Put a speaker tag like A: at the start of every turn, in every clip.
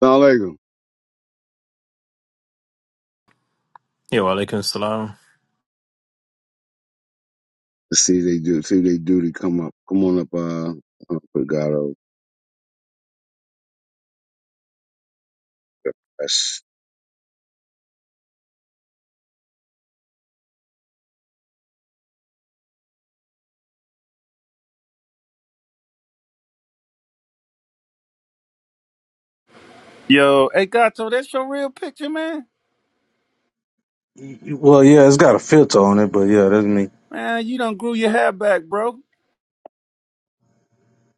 A: Assalamualaikum.
B: Yeah, walaikum salam.
A: Let's see if they do. See if they do They come up. Come on up, uh, uh, Brigado. That's
C: Yo, hey Gato, that's your real picture, man.
D: Well, yeah, it's got a filter on it, but yeah, that's me.
C: Man, you done grew your hair back, bro.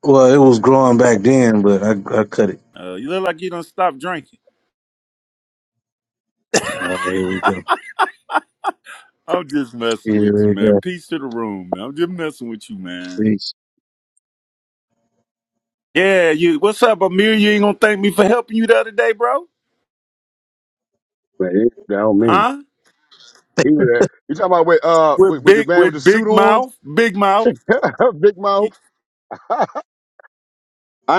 D: Well, it was growing back then, but I, I cut it.
C: Uh, you look like you done stopped drinking.
D: All right, here we go.
C: I'm just messing with
D: Here
C: you,
D: we
C: man.
D: go.
C: Peace to the room, man. I'm just messing with you, man.
D: Peace.
C: Yeah, you. What's up, Amir? You ain't gonna thank me for helping you the other day, bro?
A: man, he- that don't mean
C: Huh?
A: he was. At, you talking about with uh with,
C: With
A: with the
C: big,
A: man
C: with
A: with the suit
C: big
A: on,
C: mouth, big mouth.
A: big
C: Y-
A: mouth. I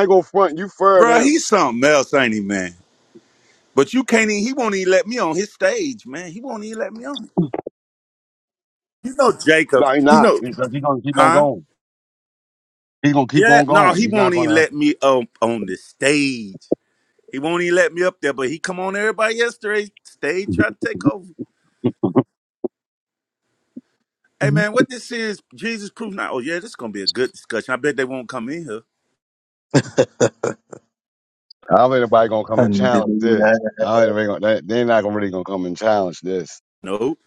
A: ain't gonna front. You furred
C: Bruh,
A: him.
C: he's something else, ain't he, man? But you can't even. He won't even let me on his stage, man. He won't even let me on. You know Jacob.
A: No, he
C: You
A: not.
C: know,
A: He's he gonna keep on
C: huh?
A: going. He's gonna keep
C: Yeah,
A: on
C: no,
A: going.
C: he
A: He's not
C: won't even
A: gonna.
C: let me up on the stage. He won't even let me up there, but he come on everybody yesterday stage try to take over. Hey
A: Mhm.
C: man, what this is, Jesus proof now. Oh yeah, this is gonna be a good discussion. I bet they won't come in here.
A: I don't think anybody gonna come and challenge this.
D: Alhamdulillah.
A: I don't think they gonna, they, they're not gonna really gonna come and challenge this.
C: No.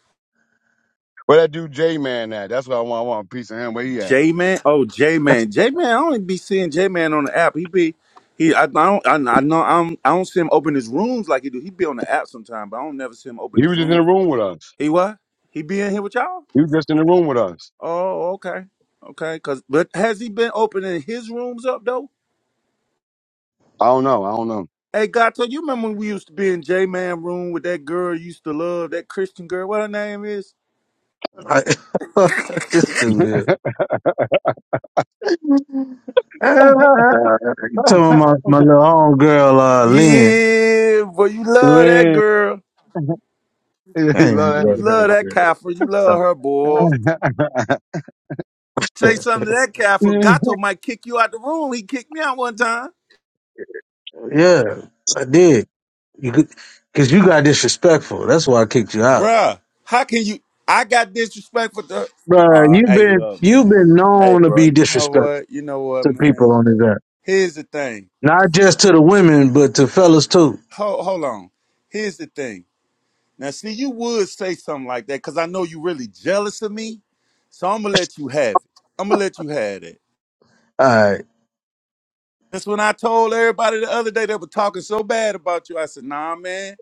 A: Where that dude J Man at? That's what I want. I want a piece of him. Where he at?
C: J Man. Oh, J Man. J Man, I only be seeing J Man on the app. He be he I, I don't I, I know I'm I don't see him open his rooms like he do. He be on the app sometime, but I don't never see him open
A: He
C: his
A: was just in
C: room.
A: the room with us.
C: He what? He be in here with y'all?
A: He was just in the room with us.
C: Oh, okay, okay. Cause, but has he been opening his rooms up though?
A: I don't know. I don't
C: Hey, Gato, you remember when we used to be in J Man room with that girl you used to love, that Christian girl? What her name is?
D: I, this
A: know.
D: dude here. Ah, you talking about my little homegirl, uh, Lynn.
C: Yeah, boy, you love that
A: Man.
C: girl.
A: he
D: I ain't
A: love that
C: You
D: love
C: love
D: that
A: girl.
C: that
D: girl.
C: Kaffir. You love her, boy. Say
D: Stop.
C: something to that Kaffir. Gato might kick you out the room. He kicked me out one time.
D: Yeah, I did. You could, cause you got disrespectful. That's why I kicked you out.
C: Bruh, how can you? I got disrespectful to.
D: Bruh,
C: Uh,
D: you've
C: hey,
D: been,
C: look,
D: you've
C: man.
D: been
C: Hey,
D: known to
C: bro.
D: be
C: You know
D: disrespectful
C: what? You know what,
D: to
C: man.
D: people on this app.
C: Here's the thing.
D: Not just to the women, but to fellas too.
C: Hold, hold on. Here's the thing. Now, see, you would say something like that because I know you really jealous of me. So I'm gonna let you have it. I'm gonna let you have it.
D: All right.
C: That's when I told everybody the other day that were talking so bad about you. I said, Nah, man.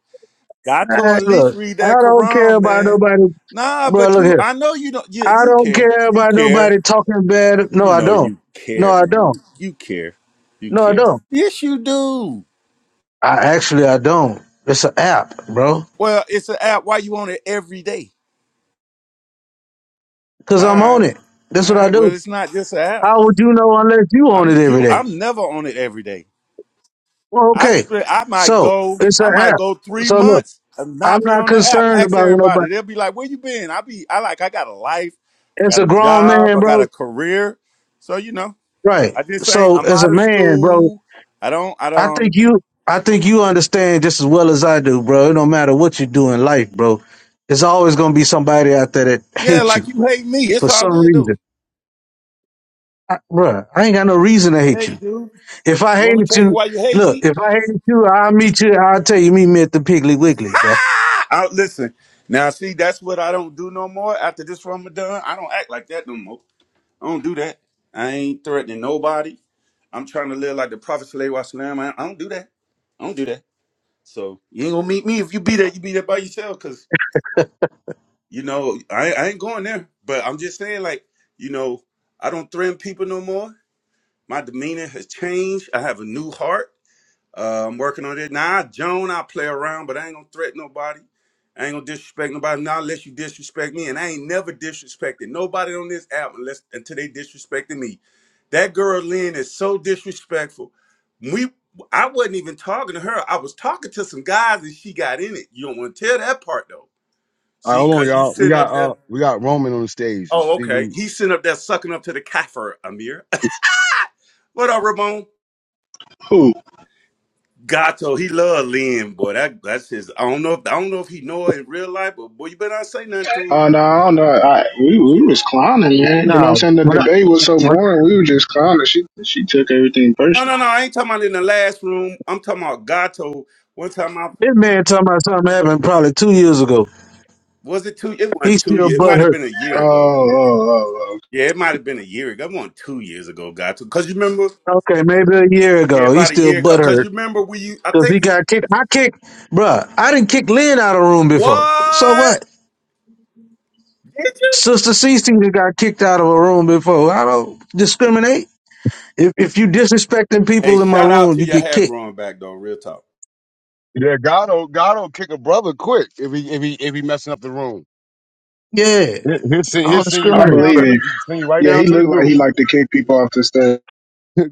C: God
D: All
C: told at
D: right look,
C: read
D: I
C: that
D: don't care
C: Quran,
D: about
C: man.
D: nobody.
C: Nah,
D: Bro,
C: but
D: look
C: you,
D: here.
C: I know you don't. You,
D: I
C: you
D: don't
C: care.
D: care
C: You
D: about
C: care.
D: nobody talking bad. No,
C: You
D: I
C: know
D: don't.
C: you
D: No,
C: care,
D: I
C: man.
D: don't.
C: You, you care. You
D: No, I
C: care.
D: don't.
C: Yes, you do.
D: I actually, I don't. It's an app, bro.
C: Well, it's an app. Why you on it every day?
D: Cause
C: All
D: I'm
C: right.
D: on it. That's
C: All
D: what I
C: right. Well,
D: do.
C: it's not just an app.
D: How would you know unless you own
C: I'm
D: it every
C: you.
D: day?
C: I'm never on it every day.
D: Well,
C: I
D: okay.
C: split. I might
D: So
C: go.
D: it's
C: I
D: an
C: might
D: app.
C: go three
D: So look,
C: months and
D: I'm
C: not be
D: not
C: on the app.
D: concerned
C: Ask
D: about nobody.
C: everybody. They'll be like, "Where you been?" I be. I like. I got a life.
D: It's
C: Got
D: a
C: a
D: grown
C: job.
D: man,
C: I got a
D: bro.
C: career. So you know,
D: Right.
C: I just ain't.
D: So
C: I'm
D: as a
C: out of
D: man, bro,
C: school. I don't. I
D: I
C: don't.
D: think you I think you understand just as well as I do, bro. It don't matter what you do in life, bro. There's always gonna be somebody out there that
C: Yeah,
D: hates
C: like
D: you
C: you hate me.
D: for
C: It's all
D: some
C: good though.
D: reason. I, bro, I ain't got no reason to
C: Yeah,
D: hate
C: you
D: you.
C: do.
D: If I
C: You want me to
D: hated
C: tell you
D: you,
C: why you hate
D: look,
C: me?
D: if I hated you, I'll meet you, I'll tell you, meet me at the Piggly Wiggly, bro.
C: Ah! I, listen. Now, see, that's what I don't do no more. After this Ramadan, I don't act like that no more. I don't do that. I ain't threatening nobody. I'm trying to live like the Prophet Sallallahu Alaihi Wasallam. I, I don't do that. I don't do that. So you ain't gonna meet me if you be there. You be there by yourself, cause you know I, I ain't going there. But I'm just saying, like you know, I don't threaten people no more. My demeanor has changed. I have a new heart. Uh, I'm working on it. Now, I, Joan, I play around, but I ain't gonna threaten nobody. I ain't gonna disrespect nobody. Not unless you disrespect me, and I ain't never disrespected nobody on this app unless until they disrespected me. That girl Lynn is so disrespectful. We, I wasn't even talking to her. I was talking to some guys, and she got in it. You don't want to tell that part though.
A: All right,
C: See,
A: hold on,
C: because you
A: y'all. We
C: sitting up
A: got uh,
C: there.
A: we got Roman on the stage. Let's
C: Oh,
A: see, what
C: okay.
A: he-
C: He's sitting up there sucking up to the kaffir, Amir. what up, Ramon?
E: Who?
C: Gato, he love Lynn, boy. That that's his. I don't know if I don't know if he know her in real life, but boy, you better not say nothing to.
E: Uh, no, I don't know. I, we we was clowning, man. You know what
D: No.
E: I'm saying? The
D: When I,
E: debate was so
D: when,
E: boring. We were just clowning. She she took everything
C: her. No,
E: personal.
C: no, no. I ain't talking about in the last room. I'm talking about Gato. One time I
D: this man talking about something happened probably two years ago.
C: was it two. It wasn't
D: He
C: two
D: still
C: years. It might have
D: butthurt.
C: been a
E: Oh,
C: year ago.
E: oh, oh,
C: Yeah, it might have been a year ago. It wasn't two years ago, Gato. Cause you remember?
D: Okay, maybe a year
C: Yeah,
D: ago. He
C: about a
D: still
C: year ago. Cause
D: butthurt.
C: you remember we? you- I
D: Cause
C: think
D: he got kicked. I kicked, bruh. I didn't kick Lynn out of the room before. So
C: what
D: what?
C: did you?
D: Sister Cece just got kicked out of a room before. I don't discriminate. If if you disrespecting
C: Hey,
D: people in my
C: shout out
D: room,
C: to
D: you
C: your
D: get
C: hair
D: kicked.
C: growing back though. Real talk.
A: yeah, God'll God'll kick a brother quick if he if he if he messing up the room.
D: Yeah,
A: He- He'll send
D: I
A: he'll
D: don't
A: send you
E: oh. I
A: right
D: discriminate,
A: down
E: believe
D: bro.
A: to
E: him.
A: the send you right
E: Yeah,
A: down
E: he
A: to the
E: looked like he
A: group.
E: liked to kick people off the stage.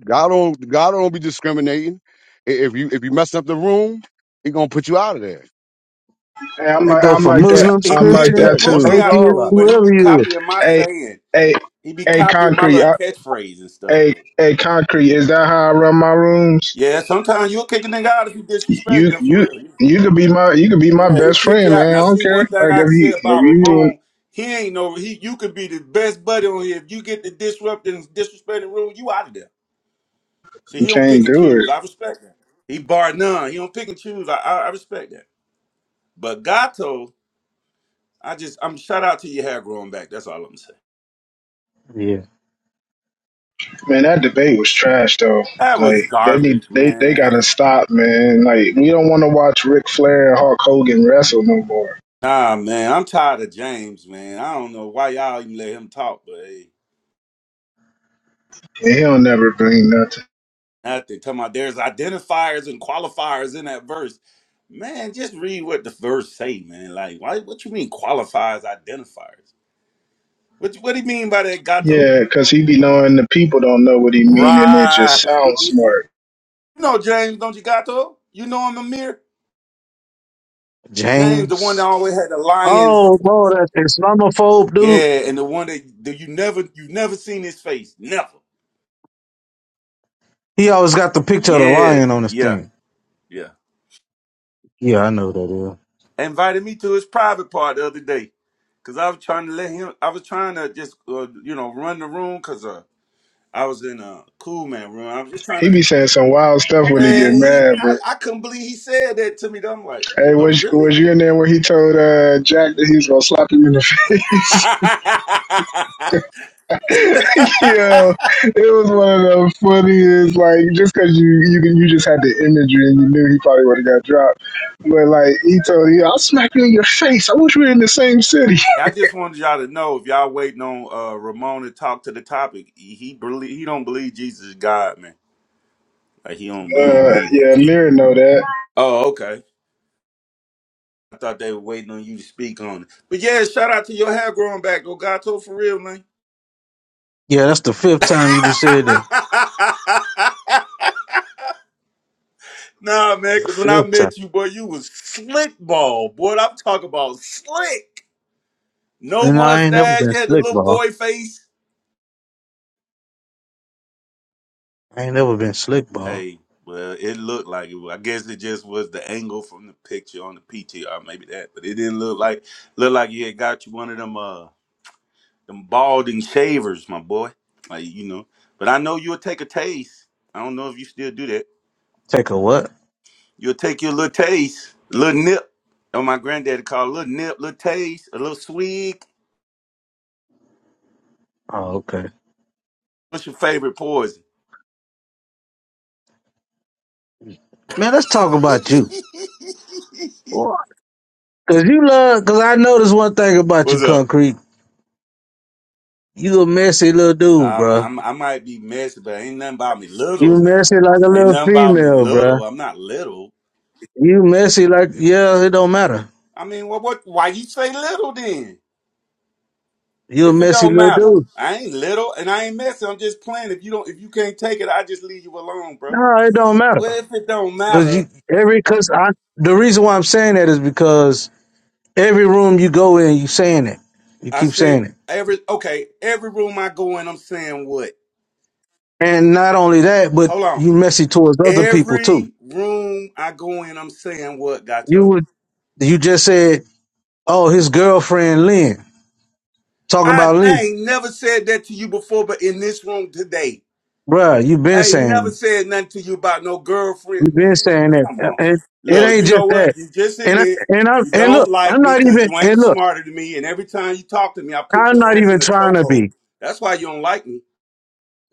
A: God don't God don't be discriminating. I- If you if you mess up the room, he gonna put you out of there.
E: And I'm
D: That
E: like
D: go
E: I'm
D: for
E: like that.
C: He
D: Muslims,
C: he, he
E: I'm like
C: put
A: Yeah,
C: he
D: Christians,
E: that
C: put
A: most
E: too.
C: me
A: of us
C: out the
A: are
D: atheists,
A: all
C: room,
A: out.
C: but he be
D: whoever you is.
C: copying my
E: Hey,
C: sayings.
E: hey,
C: He be
E: hey,
C: copying my
E: concrete.
C: little
E: I,
C: catchphrase and stuff.
E: hey, hey, concrete. Is that how I run my rooms?
C: Yeah, sometimes you'll kick a nigga out if you disrespect
E: You
C: them
E: you.
C: for real.
E: You could be my you could be my
C: Yeah, he
E: best
C: kick you
E: friend,
C: out.
E: man. I
C: Now
E: don't
C: see one
E: care.
C: thing
E: Like
C: I
E: if
C: can say
E: you if
C: about
E: you ruin,
C: Ramon, he ain't no he you could be the best buddy on here. If you get the disrupt and disrespecting rule, you out of there. See,
E: you
C: he don't pick
E: can't
C: and
E: do it.
C: choose. I respect that. He bar none. He don't pick and choose. I I, I respect that. But Gato, I just I'm shout out to your hair growing back. That's all I'm saying.
D: Yeah,
E: Man, that debate was trash though.
C: That was
E: Like they need
C: garbage,
E: they they
C: man.
E: gotta stop, man. Like we don't wanna watch Ric Flair and Hulk Hogan wrestle no more.
C: Nah, man, I'm tired of James, man. I don't know why y'all even let him talk, but hey,
E: And he'll never bring nothing.
C: nothing. Talking about there's identifiers and qualifiers in that verse. Man, just read what the verse say, man. Like, why? What you mean qualifiers, identifiers? What What do you mean by that, Gato?
E: Yeah, cause he be knowing the people don't know what he mean and it just
C: Right.
E: sounds smart.
C: You know James, don't you, Gato? You know him, Amir. James, the one that
D: James.
C: always had the lions.
D: Oh, boy, that Islamophobe dude.
C: Yeah, and the one that, that you never, you never seen his face, never.
D: He always got the picture of the lion
C: Yes.
D: on his
C: Yeah.
D: thing.
C: Yeah.
D: Yeah, I know who that.
C: invited me to his private part the other day because I was trying to let him. I was trying to just uh, you know run the room because uh, I was in a cool man room. I was just trying
E: He
C: to
E: be saying some wild stuff when he get
C: man. He
E: mad, bro.
C: I, I couldn't believe he said that to me. though. I'm like,
E: Hey,
C: "W- uh,
E: was
C: really?
E: was you in there when he told uh, Jack that he was gonna slap him in the face? Yo, it was one of the funniest. Like, just because you you can- you just had the imagery and you knew he probably would have got dropped, but like he told you, "I'll smack you in your face." I wish we were in the same city.
C: I just wanted y'all to know if y'all waiting on uh, Ramon to talk to the topic. He, he believe he don't believe Jesus is God, man. Like he don't he don't
E: Uh,
C: believe that.
E: yeah, Lyra know that.
C: Oh, okay. I thought they were waiting on you to speak on it. But yeah, shout out to your hair growing back, Ogato, for real, man.
D: Yeah, yeah. That's the fifth time you just said that.
C: nah, man,
D: The
C: because when I
D: fifth time.
C: met you, boy, you was slick ball. Boy, I'm talking about slick. No
D: And I ain't never
C: mustache.
D: been
C: You had the
D: slick
C: little
D: ball.
C: boy face.
D: I ain't never been slick ball.
C: Hey, well, it looked like it. was- I guess it just was the angle from the picture on the PTR, maybe that. But it didn't look like look like you had got you one of them. Them balding shavers, my boy. Like, you know. But I know you'll take a taste. I don't know if you still do that.
D: Take a what?
C: You'll take your little taste, a little nip. Oh, my granddaddy called it a little nip, little taste, a little swig.
D: Oh, okay.
C: What's your favorite poison?
D: Man, let's talk about you. Boy, Cause you love, cause I noticed one thing about you,
C: What's up?
D: Concrete. You a messy little dude,
C: Um,
D: bruh.
C: I'm, I might be messy, but ain't nothing about me little
D: You
C: now.
D: messy like a
C: Ain't
D: little
C: nothing about me
D: female, bruh.
C: little. I'm not little.
D: You messy like, yeah, it don't matter.
C: I mean, what? What? Why you say little then?
D: You a
C: If it
D: messy
C: don't
D: little
C: matter,
D: dude.
C: I ain't little and I ain't messing. I'm just playing. If you don't, if you can't take it, I just leave you alone, bro.
D: No, it don't matter.
C: Well, if it don't
D: Cause
C: matter,
D: you, every, cause I, the reason why I'm saying that is because every room you go in, you saying it. You
C: I
D: keep
C: said
D: saying it.
C: every okay. Every room I go in, I'm saying what?
D: And not only that, but
C: Hold on.
D: you messy towards other people too.
C: Every room I go in, I'm saying what,
D: You
C: Gato?
D: would, you just said, oh, his girlfriend, Lynn, talking
C: I,
D: about
C: I
D: Lynn.
C: ain't never said that to you before, but in this room today,
D: Bruh, you have been
C: I ain't
D: saying
C: never
D: it.
C: said nothing to you about no
D: you
C: girlfriend.
D: been
C: Man,
D: saying that.
C: come
D: Uh,
C: on.
D: It, it
C: Look, you
D: ain't
C: know
D: just
C: what?
D: that.
C: You just
D: And I,
C: admit
D: and I
C: you
D: and look,
C: don't like
D: I'm
C: me
D: not
C: because
D: even
C: you ain't
D: and look,
C: smarter than me, and every time you talk to me, I put
D: I'm
C: your
D: not
C: ass
D: even
C: in a
D: trying to
C: chokehold.
D: be.
C: That's why you don't like me.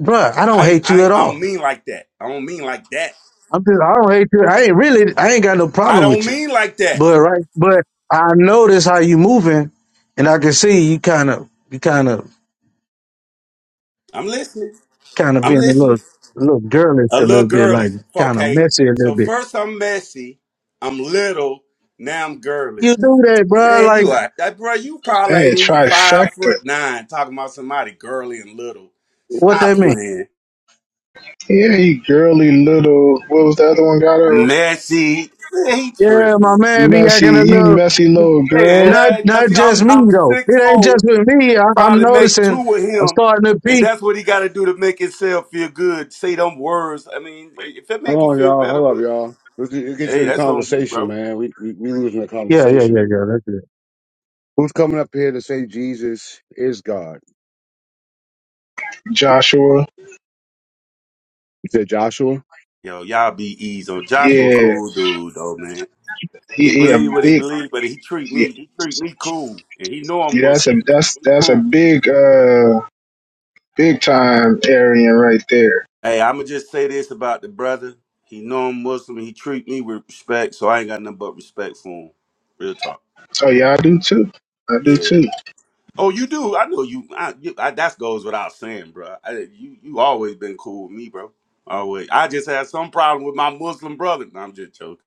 D: Bruh, I don't
C: I ain't,
D: hate
C: I
D: you
C: ain't,
D: at
C: I don't
D: all.
C: mean like that. I don't mean like that.
D: I'm just I don't hate you. I ain't really I ain't got no
C: I
D: problem
C: don't
D: with you.
C: mean like that.
D: But right but I notice how you moving and I can see you kinda you kinda
C: I'm listening.
D: kinda
C: I'm
D: being a little
C: listening.
D: a little girlish
C: A
D: a
C: little
D: little bit,
C: girl
D: like
C: is
D: kinda
C: okay.
D: messy a little
C: So
D: bit.
C: first I'm messy. I'm little. Now I'm girly.
D: You do that, bruh,
C: Man,
D: like
C: you are that bro. You probably
E: Hey,
C: ain't
E: a
C: even five
E: trifecta.
C: foot nine. Talking about somebody girly and little.
D: what
C: Stop
D: that mean?
C: playing.
E: Yeah, he girly little. What was the other one? Got him
C: Messy. Man, He
D: Yeah, my
C: tripping.
D: man be
E: messy.
D: acting a
E: You
D: little
E: messy little
C: Yeah,
E: girl,
D: Not
C: that, cause
D: not
C: he, I'm
D: just me
C: I'm
D: though.
C: six
D: It ain't
C: four.
D: just with me. I, I'm
C: Probably make
D: noticing
C: two of
D: I'm
C: him,
D: starting to
C: and
D: peak.
C: that's what he got to do to make himself feel good. Say them words. I mean, if it make you
A: Hold on,
C: feel
A: y'all.
C: better,
A: Hold up,
C: but
A: y'all. Let's get, let's get
C: hey,
A: to the
C: that's on you,
A: conversation,
C: bro.
A: man. We we, we losing the
D: Yeah, yeah,
A: conversation.
D: yeah, yeah. That's it.
A: Who's coming up here to say Jesus is God?
E: Joshua.
A: You said Joshua.
C: Yo, y'all be easy on Joshua.
E: Yeah,
C: Cool dude, though, man.
E: he,
C: He
E: he a
C: believe what he
E: big.
C: believe, but he treat
E: Yeah,
C: me. He treat me cool, and he know I'm
E: that's
C: Muslim.
E: a
C: He
E: that's
C: treat me
E: that's a
C: cool.
E: big uh big time Aryan right there.
C: Hey, I'ma just say this about the brother. He know I'm Muslim. He treat me with respect, so I ain't got nothing but respect for him. Real talk.
E: Oh yeah, I do too. I do
C: Yeah.
E: too.
C: Oh, you do. I know you. I, you, I that goes without saying, bro. I, you you always been cool with me, bro. Always. I just had some problem with my Muslim brother. No, I'm just joking.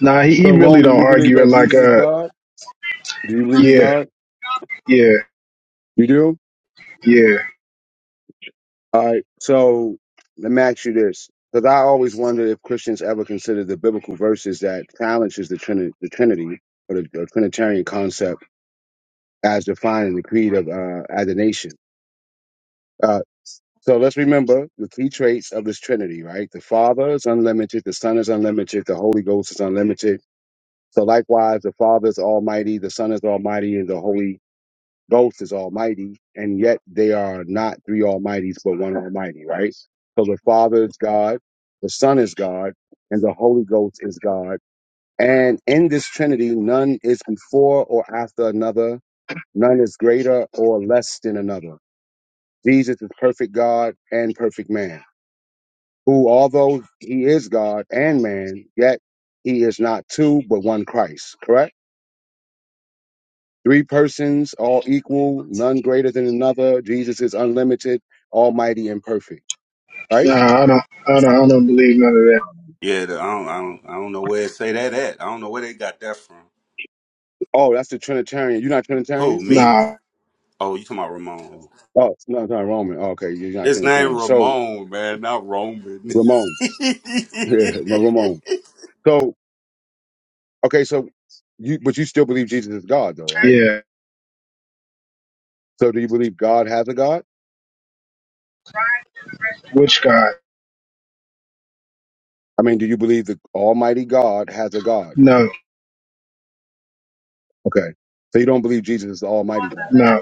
E: Nah, he,
A: So
E: he really
A: Roman,
E: don't
A: you believe
E: argue it
A: that
E: like
A: Jesus is
E: uh
A: God? Do you believe he's
E: yeah,
A: God?
E: yeah,
A: You do?
E: yeah.
A: All right. So let me ask you this. Because I always wonder if Christians ever consider the biblical verses that challenges the Trinity, the Trinity or the, the Trinitarian concept as defined in the creed of uh, as a nation. Uh, so let's remember the key traits of this Trinity, right? The Father is unlimited, the Son is unlimited, the Holy Ghost is unlimited, So likewise, the Father is Almighty, the Son is Almighty, and the Holy Ghost is Almighty, and yet they are not three Almighties, but one Almighty, right? So the Father is God, the Son is God, and the Holy Ghost is God. And in this Trinity, none is before or after another, none is greater or less than another. Jesus is perfect God and perfect man, who, although he is God and man, yet he is not two, but one Christ, correct? Three persons, all equal, none greater than another. Jesus is unlimited, almighty, and perfect. Right?
E: Nah, I don't I don't I don't believe none of that.
C: Yeah, the, I don't I don't I don't know where to say that at. I don't know where they got that from.
A: Oh, that's the Trinitarian. You're not
C: Who
A: Trinitarian?
C: me?
E: Nah,
C: Oh, you talking about Ramon?
A: Oh, no, it's not Roman. Oh, okay, you're not
C: His name
A: Trinitarian. So,
C: Ramon, man, not Roman.
A: Ramon. Yeah, my Ramon. So, okay, so you, but you still believe Jesus is God, though, right?
E: yeah.
A: So, do you believe God has a God?
E: Which God?
A: I mean, do you believe the Almighty God has a God?
E: No,
A: Okay. So, you don't believe Jesus is the Almighty God,
E: no,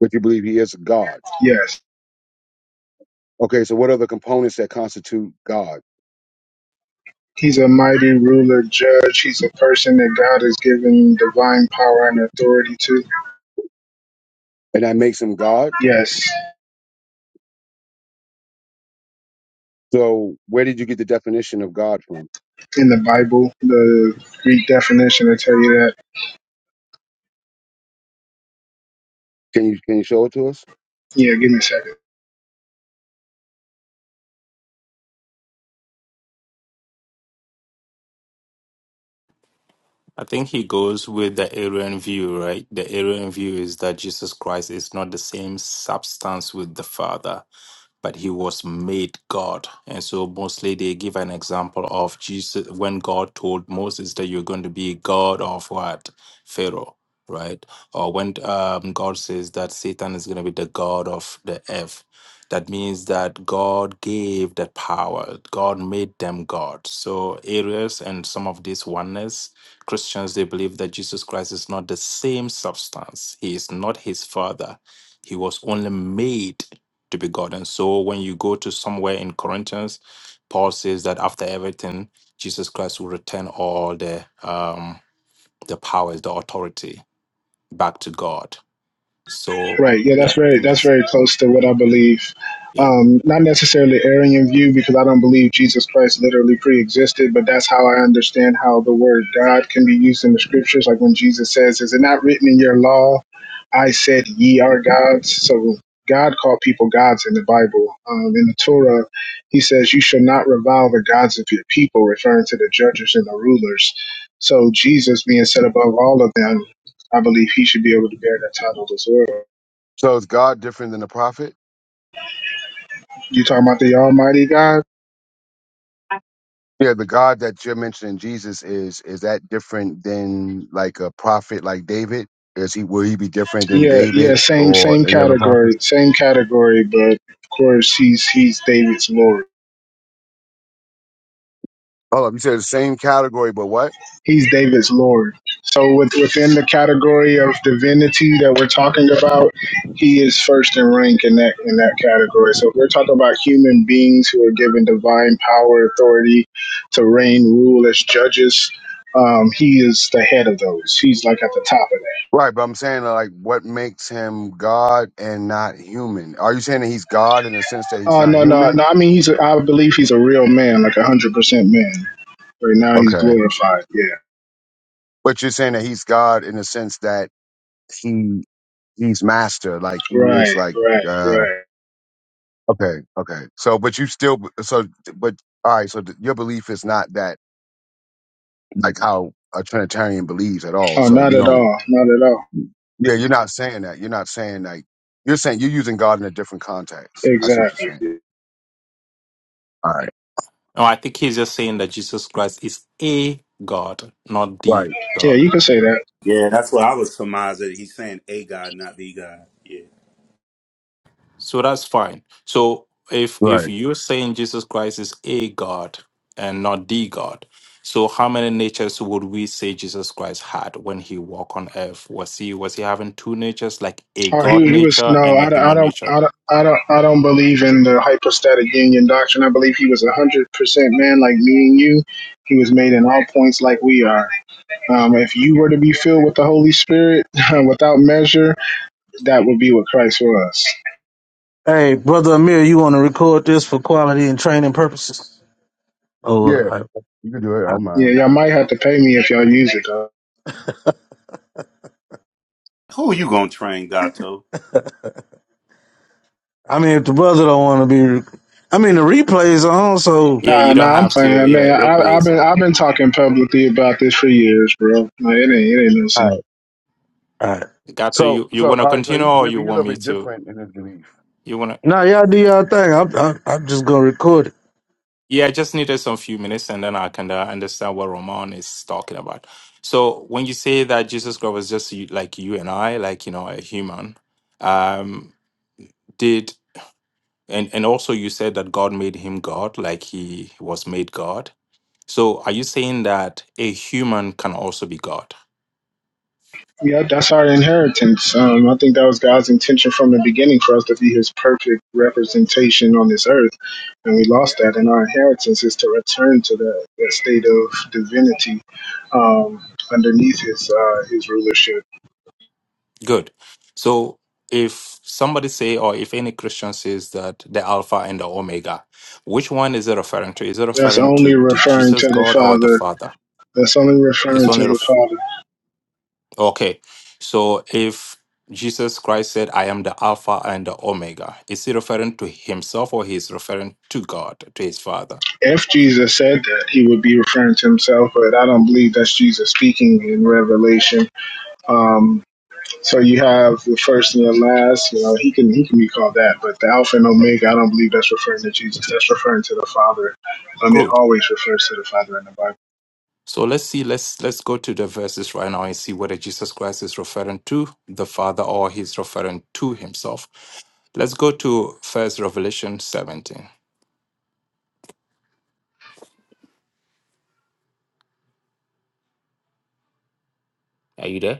A: but you believe He is God.
E: yes.
A: Okay, so what are the components that constitute God?
E: He's a mighty ruler, judge. He's a person that God has given divine power and authority to.
A: And that makes Him God?
E: Yes.
A: So where did you get the definition of God from?
E: In the Bible, the Greek definition will tell you that.
A: Can you can you show it to us?
E: Yeah, give me a second.
B: I think he goes with the Arian view, right? The Arian view is that Jesus Christ is not the same substance with the Father. but he was made God. And so mostly they give an example of Jesus when God told Moses that you're going to be God of what? Pharaoh, right? Or when um, God says that Satan is going to be the God of the earth. That means that God gave that power. God made them God. So Arius and some of these oneness Christians, they believe that Jesus Christ is not the same substance. He is not his father. He was only made to be God. And so when you go to somewhere in Corinthians, Paul says that after everything, Jesus Christ will return all the um the powers, the authority back to God. So
E: Right. Yeah,
B: yeah,
E: that's very that's
B: yes.
E: very close to what I believe.
B: Yeah.
E: Um, not necessarily Arian view because I don't believe Jesus Christ literally pre-existed, but that's how I understand how the word God can be used in the scriptures. Like when Jesus says, "Is it not written in your law? I said, ye are gods." So God called people gods in the Bible. Um, in the Torah, He says, "You shall not revile the gods of your people," referring to the judges and the rulers. So Jesus, being set above all of them, I believe He should be able to bear that title as well.
A: So is God different than the prophet?
E: You talking about the Almighty God?
A: Yeah, the God that you're mentioning, Jesus, is is that different than like a prophet like David? Is he will he be different than
E: Yeah, yeah,
A: David
E: same
A: or
E: same
A: any other
E: category,
A: prophets?
E: same category, but of course he's he's David's Lord.
A: Hold up, you said the same category, but what?
E: He's David's Lord. So with, within the category of divinity that we're talking about, he is first in rank in that in that category. So if we're talking about human beings who are given divine power, authority to reign, rule as judges. Um, he is the head of those. He's like at the top of that.
A: Right, but I'm saying uh, like what makes him God and not human? Are you saying that he's God in the sense that he's
E: Oh
A: not
E: no, no, no!
A: human?
E: I mean, he's. A, I believe he's a real man, like a hundred percent man. Right now he's
A: Okay.
E: glorified. Yeah.
A: But you're saying that he's God in the sense that he he's master like he is
E: Right,
A: like
E: right,
A: uh
E: right.
A: okay okay so but you still so but all right so th- your belief is not that like how a trinitarian believes at all
E: Oh,
A: so
E: not
A: you
E: at
A: don't
E: all. Not at all.
A: yeah you're not saying that you're not saying like you're saying you're using god in a different context i see what you're
E: Exactly.
A: saying all right
B: No, I think he's just saying that Jesus Christ is a God, not the
A: right
E: Yeah,
B: God.
E: you could say that.
C: Yeah, that's what I was surmised that he's saying a God, not the God. Yeah.
B: So that's fine. So if if
A: right
B: you're saying Jesus Christ is a God and not the God, so how many natures would we say Jesus Christ had when he walked on earth? Was he was he having two natures, like a
E: Oh,
B: God
E: he he was no.
B: nature and a
E: I, don't- I
B: human
E: don't
B: nature?
E: I don't I don't I don't believe in the hypostatic union doctrine. I believe he was a hundred percent man like me and you. He was made in all points like we are. Um, if you were to be filled with the Holy Spirit without measure, that would be what Christ was.
D: Hey, brother Amir, you want to record this for quality and training purposes? Oh,
A: yeah
D: I,
A: you can do it
D: I,
A: i'm
E: Yeah,
A: mine.
E: y'all might have to pay me if y'all use it though.
C: Who are you gonna train, Gato?
D: I mean, if the brother don't want to be, rec- I mean, the replays are on. So, all
B: Yeah,
E: Nah,
B: you don't
E: nah, I'm
B: have to.
E: playing,
B: Yeah,
E: man.
B: replay
E: I, I've been
B: yourself.
E: I've been talking publicly about this for years, bro. Like, it ain't it ain't no secret.
D: right, all right.
B: Gato,
A: so
B: you you
A: so
B: want to
A: all right so
B: continue
A: he's
B: or
A: different
B: you
A: he's a
B: want
A: little
B: me
A: bit
B: to?
A: different in his belief
B: You want to?
D: Nah, y'all do y'all thing. I'm, I'm, I'm just gonna record it.
B: Yeah, I just needed some few minutes and then I can uh, understand what Roman is talking about. So when you say that Jesus Christ was just you- like you and I, like, you know, a human, um, did, and, and also you said that God made him God, like he was made God. So are you saying that a human can also be God?
E: Yep, that's our inheritance. Um, I think that was God's intention from the beginning for us to be His perfect representation on this earth, and we lost that. And our inheritance is to return to that, that state of divinity um, underneath His uh, His rulership.
B: Good. So if somebody say, or if any Christian says that the Alpha and the Omega, which one is it referring to? Is it
E: That's
B: referring
E: only
B: to the
E: referring
B: Jesus
E: to the
B: God or the
E: Father.
B: Father?
E: That's only
B: It's
E: referring to
B: only
E: the Father.
B: Okay. So if Jesus Christ said, I am the Alpha and the Omega, is he referring to himself or he is referring to God, to his Father?
E: If Jesus said that, he would be referring to himself, but I don't believe that's Jesus speaking in Revelation. Um, so you have the first and the last. You know, he can he can be called that, but the Alpha and Omega. I don't believe that's referring to Jesus. That's referring to the Father. I mean, it
B: Good.
E: always refers to the Father in the Bible.
B: So let's see, let's let's go to the verses right now and see whether Jesus Christ is referring to the Father or he's referring to himself. Let's go to first Revelation 17. Are you there?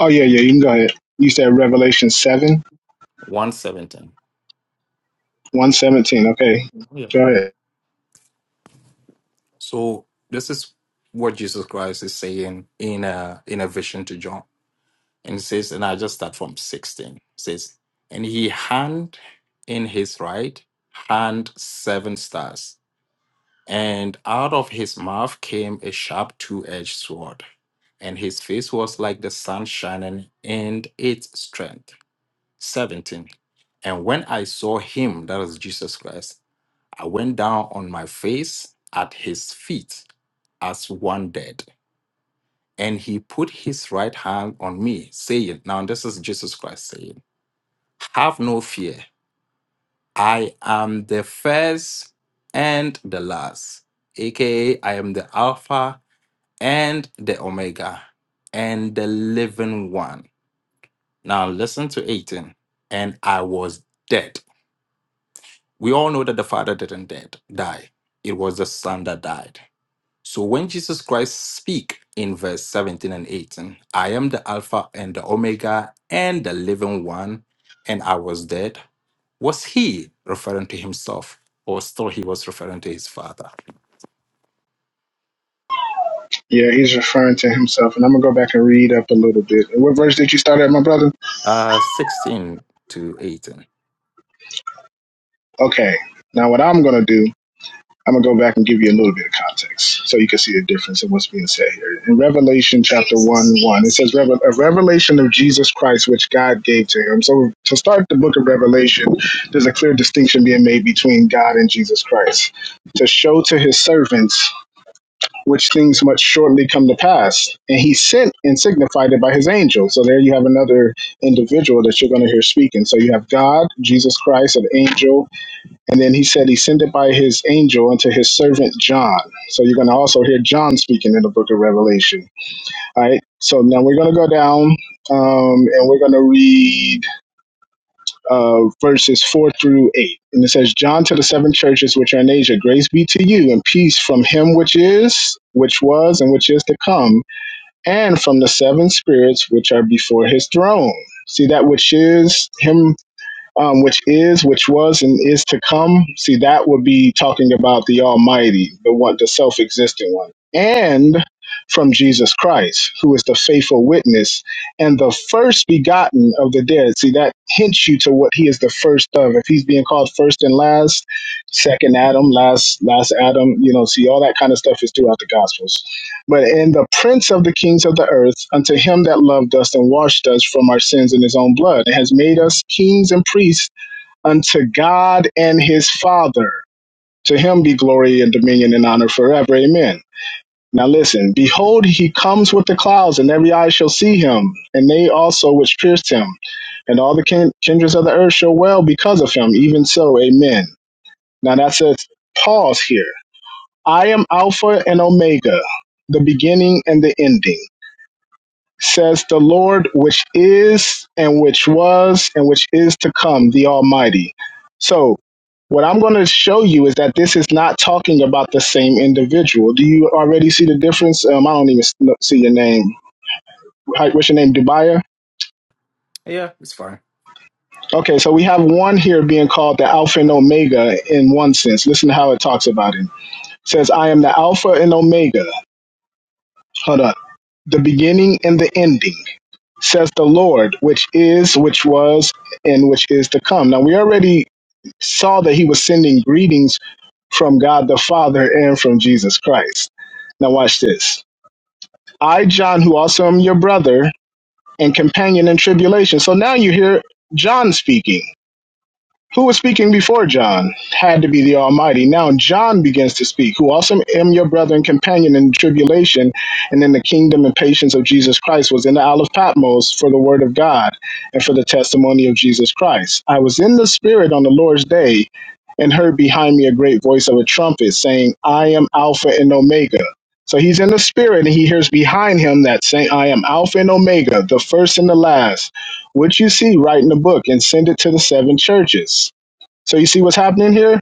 E: Oh yeah, yeah. You can go ahead. You said Revelation seven
B: 117.
E: one seventeen. Okay, go ahead.
B: So this is what Jesus Christ is saying in a in a vision to John. And it says, and I just start from 16. It says, and he hand in his right hand seven stars, and out of his mouth came a sharp two-edged sword, and his face was like the sun shining in its strength. 17. And when I saw him, that is Jesus Christ, I went down on my face at his feet as one dead. And he put his right hand on me, saying, Now this is Jesus Christ saying, Have no fear. I am the first and the last, aka I am the Alpha and the Omega and the living one. Now listen to 18. And I was dead. We all know that the Father didn't dead, die. It was the Son that died. So when Jesus Christ speak in verse 17 and 18, I am the Alpha and the Omega and the living one, and I was dead, was he referring to himself or still he was referring to his father?
E: Yeah, he's referring to himself, and I'm gonna go back and read up a little bit. And what verse did you start at, my brother?
B: Uh, 16 to 18.
E: Okay. Now what I'm gonna do I'm gonna go back and give you a little bit of context so you can see the difference in what's being said here. In Revelation chapter one one, it says a revelation of Jesus Christ which God gave to him. So to start the book of Revelation, there's a clear distinction being made between God and Jesus Christ to show to his servants which things must shortly come to pass. And he sent and signified it by his angel. So there you have another individual that you're going to hear speaking. So you have God, Jesus Christ, an angel, and then he said he sent it by his angel unto his servant John. So you're going to also hear John speaking in the book of Revelation. All right. So now we're going to go down um, and we're going to read uh, verses 4 through 8. And it says, John to the seven churches which are in Asia, grace be to you and peace from him which is, which was, and which is to come, and from the seven spirits which are before his throne. See that which is him um, which is, which was, and is to come. See, that would be talking about the Almighty, the one, the self existent one, and from Jesus Christ, who is the faithful witness and the first begotten of the dead. See, that hints you to what he is the first of. If he's being called first and last, second Adam, last last Adam, you know, see, all that kind of stuff is throughout the Gospels but in the prince of the kings of the earth, unto him that loved us and washed us from our sins in his own blood, and has made us kings and priests unto God and his Father. To him be glory and dominion and honor forever. Amen. Now listen, behold, he comes with the clouds, and every eye shall see him, and they also which pierced him, and all the kin- kindreds of the earth shall wail because of him. Even so, amen. Now that says. pause here. I am Alpha and Omega, the beginning and the ending says the Lord, which is, and which was, and which is to come, the Almighty. So, what I'm going to show you is that this is not talking about the same individual. Do you already see the difference? Um, I don't even no- see your name. Hi- What's your name, Dubaya?
B: Yeah, it's fine.
E: Okay, so we have one here being called the Alpha and Omega in one sense. Listen to how it talks about him. It says, I am the Alpha and Omega. Hold up. The beginning and the ending says the Lord, which is, which was, and which is to come. Now, we already saw that he was sending greetings from God the Father and from Jesus Christ. Now, watch this. I, John, who also am your brother and companion in tribulation. So now you hear John speaking. Who was speaking before John? Had to be the Almighty. Now John begins to speak, who also am your brother and companion in tribulation and in the kingdom and patience of Jesus Christ, was in the Isle of Patmos for the word of God and for the testimony of Jesus Christ. I was in the Spirit on the Lord's day and heard behind me a great voice of a trumpet saying, I am Alpha and Omega. So he's in the spirit and he hears behind him that saying, I am Alpha and Omega, the first and the last, which you see, write in the book and send it to the seven churches. So you see what's happening here?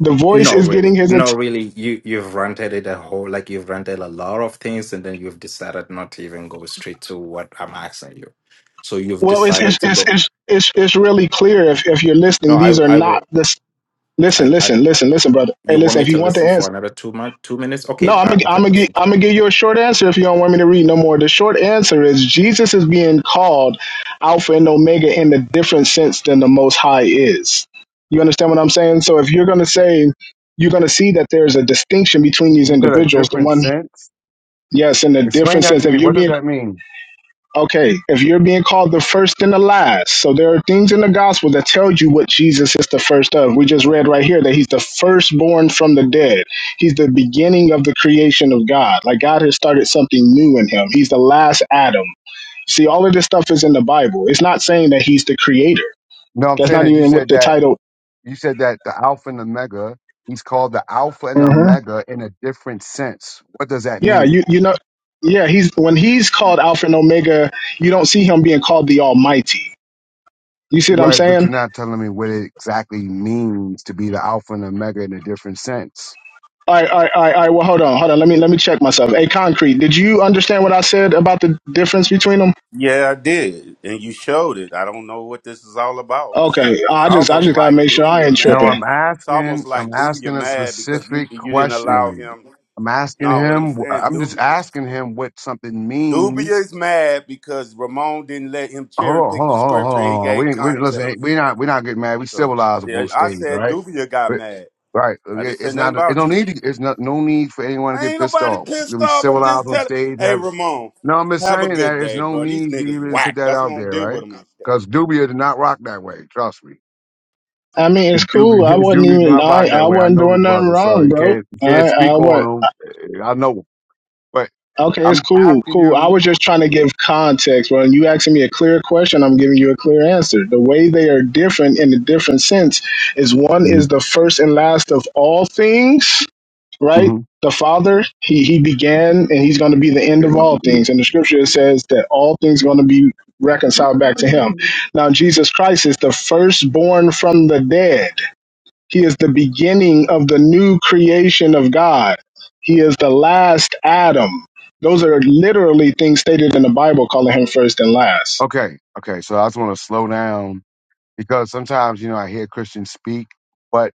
E: The voice
B: No,
E: is getting
B: really.
E: his. At-
B: No, really. You you've rented it a whole like you've rented a lot of things and then you've decided not to even go straight to what I'm asking you. So you've
E: well, it's it's,
B: decided to
E: it's
B: go.
E: it's it's it's really clear if if you're
B: No,
E: listening.
B: I
E: These are
B: I
E: not
B: will
E: this. Listen,
B: I I
E: listen, listen, listen, brother. Hey,
B: you want
E: listen.
B: me
E: If
B: to
E: you want the
B: listen for
E: answer,
B: another two month two minutes? Okay,
E: no, I'm
B: I,
E: gonna
B: I
E: I'm
B: can
E: gonna gi-
B: listen to
E: I'm
B: that.
E: gonna give you a short answer. If you don't want me to read no more, the short answer is Jesus is being called Alpha and Omega in a different sense than the Most High is. You understand what I'm saying? So if you're gonna say you're gonna see that there's a distinction between these
A: you said a
E: individuals, the
A: different
E: one
A: sense
E: yes, in a
A: explain
E: different
A: that
E: sense.
A: to
E: If
A: me
E: you're
A: what does
E: being
A: that mean
E: Okay, if you're being called the first and the last, so there are things in the gospel that tell you what Jesus is the first of. We just read right here that he's the firstborn from the dead. He's the beginning of the creation of God. Like God has started something new in him. He's the last Adam. See, all of this stuff is in the Bible. It's not saying that he's the creator.
A: no i'm
E: That's
A: saying
E: not
A: that you
E: even what
A: said
E: the
A: that
E: title.
A: You said that the Alpha and Omega, he's called the Alpha and
E: hmm
A: Omega in a different sense. What does that
E: Yeah,
A: mean?
E: you you know, yeah, he's when he's called Alpha and Omega, you don't see him being called the Almighty. You see what I'm
A: Right, but
E: saying?
A: you're not telling me what it exactly means to be the Alpha and Omega in a different sense.
E: All right, all right, all right, all right. Well, hold on, hold on. Let me let me check myself. Hey, concrete, did you understand what I said about the difference between them?
C: Yeah, I did, and you showed it. I don't know what this is all about. It's like
E: Okay,
C: it's
E: I just I
C: almost
E: just gotta
C: like
E: make sure I
C: Dubia
E: ain't
A: No,
E: tripping.
C: mad.
A: I'm
C: It's almost
A: asking, I'm
C: like Dubia
A: asking a
C: mad because you
A: specific
C: you didn't allow
A: question.
C: him.
A: I'm asking
C: No, what I'm
A: him,
C: saying,
A: I'm just
C: Dubia,
A: asking him what something means
C: Dubia is mad because Ramon didn't let him
A: Hold
C: cherry
A: on,
C: pick
A: hold
C: the
A: on, hold on, hold
C: scripture
A: on.
C: and he
A: Hold on.
C: gave
A: We we listen.
C: context.
A: We not we not getting mad. We
C: So
A: civilized up on
C: yeah,
A: the
C: I
A: stage,
C: said
A: right?
C: Dubia got
A: We-
C: mad.
A: Right.
C: I
A: Okay,
C: didn't say
A: It's
C: nothing
A: not. It don't
C: about you.
A: need. To, it's not. No need for anyone to
C: I
A: get
C: ain't
A: pissed
C: nobody
A: off. We
C: pissed
A: be
C: off. I'm
A: civilized
C: just
A: on
C: telling.
A: stage.
C: Hey,
A: Have
C: Ramon,
A: no. I'm just
C: have a
A: saying that
C: good
A: there's
C: day,
A: no
C: bro. These
A: need to
C: niggas
A: even put
C: whack.
A: that
C: That's why I
A: out
C: don't
A: there,
C: deal with
A: right?
C: them. like that.
A: Because Dubia did not rock that way. Trust me.
E: I mean, it's
A: Dubia,
E: cool. I
A: Dubia
E: wasn't
A: did
E: even
A: not
E: I
A: rock that
E: I
A: way. I
E: wasn't
A: know the
E: doing nothing
A: brother, so
E: wrong,
A: you
E: bro.
A: can't you can't
E: I I
A: speak on
E: was
A: him. Eh, I know, him. but
E: okay.
A: I'm
E: It's cool,
A: asking
E: cool. I
A: you.
E: was just trying to give context. When you asking me a clear question, I'm giving you a clear answer. The way they are different in a different sense is one
A: hmm
E: is the first and last of all things right? The Father, he, he began and he's going to be the end of all
A: hmm
E: things. And the scripture says that all things are going to be reconciled back to him. Now, Jesus Christ is the firstborn from the dead. He is the beginning of the new creation of God. He is the last Adam. Those are literally things stated in the Bible calling him first and last.
A: Okay, okay. So I just want to slow down because sometimes you know I hear Christians speak, but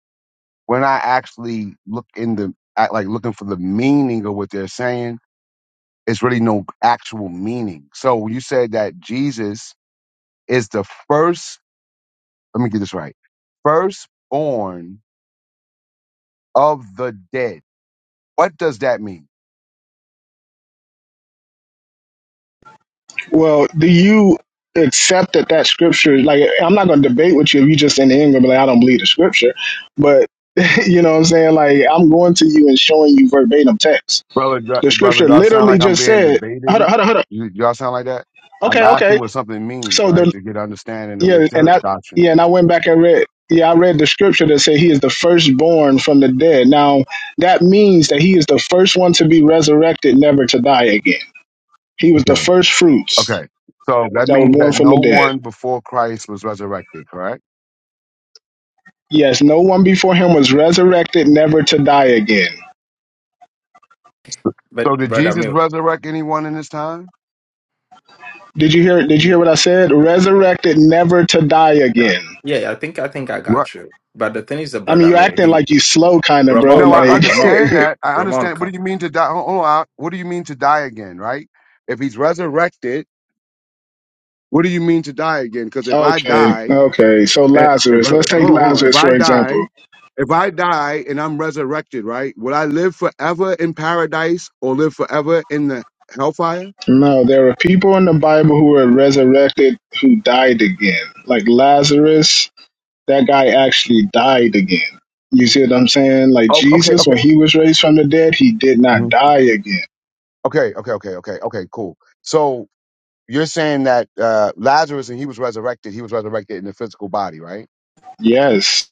A: when I actually look in the at like looking for the meaning of what they're saying, it's really no actual meaning. So you said that Jesus is the first. Let me get this right. Firstborn of the dead. What does that mean,
E: Well, do you accept that that scripture? Like, I'm not going to debate with you if you just in the end going to be like, I don't believe the scripture. But you know what I'm saying? Like, I'm going to you and showing you verbatim text.
A: brother?
E: The
A: do- Brother,
E: scripture
A: do I sound
E: literally
A: like I'm
E: just
A: being
E: said, "Hold up,
A: debated?
E: hold up, hold up."
A: You, y'all sound like that. I'm
E: Okay,
A: asking
E: okay.
A: what something means,
E: So
A: right,
E: the
A: to get understanding of
E: yeah,
A: what
E: and
A: your
E: that yeah,
A: doctrine
E: and I
A: is.
E: went back and read. Yeah, I read the scripture that said he is the firstborn from the dead. Now that means that he is the first one to be resurrected, never to die again. He was the first fruits
A: Okay. So that
E: that were
A: means
E: born
A: that
E: from
A: no
E: the dead.
A: one before Christ was resurrected, correct?
E: Yes, no one before him was resurrected never to die again.
A: So
B: But
A: did
B: brother
A: Jesus
B: Amir,
A: resurrect anyone in his time?
E: Did you hear did you
B: he-
E: hear what I said? Resurrected never to die
B: that
E: again.
B: yeah, I think I think I
A: Right.
B: got you. But the thing is that
E: I
B: brother
E: mean, you're
B: Amir,
E: acting
B: he
E: like you slow kind of, bro.
B: Ramon
A: No, I
E: Like,
B: Ramon Ramon
A: understand that. I
B: Ramon
A: understand. What
B: come.
A: do you mean to die? Hold hold on. What do you mean to die again? Right? If he's resurrected, what do you mean to die again? Because if I
E: okay,
A: die,
E: okay. So
A: eh, if
E: Lazarus,
A: I,
E: let's take
A: hold on, hold on. If
E: Lazarus
A: I
E: for
A: die,
E: example.
A: if I die and I'm resurrected, right? Will I live forever in paradise or live forever in the hellfire?
E: No, there are people in the Bible who were resurrected who died again. Like Lazarus, that guy actually died again. You see what I'm saying? Like
A: Oh, okay,
E: Jesus, when
A: okay.
E: he was raised from the dead, he did not die again.
A: Okay, okay, okay, okay, okay, cool. So you're saying that uh, Lazarus and he was resurrected, he was resurrected in the physical body, right?
E: Yes,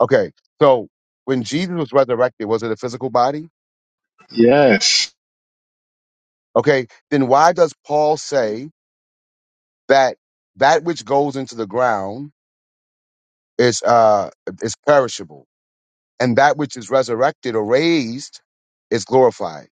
A: Okay, so when Jesus was resurrected, was it a physical body?
E: yes.
A: Okay, then why does Paul say that that which goes into the ground is uh is perishable, and that which is resurrected or raised is glorified?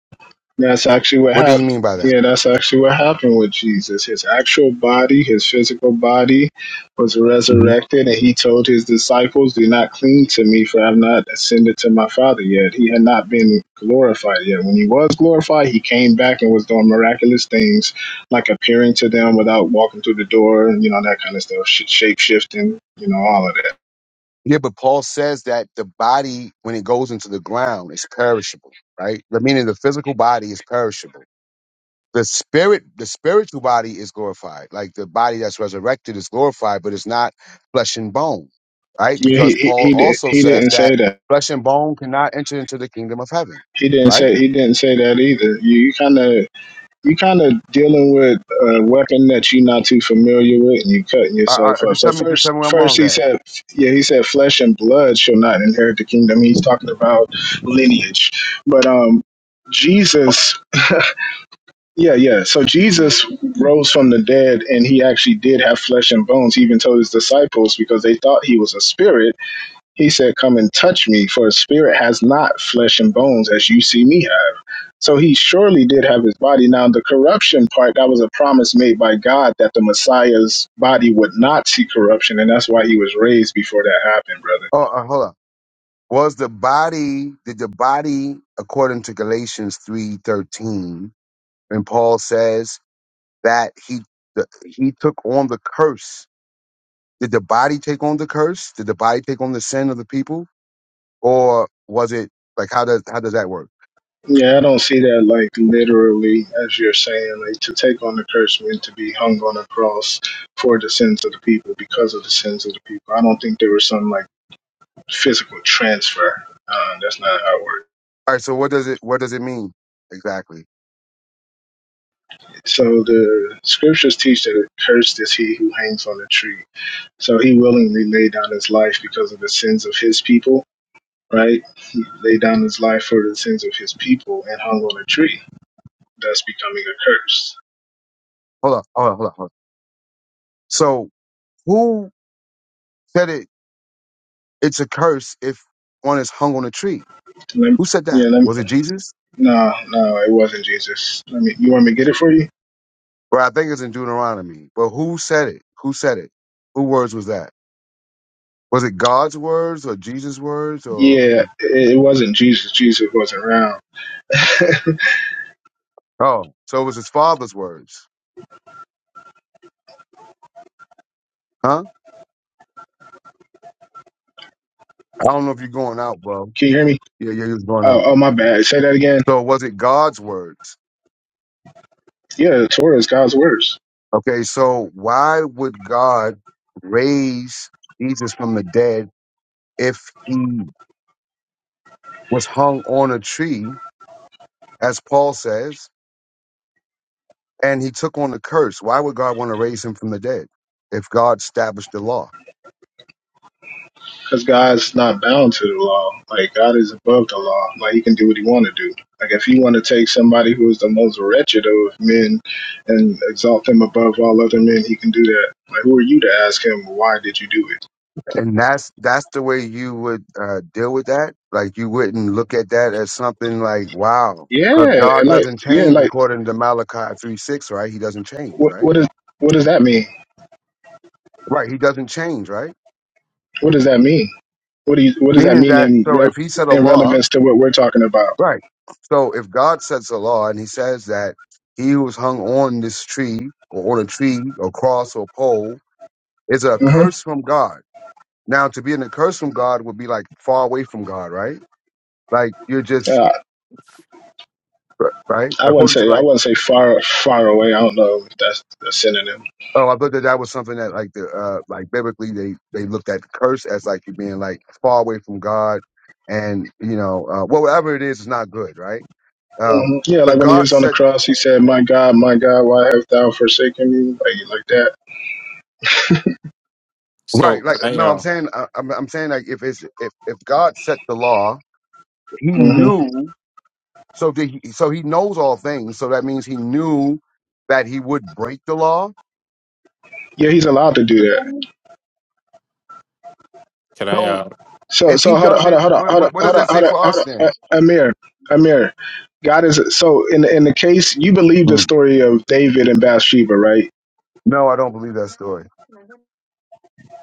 E: That's actually what
A: What do
E: happened.
A: you mean by that?
E: Yeah, that's actually what happened with Jesus. His actual body, his physical body, was resurrected, and he told his disciples, Do not cling to me, for I have not ascended to my Father yet. He had not been glorified yet. When he was glorified, he came back and was doing miraculous things, like appearing to them without walking through the door, and you know, that kind of stuff, sh- shape shifting, you know, all of that.
A: Yeah, but Paul says that the body, when it goes into the ground, is perishable, right? The meaning the physical body is perishable. The spirit, the spiritual body is glorified. Like the body that's resurrected is glorified, but it's not flesh and bone, right?
E: Yeah, he,
A: Because
E: he,
A: Paul
E: he, did,
A: also
E: he
A: says
E: didn't say
A: that
E: that.
A: flesh and bone cannot enter into the kingdom of heaven,
E: He didn't
A: right?
E: say he didn't say that either. You, you kind of you kind of dealing with a weapon that you're not too familiar with, and you cutting
A: I,
E: yourself
A: I,
E: up.
A: just
E: So
A: tell me, just
E: first,
A: tell me where I'm
E: first
A: wrong
E: he
A: at.
E: said, yeah, he said, flesh and blood shall not inherit the kingdom. He's talking about lineage, but um, Jesus, yeah, yeah. So Jesus rose from the dead, and he actually did have flesh and bones. He even told his disciples because they thought he was a spirit. He said, "Come and touch me, for a spirit has not flesh and bones as you see me so he surely did have his body. Now, the corruption part, that was a promise made by God that the Messiah's body would not see corruption. And that's why he was raised before that happened, brother.
A: Oh, uh, hold on. Was the body? Did the body, according to Galatians three thirteen, when Paul says that he the, he took on the curse. Did the body take on the curse? Did the body take on the sin of the people, or was it like how does how does that work?
E: Yeah, I don't see that like literally, as you're saying, like to take on the curse meant to be hung on a cross for the sins of the people, because of the sins of the people. I don't think there was some like physical transfer. Uh, that's not how it works.
A: All right, so what does it what does it mean exactly?
E: So the scriptures teach that cursed is he who hangs on the tree So he willingly laid down his life because of the sins of his people, right? He laid down his life for the sins of his people and hung on a tree. That's becoming a curse.
A: Hold on, hold on, hold on. Hold on. So who said it? It's a curse if one is hung on a tree.
E: Let me-
A: Who said
E: yeah,
A: that?
E: let me,
A: Was it Jesus?
E: no, no, it wasn't Jesus. Let me, you want me to get it for you?
A: Well, I think it's in Deuteronomy. But who said it? Who said it? Who words was that? Was it God's words or Jesus' words or
E: Yeah,
A: who?
E: it, it wasn't Jesus. Jesus wasn't around. Can
A: Oh, so it was his father's words, huh? I don't know if you're going out, bro.
E: you hear me?
A: Yeah, yeah, he was going out.
E: Oh, oh, my bad. Say that again.
A: So was it God's words?
E: Yeah, the Torah is God's words.
A: Okay, so why would God raise Jesus from the dead if he was hung on a tree, as Paul says, and he took on the curse? Why would God want to raise him from the dead if God established the law?
E: because God's not bound to the law. Like God is above the law. Like He can do what He want to do. Like if He want to take somebody who is the most wretched of men and exalt them above all other men, He can do that. Like who are you to ask Him why did you do it?
A: And that's that's the way you would uh, deal with that. Like you wouldn't look at that as something like, wow, because
E: Yeah,
A: God
E: and like
A: doesn't
E: yeah,
A: change
E: like
A: according to Malachi three six, right? He doesn't change,
E: what
A: right?
E: what is what does that mean?
A: Right. He doesn't change, right?
E: What does that mean? What do you, what does that
A: Meaning
E: mean
A: that,
E: in
A: so
E: re-
A: if he set a
E: in
A: law,
E: relevance to what we're talking about?
A: right. So if God sets a law and he says that he who was hung on this tree or on a tree or cross or pole is a
E: hmm
A: curse from God. Now, to be in a curse from God would be like far away from God, right? Like you're just,
E: Uh,
A: right?
E: I wouldn't
A: According to
E: say I
A: like,
E: wouldn't say far far away. I don't know if that's a synonym
A: oh, I thought that that was something that like the, uh, like biblically they, they looked at curse as like you being like far away from God and, you know, uh, well, whatever it is, it's not good, right? Um,
E: Mhm. Yeah, like
A: but
E: when he was
A: God
E: on the
A: said,
E: cross, he said, "My God, my God, why hast thou forsaken me?" Like like that.
B: So
A: right? Like,
B: can I
A: no, I'm
B: uh
A: saying, I, I'm, I'm saying, like, if it's if if God set the law, He
E: hmm
A: knew, so that he, so He knows all things. So that means He knew that He would break the law.
E: Yeah, he's allowed to do that.
B: can I
A: So
B: uh
E: So
A: if
E: so
A: He
E: hold on,
A: does
E: hold on,
A: it,
E: hold on,
A: what
E: hold on,
A: what, what
E: hold
A: does
E: on,
A: that
E: hold
A: say
E: on,
A: for us
E: hold on.
A: then?
E: A- Amir, Amir, God is so in in the case you believe the
A: Mm.
E: story of David and Bathsheba, right?
A: No, I don't believe that story.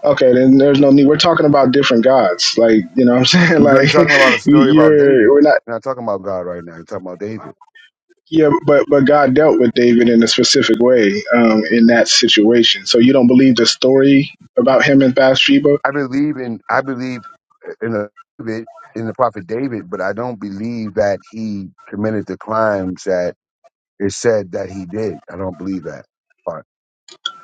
E: Okay, then there's no need. We're talking about different gods, like you know what I'm saying.
A: You know, you're
E: Like
A: talking about a
E: you-
A: story about
E: you're we're
A: David.
E: not.
A: You're not talking about God right now. You're talking about David.
E: Yeah, but but God dealt with David in a specific way um, in that situation. So you don't believe the story about him and Bathsheba.
A: I believe in I believe in a David in the prophet David, but I don't believe that he committed the crimes that It said that he did. I don't believe that part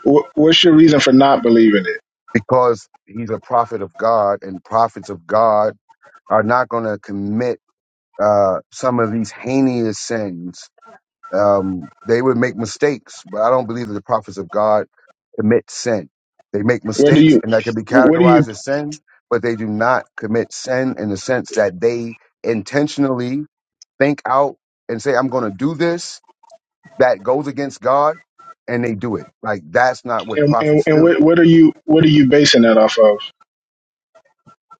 E: Wh- What's your reason for not believing it?
A: because he's a prophet of God, and prophets of God are not going to commit uh, some of these heinous sins. Um, they would make mistakes, but I don't believe that the prophets of God commit sin. They make
E: Where do
A: mistakes,
E: you,
A: and that can be
E: what do you,
A: categorized as sin, but they do not commit sin in the sense that they intentionally think out and say, "I'm going to do this," that goes against God and they do it. Like that's not what
E: and, and,
A: prophets
E: and
A: do.
E: what, what are you, what are you basing that off of?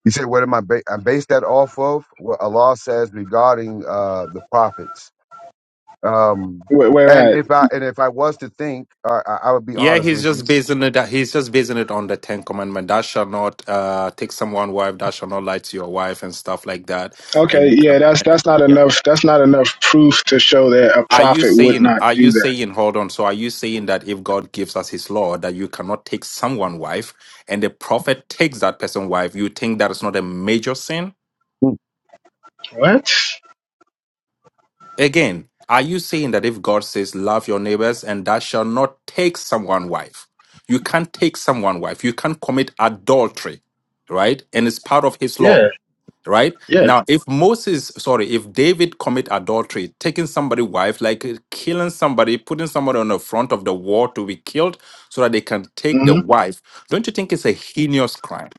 A: You said, what am I? Ba- I base that off of what Allah says regarding uh, the prophets. Um,
E: Where, where
A: and
E: at?
A: if I and if I was to think, uh, I, I would be
B: Yeah,
A: honest
B: he's
A: with you.
B: just basing it. He's just basing it on the Ten Commandment. Thou shall not uh, take someone wife. Thou shall not lie to your wife and stuff like that. And
E: Okay,
B: you can,
E: yeah, that's that's not
B: yeah.
E: enough. That's not enough proof to show that a
B: Are you
E: prophet would
B: saying?
E: not
B: Are
E: do
B: you
E: that.
B: saying? Hold on. So are you saying that if God gives us His law, that you cannot take someone wife, and the prophet takes that person wife, you think that is not a major sin?
E: What?
B: Again, are you saying that if God says, Love your neighbors and thou shalt not take someone wife? You can't take someone wife. You can't commit adultery, right? And it's part of his
E: Yeah,
B: law, right?
E: yeah,
B: Now, if Moses, sorry, if David commit adultery, taking somebody wife, like uh, killing somebody, putting somebody on the front of the wall to be killed so that they can take the
E: hmm
B: wife, don't you think it's a heinous crime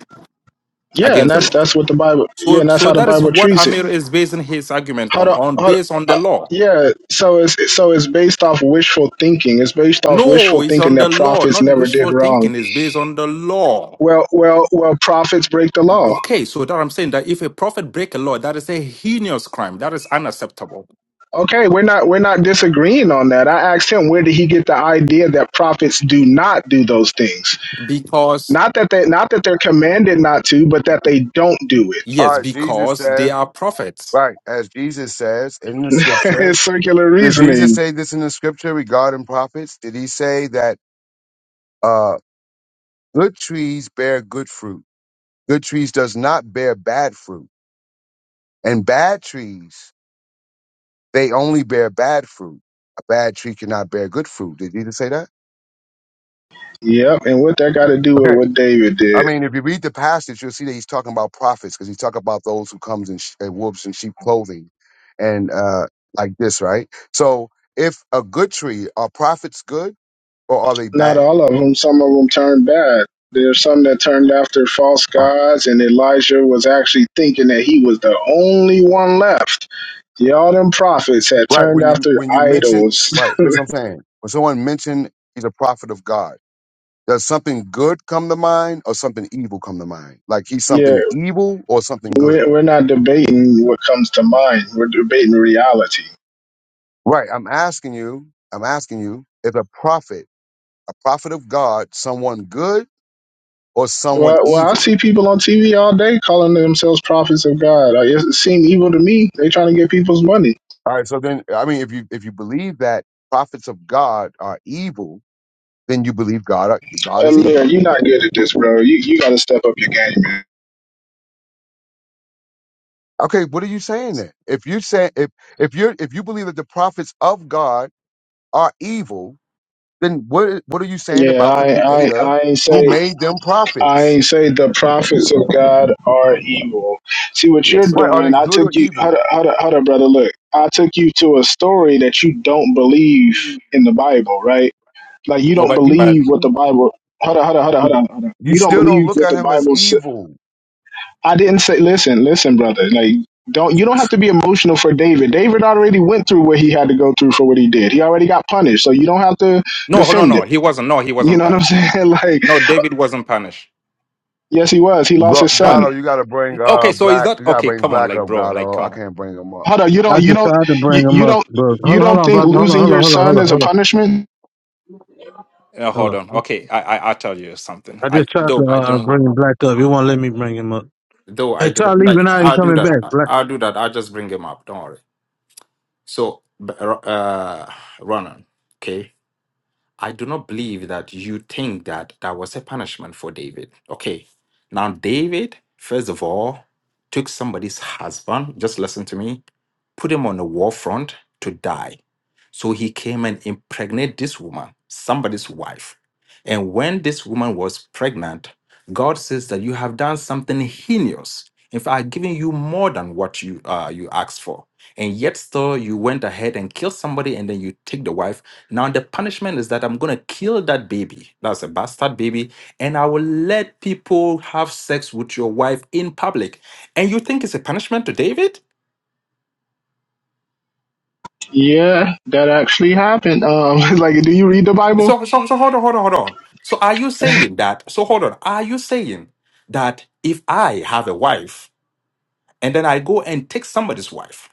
E: yeah, and
B: against the
E: that's
B: law?
E: that's what the Bible. Yeah,
B: So,
E: and that's
B: so
E: how the
B: that is
E: Bible
B: what
E: treats it.
B: Amir is basing his argument
E: Hold
B: on,
E: on,
B: on
E: hold on.
B: based on
E: Uh,
B: the law.
E: yeah, so it's so it's based off wishful thinking. It's based off
B: No,
E: wishful
B: it's
E: thinking
B: on the
E: that
B: law,
E: prophets
B: not
E: never did
B: wishful
E: wrong.
B: thinking. It's based on the law.
E: Well, well, well, prophets break the law.
B: Okay, so that I'm saying that if a prophet break a law, that is a heinous crime. That is unacceptable.
E: Okay, we're not we're not disagreeing on that. I asked him where did he get the idea that prophets do not do those things?
B: Because
E: Not that they not that they're commanded not to, but that they don't do it.
A: All
B: yes,
A: right, Jesus
B: because they
A: says,
B: are prophets.
A: right, as Jesus says in the scripture.
E: it's circular
A: Did Jesus
E: reasoning.
A: say this in the scripture regarding prophets? Did he say that uh, good trees bear good fruit? Good trees does not bear bad fruit, and bad trees They only bear bad fruit. A bad tree cannot bear good fruit. Did Jesus say that?
E: Yep, and what that got to do
A: Okay.
E: with what David did?
A: I mean, if you read the passage, you'll see that he's talking about prophets because he's talking about those who comes in, sh- in wolves and sheep clothing and uh, like this, right? So if a good tree, are prophets good or are they
E: Not
A: bad?
E: all of them. Some of them turned bad. There's some that turned after false
A: Uh,
E: gods, and Elijah was actually thinking that he was the only one left. Yeah, all them prophets had
A: Right.
E: turned
A: When you
E: after
A: when you mention
E: idols.
A: right, that's what I'm saying. When someone mentioned he's a prophet of God, does something good come to mind or something evil come to mind? Like he's
E: yeah,
A: something evil or something good?
E: we're, we're not debating what comes to mind. We're debating reality.
A: Right. I'm asking you, I'm asking you if a prophet, a prophet of God, someone good or someone
E: Well, well, I
A: evil.
E: see people on TV all day calling themselves prophets of God. I- It seems evil to me. They trying to get people's money.
A: All right. So then, I mean, if you, if you believe that prophets of God are evil, then you believe God, are, God is
E: Amir,
A: evil.
E: you're not good at this, bro. You you got to step up your game, man.
A: Okay. What are you saying then? If you say, if, if you're, if you believe that the prophets of God are evil, then what, what are you saying
E: Yeah,
A: about the
E: I I
A: creator
E: I ain't
A: who
E: say
A: made them
E: I
A: prophets?
E: ain't say the prophets of God are evil. See what you're
B: Yes,
A: Right.
B: sir.
A: Are they
E: doing. I
A: good or
E: took you. Hold
A: evil?
E: up, hold up, hold up, brother. Look, I took you to a story that you don't believe in the Bible, right? Like you
B: No,
E: don't
B: but but
E: believe what the
B: no,
E: Bible. Hold up, hold up, hold up, hold up, hold up.
A: You
E: You don't
A: still don't
E: believe
A: look
E: what
A: at
E: the
A: him as
E: Bible. Sa-
A: evil.
E: I didn't say. Listen, listen, brother. Like don't you don't have to be emotional for David. David already went through what he had to go through for what he did. He already got punished, so you don't have to
B: no,
E: defend
B: no.
E: him.
B: He wasn't. No, he
E: You
B: wasn't
E: know what I'm
B: punished.
E: saying? Like
B: No, David wasn't punished.
E: yes, he was. He lost
A: Go-
E: his
B: No,
E: son.
A: Gato, you
B: he.
A: gotta bring
B: Okay,
A: uh
B: so is
A: black.
B: that
A: You gotta
B: okay?
A: bring
B: Come on,
A: black
B: like
A: up,
B: bro, like
A: Gato.
B: come
A: I
B: on.
A: can't bring him up.
E: Hold on, you
D: I
E: don't, you
D: just
E: don't,
D: tried to
E: you,
D: bring him
E: you
D: up,
E: don't,
D: bro. Hold
E: you
D: on, hold
E: don't
D: on,
E: think
D: brother. Hold on,
E: losing
D: hold on,
E: your
D: hold on,
E: son
D: hold on,
E: is a
D: hold on.
E: punishment?
B: Uh,
D: Hold
B: hold on.
D: on.
B: Okay, I I I'll tell you something.
D: I
B: I
D: just tried
B: though
D: to
B: I
D: uh,
B: don't
D: bring him black up. You won't let me bring him up.
B: though I
D: Hey, try
B: didn't like.
D: leaving out and
B: I'll do
D: coming
B: that.
D: back. Black.
B: I'll do that. I'll just bring him up. Don't worry. So, b- uh, Ronan, okay, I do not believe that you think that that was a punishment for David. Okay, now David, first of all, took somebody's husband, just listen to me, put him on the war front to die. So he came and impregnated this woman, somebody's wife. And when this woman was pregnant, God says that you have done something heinous. In fact, I've given you more than what you uh, you asked for. And yet still you went ahead and killed somebody and then you take the wife. Now the punishment is that I'm gonna kill that baby. That's a bastard baby. And I will let people have sex with your wife in public. And you think it's a punishment to David?
E: Yeah, that actually happened. Um, like, do you read the Bible?
B: So, so, so hold on, hold on, hold on. So are you saying that? So hold on. Are you saying that if I have a wife and then I go and take somebody's wife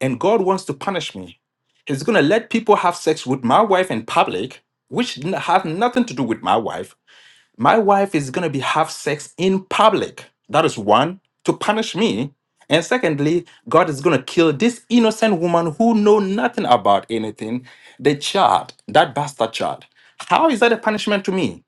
B: and God wants to punish me, He's going to let people have sex with my wife in public, which n- have nothing to do with my wife, my wife is going to be have sex in public. That is one to punish me. And secondly, God is going to kill this innocent woman who know nothing about anything, the child, that bastard child. How is that a punishment to me?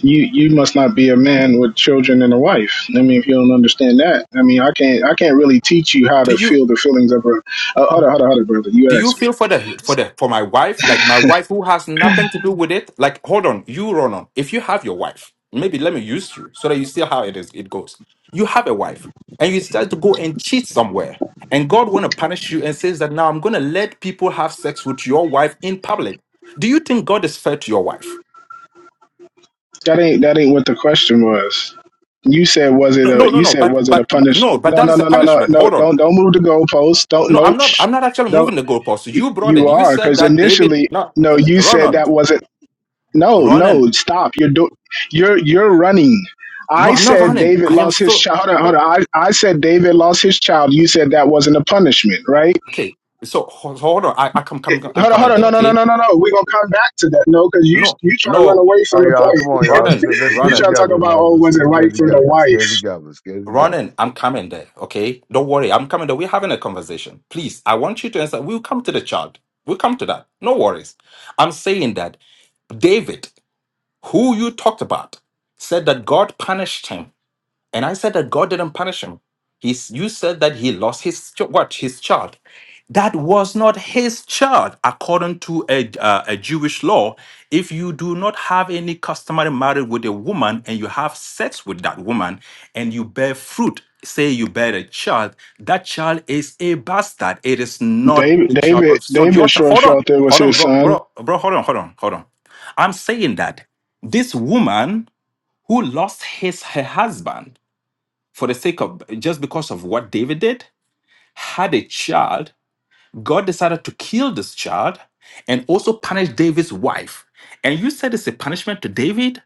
E: You you must not be a man with children and a wife. I mean, if you don't understand that, I mean, I can't I can't really teach you how
B: Do
E: to
B: you?
E: feel the feelings of a. Uh, hold on, hold on, hold on, brother.
B: do
E: You
B: you
E: asked me.
B: feel for that for the for my wife like my wife who has nothing to do with it like hold on you run on if you have your wife maybe let me use you so that you see how it is it goes you have a wife and you start to go and cheat somewhere and God want to punish you and says that now I'm going to let people have sex with your wife in public do you think God is fair to your wife
E: That ain't that ain't what the question was. You said was it
B: no
E: a
B: no no
E: you
B: no
E: said
B: but
E: was it a
B: but, but
E: punish?
B: no but
E: No,
B: that
E: no,
B: is a
E: no, no, no,
B: punishment
E: no.
B: hold on
E: Don't don't move the goalposts. Don't
B: no
E: no.
B: I'm not
E: Shh.
B: I'm not actually moving the goalpost
E: You
B: you brought
E: you
B: it you
E: are,
B: said
E: because
B: that David
E: initially,
B: no
E: no, you said
B: Ronan
E: that wasn't. No,
B: Ronan
E: no, stop. You're do, you're you're running.
B: No,
E: I
B: I'm not
E: said
B: running.
E: David
B: I am
E: lost his
B: still
E: child. Hold on,
B: uh,
E: hold on. I, I said David lost his child. You said that wasn't a punishment, right?
B: okay. So ho- so hold on. I, I come, come, I'm
E: Hold on, hold
B: coming
E: on.
B: there.
E: No, no, no,
B: Okay.
E: no, no, no. We're gonna come back to that. No, because you
B: No,
E: you trying to run
B: no,
E: away
A: All
E: from
A: right,
E: the
A: y'all,
E: point.
A: come on, y'all. Let's
B: running,
A: let's get
E: You
A: it
B: running,
E: trying to talk
A: together,
E: about oh,
A: brothers.
E: was it
A: Let's get
E: right
A: it
E: for the
A: together. Let's get it
E: wife?
A: together. Let's get it together.
B: running. I'm coming there. Okay. Don't worry. I'm coming there. We're having a conversation. Please, I want you to answer. We'll come to the child. We'll come to that. No worries. I'm saying that David, who you talked about, said that God punished him And I said that God didn't punish him. He's, you said that he lost his ch- what his child. That was not his child according to a, uh, a Jewish law. If you do not have any customary marriage with a woman and you have sex with that woman and you bear fruit, say you bear a child, that child is a bastard. It is not
E: David,
B: the child of
E: David,
B: it's not your
E: David
B: child.
E: sure
B: Hold on,
E: felt it was
B: hold on,
E: his
B: bro,
E: son.
B: bro, bro, hold on, hold on, hold on. I'm saying that this woman who lost his her husband for the sake of just because of what David did, had a child. God decided to kill this child and also punish David's wife. And you said it's a punishment to David.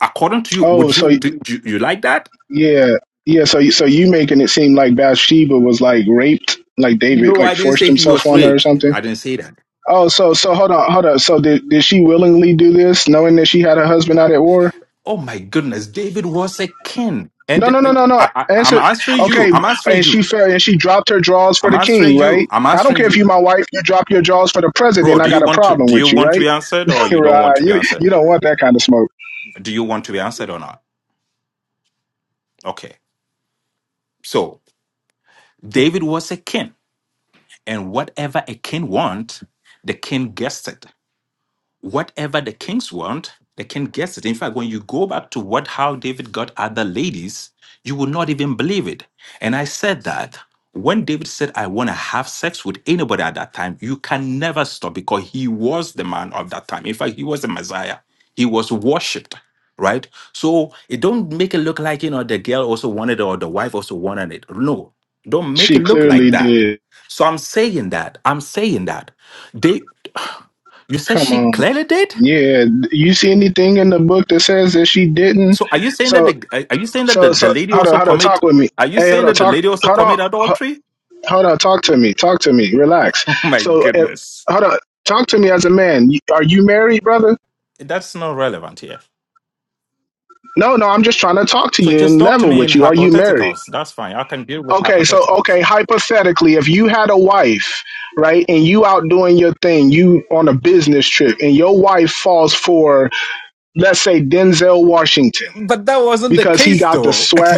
B: According to you,
E: Oh,
B: would
E: so
B: you did you, you like that?
E: Yeah, yeah. So, you- so you making it seem like Bathsheba was like raped, like David
B: No,
E: like
B: I didn't
E: forced
B: say he
E: himself
B: was
E: on her or
B: raped.
E: something.
B: I didn't say that.
E: Oh, so so hold on, hold on. So did did she willingly do this, knowing that she had her husband out at war?
B: Oh my goodness, David was a king.
E: No,
B: And
E: no, no,
B: uh,
E: no, no.
B: I, I, I'm
E: Answer.
B: answering you.
E: Okay,
B: I'm answering
E: and she
B: you.
E: fell and she dropped her drawers for
B: I'm
E: the king,
B: answering you.
E: right?
B: I'm
E: I don't
B: answering
E: care if you
B: you.
E: my wife, you drop your drawers for the president.
B: Bro,
E: I
B: do
E: got
B: you
E: a
B: want to
E: problem
B: do you
E: with you,
B: want to
E: right?
B: be answered or you don't want
E: right.
B: to be
E: You
B: answered?
E: you don't want that kind of smoke.
B: Do you want to be answered or not? Okay. So David was a king, and whatever a king want, the king gets it whatever the kings want, the king gets it. In fact, when you go back to what how David got other ladies, you will not even believe it. And I said that when David said, I want to have sex with anybody at that time, you can never stop because he was the man of that time. In fact, he was the Messiah. He was worshipped, right? So it don't make it look like, you know, the girl also wanted it or the wife also wanted it. No, don't make
E: She
B: it look like
E: clearly
B: that.
E: did.
B: So I'm saying that. I'm saying that. They you said
E: Come
B: she
E: on.
B: clearly did?
E: Yeah. You see anything in the book that says that she didn't?
B: So are you saying that
E: So
B: the are are you saying that the,
E: So
B: the
E: so
B: lady
E: hold on,
B: also
E: hold on,
B: commit
E: talk with me.
B: are you
E: Hey, hold
B: saying
E: on,
B: that the
E: talk.
B: lady also
E: Hold on,
B: commit
E: ho-
B: adultery?
E: hold on, talk to me. Talk to me. Relax.
B: Oh my
E: So if,
B: goodness.
E: hold on, talk to me as a man. You- Are you married, brother?
B: That's not relevant here.
E: No, no, I'm just trying to talk to
B: So
E: you
B: just
E: and
B: talk to
E: level
B: me in
E: with you. Are you married?
B: hypotheticals. That's fine. I can deal with
E: Okay, so
B: hypotheticals.
E: okay, hypothetically, if you had a wife, right, and you out doing your thing, you on a business trip, and your wife falls for, let's say, Denzel Washington
B: But that wasn't the
E: because he
B: case,
E: got the
B: though.
E: swag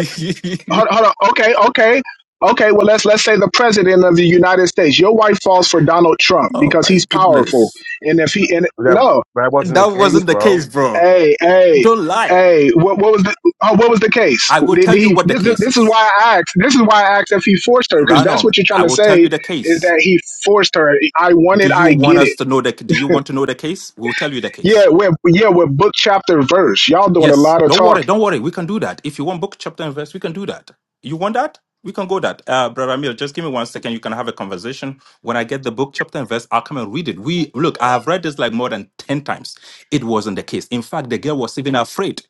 E: hold, hold on. Okay, okay, okay. Well, let's let's say the president of the United States. Your wife falls for Donald Trump
B: Oh
E: because
B: my
E: he's
B: goodness.
E: powerful, and if he and
A: That
E: no,
A: that wasn't the
B: that
A: case,
B: wasn't the case,
A: bro.
B: bro.
E: hey, hey,
B: Don't lie.
E: hey, what what was the oh, what was the case?
B: I will
E: Did,
B: tell
E: did
B: you
E: he?
B: what the
E: This, this
B: case
E: this
B: is.
E: is why I asked. This is why I asked if he forced her because
B: Run
E: that's
B: on.
E: what you're trying
B: I
E: to
B: will tell
E: say
B: you the case.
E: is that he forced her. I want it.
B: Do you
E: I
B: want
E: get
B: us
E: it.
B: to know the do you want to know the case? We'll tell you the case.
E: Yeah, we're yeah we're book chapter verse. Y'all doing a
B: Yes,
E: lot of
B: don't worry,
E: talk.
B: don't worry. We can do that. If you want book, chapter, and verse, we can do that. You want that? We can go that. Uh, Brother Amir, just give me one second. You can have a conversation. When I get the book, chapter, and verse, I'll come and read it. We look, I have read this like more than 10 times. It wasn't the case. In fact, the girl was even afraid.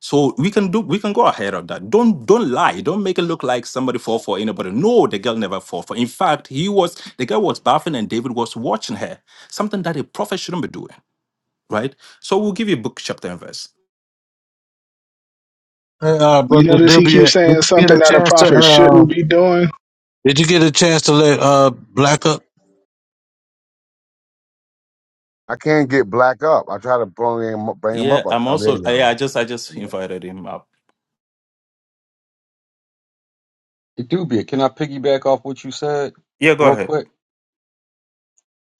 B: So we can do we can go ahead of that. Don't don't lie. Don't make it look like somebody fall for anybody. No, the girl never fall for. In fact, he was the girl was bathing and David was watching her. Something that a prophet shouldn't be doing, right? So we'll give you book, chapter, and verse.
D: Hey, uh,
E: You
D: brother
E: notice he
D: W,
E: keeps
D: did you
E: saying
D: get
E: something
D: a
E: that a
D: chance to?
E: prophet
D: Uh,
E: shouldn't be doing.
D: did you get a chance to let uh, Black? uh,
A: I can't get black up. I try to bring him up- bring him
B: Yeah,
A: up.
B: I'm
A: Oh, there
B: also.
A: you
B: uh,
A: go.
B: Yeah, I just I just invited him up.
F: It do be. Can I piggyback off what you said
B: Yeah, go
F: real
B: ahead.
F: quick?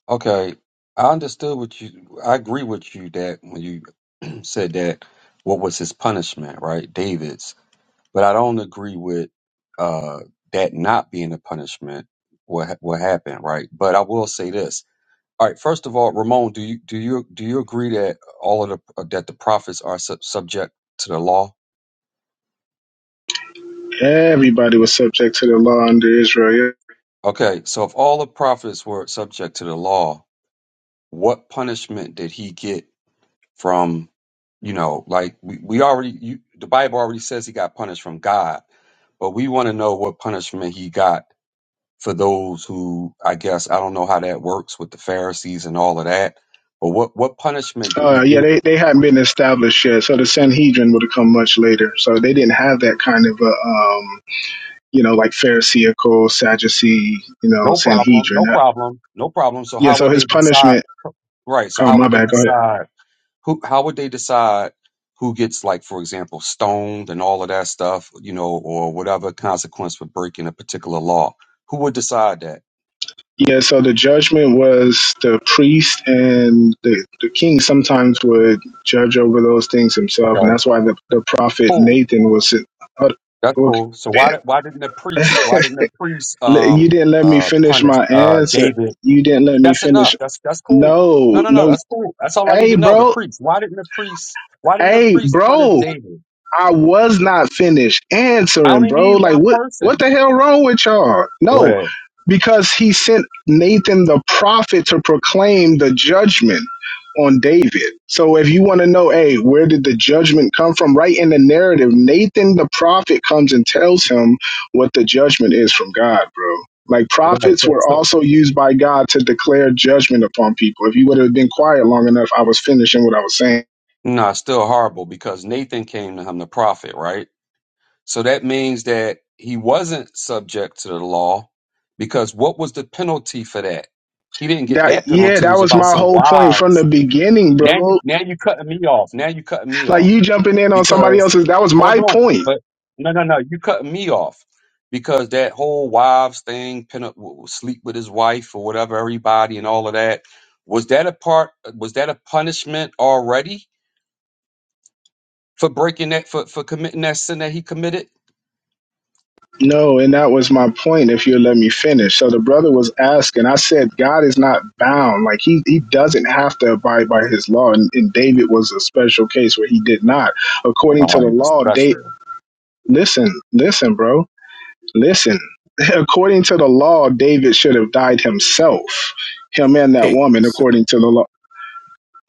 F: Okay. I understood what you I agree with you that when you said that what was his punishment, right? David's. But I don't agree with uh that not being a punishment what ha- what happened, right? But I will say this. All right, first of all, Ramon, do you do you do you agree that all of the uh, that the prophets are sub- subject to the law?
E: Everybody was subject to the law under Israel.
F: Okay, so if all the prophets were subject to the law, what punishment did he get from you know like we, we already you, the bible already says he got punished from god but we want to know what punishment he got for those who i guess i don't know how that works with the pharisees and all of that but what what punishment
E: Yeah,
F: did he
E: uh, yeah
F: get
E: they, they hadn't been established yet, so the Sanhedrin would have come much later. So they didn't have that kind of, a, um, you know, like Pharisaical, Sadducee, you know,
F: no problem
E: Sanhedrin.
F: no
E: Uh,
F: problem no problem so
E: Yeah,
F: how
E: so
F: would they
E: his
F: decide
E: punishment,
F: right so
E: oh,
F: how
E: my
F: would they
E: bad, go ahead.
F: decide who how would they decide who gets like for example stoned and all of that stuff you know or whatever consequence for breaking a particular law who would decide that
E: Yeah, so the judgment was the priest and the, the king sometimes would judge over those things himself, and
F: Okay.
E: that's why the, the prophet
F: Cool.
E: Nathan was. Uh,
F: That's
E: okay,
F: cool. So why did- why didn't the
E: damn.
F: priest why didn't the priest
E: L- You
F: um
E: didn't let me
F: uh
E: finish
F: punish
E: my
F: uh
E: answer.
F: David?
E: You didn't let me
F: That's
E: finish.
F: enough. That's that's cool. No
E: No,
F: no no.
E: no.
F: That's cool. That's all I need
E: Hey,
F: to know. The
E: bro.
F: priest. Why didn't the priest why didn't the
E: Hey,
F: priest punish
E: bro.
F: David?
E: I was not finished
F: I
E: answering,
F: only
E: bro.
F: need
E: Like
F: one
E: what what
F: person.
E: the hell wrong with y'all? No,
F: Right.
E: because he sent Nathan the prophet to proclaim the judgment on David. So if you want to know, hey, where did the judgment come from? Right in the narrative, Nathan the prophet comes and tells him what the judgment is from God, bro. Like
F: Right.
E: prophets
F: But
E: were
F: So
E: also used by God to declare judgment upon people. If you would have been quiet long enough, I was finishing what I was saying.
F: no, it's still horrible because Nathan came to him the prophet, right? So that means that he wasn't subject to the law because what was the penalty for that? He didn't get
E: That
F: that
E: yeah,
F: penalty. It
E: that
F: was
E: was
F: about
E: my
F: some
E: whole point
F: wives
E: from the beginning,
F: Now you
E: bro.
F: now you cutting me off. Now you cutting me
E: Like you
F: off
E: jumping in on somebody
F: because
E: else's that was
F: hold
E: my
F: on,
E: point.
F: but no no no, you cutting me off because that whole wives thing, pin up, w- sleep with his wife or whatever, everybody and all of that. Was that a part? Was that a punishment already for breaking that for for committing that sin that he committed?
E: No, and that was my point if you let me finish. So the brother was asking, I said God is not bound. Like he he doesn't have to abide by his law and, and David was a special case where he did not. According to
F: Oh,
E: the
F: he was
E: law, David
F: special.
E: listen, listen, bro. Listen. According to the law, David should have died himself. Him and that
B: Okay,
E: woman
B: so
E: according to the law.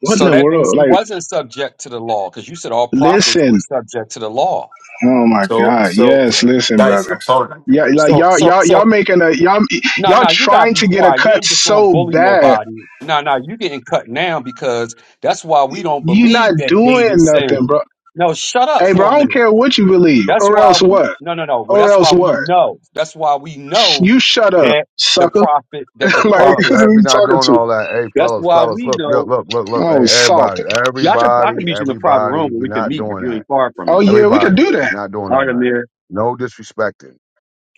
E: What in
F: So
E: the
F: that means
E: world?
F: he
E: Like
F: wasn't subject to the law because you said all prophets
E: listen.
F: were subject to the law.
E: Oh my
B: so
E: God.
B: so
E: Yes, listen,
B: guys,
E: brother.
B: I'm sorry.
E: Yeah, like
F: So
E: y'all,
F: so
E: y'all,
F: so
E: y'all making a y'all,
F: No,
E: y'all
F: no, you gotta
E: trying
F: be
E: to get a
F: quiet. You
E: cut
F: ain't just gonna
E: so
F: bully
E: bad.
F: nobody. No, no, you getting cut now because that's why we don't
E: You not
F: believe that
E: doing
F: David
E: nothing,
F: sinned.
E: bro.
F: No, shut up
E: Hey, bro, I
F: for a
E: don't
F: minute.
E: care what you believe,
F: That's
E: or
F: why
E: else
F: we
E: what,
F: no no no. Well,
E: or
F: that's
E: else
F: why we
E: what.
F: know. That's why we know
E: You shut up,
F: that the
E: sucker.
F: prophet that the
E: like
A: Hold up. All
E: who
F: prophets.
A: right,
E: are
A: we're
E: you
A: not
E: talking
A: doing
E: to?
A: all that. Hey,
F: That's
A: fellas,
F: why
A: fellas,
F: we
A: look, look,
F: know.
A: look, look, look. Hey,
E: Oh,
A: everybody,
E: salty.
F: Yeah, I can I can
A: everybody,
F: meet you in the private
A: everybody.
F: room where
A: We're
F: we can
A: not
F: meet if
A: doing
F: you ain't
A: that.
F: far from
E: Oh
F: me.
E: yeah, we could
A: Everybody,
E: do that.
A: we're not doing
F: All
A: all
F: right,
A: that.
F: Amir.
A: No disrespecting.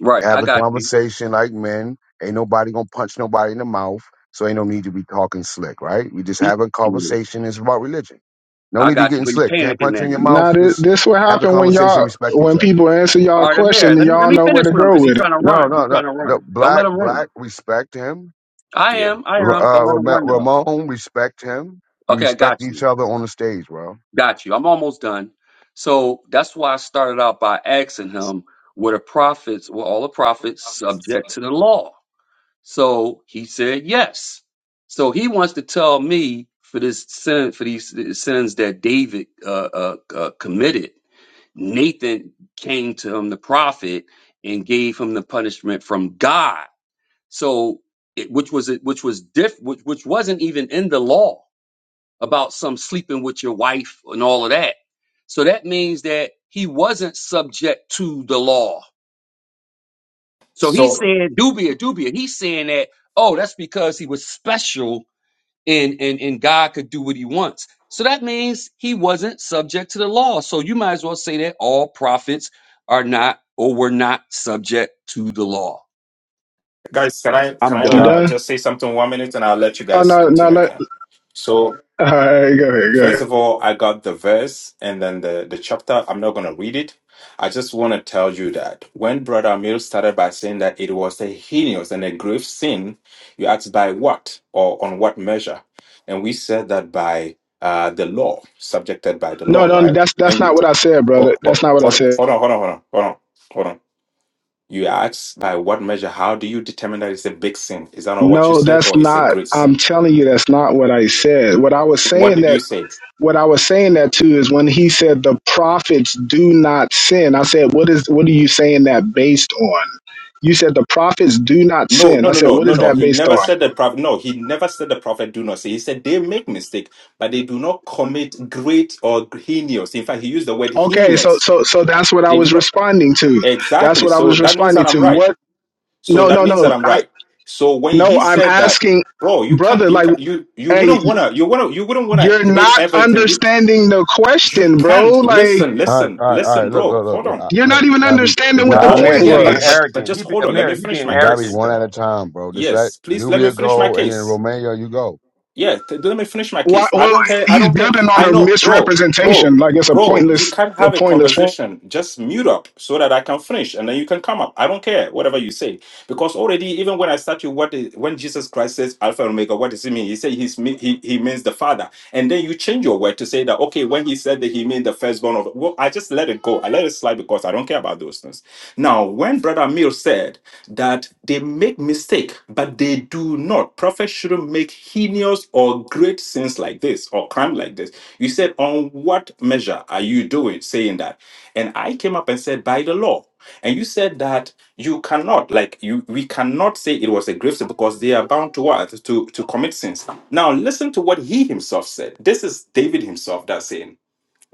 F: Right,
A: Have
F: I
A: a
F: got you.
A: conversation like men. Ain't nobody gonna punch nobody in the mouth, so ain't no need to be talking slick, right? We just
F: He,
A: have a
F: yeah,
A: conversation. It's about religion. No
F: I
A: need to
F: got you,
A: getting
F: but he
A: slick. Can't
F: panicking
A: punch
F: now.
A: you in your
E: Now
A: mouth.
E: th-
A: Just
E: this will
A: have the
E: happen when
A: conversation.
E: y'all,
A: Respect each
E: when
A: other.
E: people answer y'all
F: All right,
E: question
F: Artemir,
E: and
F: let me let
E: y'all
F: me
E: know where
F: finish
E: to
F: with him
E: go
F: because he's
E: with it.
F: trying to
A: No,
F: run.
A: no,
F: He's
A: no.
F: trying to
A: no.
F: run. Don't let
A: Black,
F: him run.
A: black, respect him.
F: I
B: Yeah.
F: am. I
A: R-
F: am. Don't let
A: Uh,
F: him
A: Ram-
F: run though.
A: Ramon, respect him. We
F: Okay, I got
A: respect each
F: you.
A: other on the stage, bro.
F: Got you. I'm almost done. So that's why I started out by asking him, were the prophets, were all the prophets subject to the law? So he said yes. So he wants to tell me for this sin, for these sins that David uh, uh, uh, committed, Nathan came to him, the prophet, and gave him the punishment from God So, it, which was it, which was diff, which, which wasn't even in the law about some sleeping with your wife and all of that. So that means that he wasn't subject to the law. So he's
B: So
F: saying dubia, dubia. He's saying that oh, that's because he was special and and and God could do what he wants. So that means he wasn't subject to the law. So you might as well say that all prophets are not or were not subject to the law.
B: guys, can I can
F: I'm
B: I
E: You
F: done.
B: uh,
E: done?
B: just say something one minute and I'll let you
E: Oh
B: guys
E: no, no.
B: continue
E: Let,
B: again. So
E: all right, go ahead, go ahead.
B: First of all, I got the verse and then the, the chapter. I'm not going to read it. I just want to tell you that when Brother Amil started by saying that it was a heinous and a grave sin, you asked by what or on what measure? And we said that by uh, the law, subjected by the
E: No,
B: law,
E: no,
B: right?
E: that's that's
B: And you,
E: not what I said, brother.
B: hold,
E: That's
B: hold,
E: not what I
B: hold
E: said.
B: hold on, hold on, hold on, hold on, hold on. You asked by what measure? How do you determine that it's a big sin? Is that not what you
E: No,
B: said
E: that's
B: or it's a
E: not.
B: great
E: I'm
B: sin?
E: telling you, that's not what I said. What I was
B: What
E: saying
B: did
E: that
B: you say?
E: what I was saying that too is when he said the prophets do not sin. I said, what is what are you saying that based on? You said the prophets do not
B: No,
E: sin.
B: no,
E: I
B: no,
E: said,
B: no,
E: what
B: no,
E: is
B: no.
E: that
B: He
E: based
B: never
E: on?
B: said the prophet. No, he never said the prophet do not say. He said they make mistake, but they do not commit great or heinous. In fact, he used the word
E: Okay, so
B: heinous.
E: so so that's what I
B: They do
E: was
B: not
E: responding to. That's
B: exactly.
E: what I
B: So
E: was
B: that means
E: responding
B: that I'm
E: to.
B: right.
E: What?
B: So
E: No,
B: that
E: no,
B: means that
E: no.
B: I'm
E: I
B: right. So when
E: no.
B: he
E: I'm
B: said that,
E: asking,
B: bro, you can't,
E: brother.
B: you
E: Like,
B: can, you you
E: hey,
B: wouldn't wanna, you wanna, you wouldn't wanna
E: you're
B: debate
E: not
B: everything. You
E: understanding the
B: you
E: question, bro.
B: can't
E: Like
B: listen,
A: All right,
B: listen,
A: all right, all
B: listen,
A: right. Look,
B: bro.
A: look, look,
B: Hold
A: look.
B: on.
A: uh,
E: you're not
A: look
E: even
A: gotta be,
E: understanding
A: it
F: No,
E: what the
B: No,
A: gotta
F: Amir,
E: point
F: he
B: yeah,
F: being
A: be,
B: but
E: was.
B: but but
F: arrogant.
B: just
F: He be,
B: hold on. Let me
F: Amir, he
B: finish
F: being
B: my
A: it gotta be
B: case.
F: arrogant
A: one at a
F: though.
A: time, bro. Just let
B: Yes, please let me
A: Dubia
B: finish my
A: go, and then
B: case.
A: Romeo, you go.
B: Yeah, t- let me finish my
E: Why,
B: case. I
E: well,
B: don't care. I
E: he's
B: don't care.
E: building on
B: I
E: a
B: know, bro, bro,
E: misrepresentation. Like it's a
B: bro. You
E: pointless,
B: can't
E: a
B: have a
E: pointless point.
B: conversation. Just mute up so that I can finish, and then you can come up. I don't care whatever you say. Because already, even when I start with what is, when Jesus Christ says Alpha and Omega, what does he mean? He said he's me- he, he means the Father, and then you change your word to say that okay, when he said that he meant the firstborn of well, I just let it go. I let it slide because I don't care about those things. Now, when Brother Mill said that they make mistake, but they do not. Prophets shouldn't make heinous or great sins like this or crime like this. You said, on what measure are you doing saying that? And I came up and said, by the law. And you said that you cannot, like you, we cannot say it was a grave sin because they are bound to what? To to commit sins. Now listen to what he himself said. This is David himself that's saying.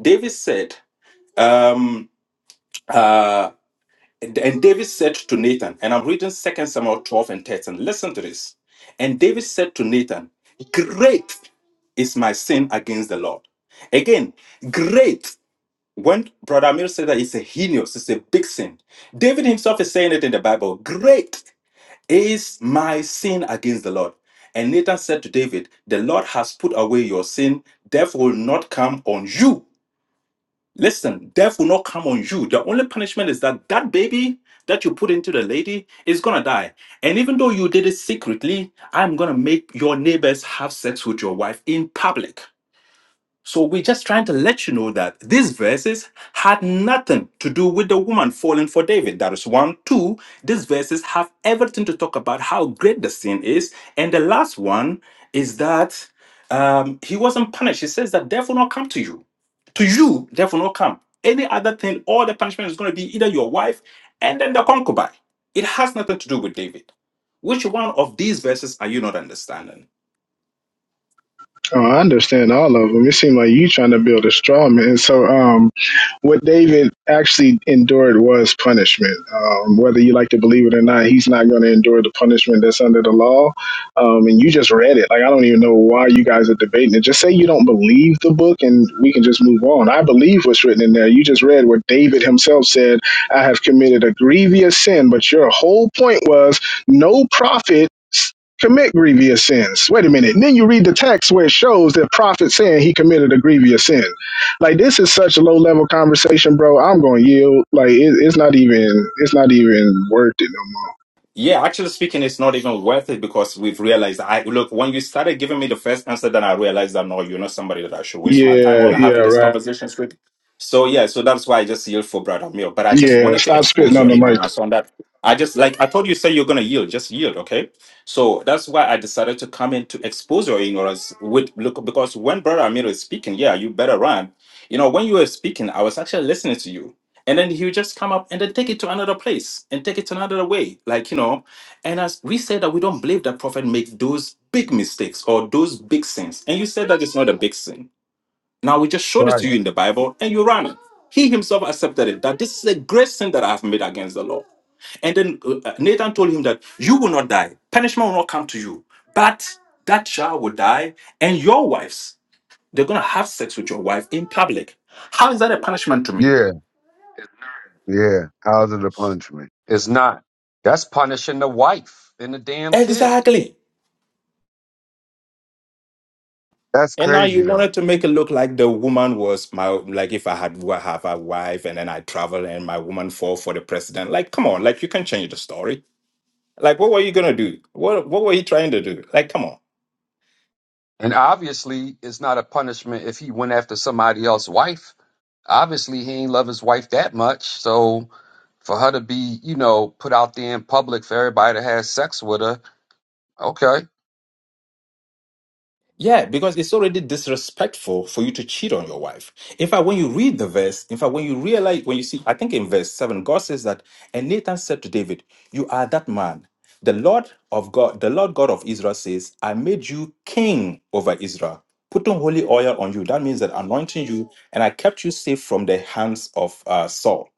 B: David said, um, uh, and and David said to Nathan, and I'm reading Second Samuel 12 and 13. Listen to this. And David said to Nathan, Great is my sin against the Lord. Again, great when Brother Amir said that it's a heinous, it's a big sin. David himself is saying it in the Bible. Great is my sin against the Lord. And Nathan said to David, The Lord has put away your sin. Death will not come on you. Listen, death will not come on you. The only punishment is that that baby that you put into the lady is going to die. And even though you did it secretly, I'm going to make your neighbors have sex with your wife in public. So we're just trying to let you know that these verses had nothing to do with the woman falling for David. That is one. Two, these verses have everything to talk about how great the sin is. And the last one is that um, he wasn't punished. He says that death will not come to you. To you, death will not come. Any other thing, all the punishment is going to be either your wife and then the concubine. It has nothing to do with David. Which one of these verses are you not understanding?
E: Oh, I understand all of them. It seemed like you trying to build a straw man. So, um, what David actually endured was punishment. Um, whether you like to believe it or not, he's not going to endure the punishment that's under the law. Um, and you just read it. Like, I don't even know why you guys are debating it. Just say you don't believe the book and we can just move on. I believe what's written in there. You just read where David himself said, I have committed a grievous sin. But your whole point was no prophet commit grievous sins. Wait a minute. And then you read the text where it shows that prophet saying he committed a grievous sin. Like this is such a low level conversation, bro. I'm going to yield. Like it, it's not even it's not even worth it no more.
B: Yeah, actually speaking, it's not even worth it because we've realized. I look when you started giving me the first answer, then I realized that no, you're not somebody that I should waste my time
E: Yeah,
B: on
E: yeah,
B: having these
E: right.
B: conversations with. So yeah, so that's why I just yield for brother Amir, But I just
E: Yeah,
B: wanted to
E: stop spitting
B: expose
E: on
B: your
E: the mic.
B: ignorance on that. I just like I thought you, said you're gonna yield, just yield, okay? So that's why I decided to come in to expose your ignorance with look because when brother Amir is speaking, yeah, you better run. You know, when you were speaking, I was actually listening to you. And then he would just come up and then take it to another place and take it to another way. Like, you know, and as we said that we don't believe that prophet make those big mistakes or those big sins. And you said that it's not a big sin. Now we just showed
A: Right.
B: it to you in the Bible and you ran it. He himself accepted it that this is a great sin that I have made against the law. And then uh, uh, Nathan told him that you will not die, punishment will not come to you, but that child will die, and your wives, they're going to have sex with your wife in public. How is that a punishment to me?
A: Yeah, yeah. How's it a punishment?
F: It's not. That's punishing the wife and the damn kid.
B: Exactly.
A: That's
B: And now
A: crazy
B: you
A: though.
B: wanted to make it look like the woman was my like if I had wa- have a wife and then I travel and my woman fall for the president. Like, come on, like you can change the story. Like, what were you gonna do? What what were you trying to do? Like, come on.
F: And obviously, it's not a punishment if he went after somebody else's wife. Obviously, he ain't love his wife that much. So for her to be, you know, put out there in public for everybody to have sex with her, okay.
B: Yeah, because it's already disrespectful for you to cheat on your wife. In fact, when you read the verse, in fact, when you realize, when you see, I think in verse 7, God says that, and Nathan said to David, You are that man. The Lord of God, the Lord God of Israel says, I made you king over Israel, putting holy oil on you. That means that anointing you, and I kept you safe from the hands of uh, Saul.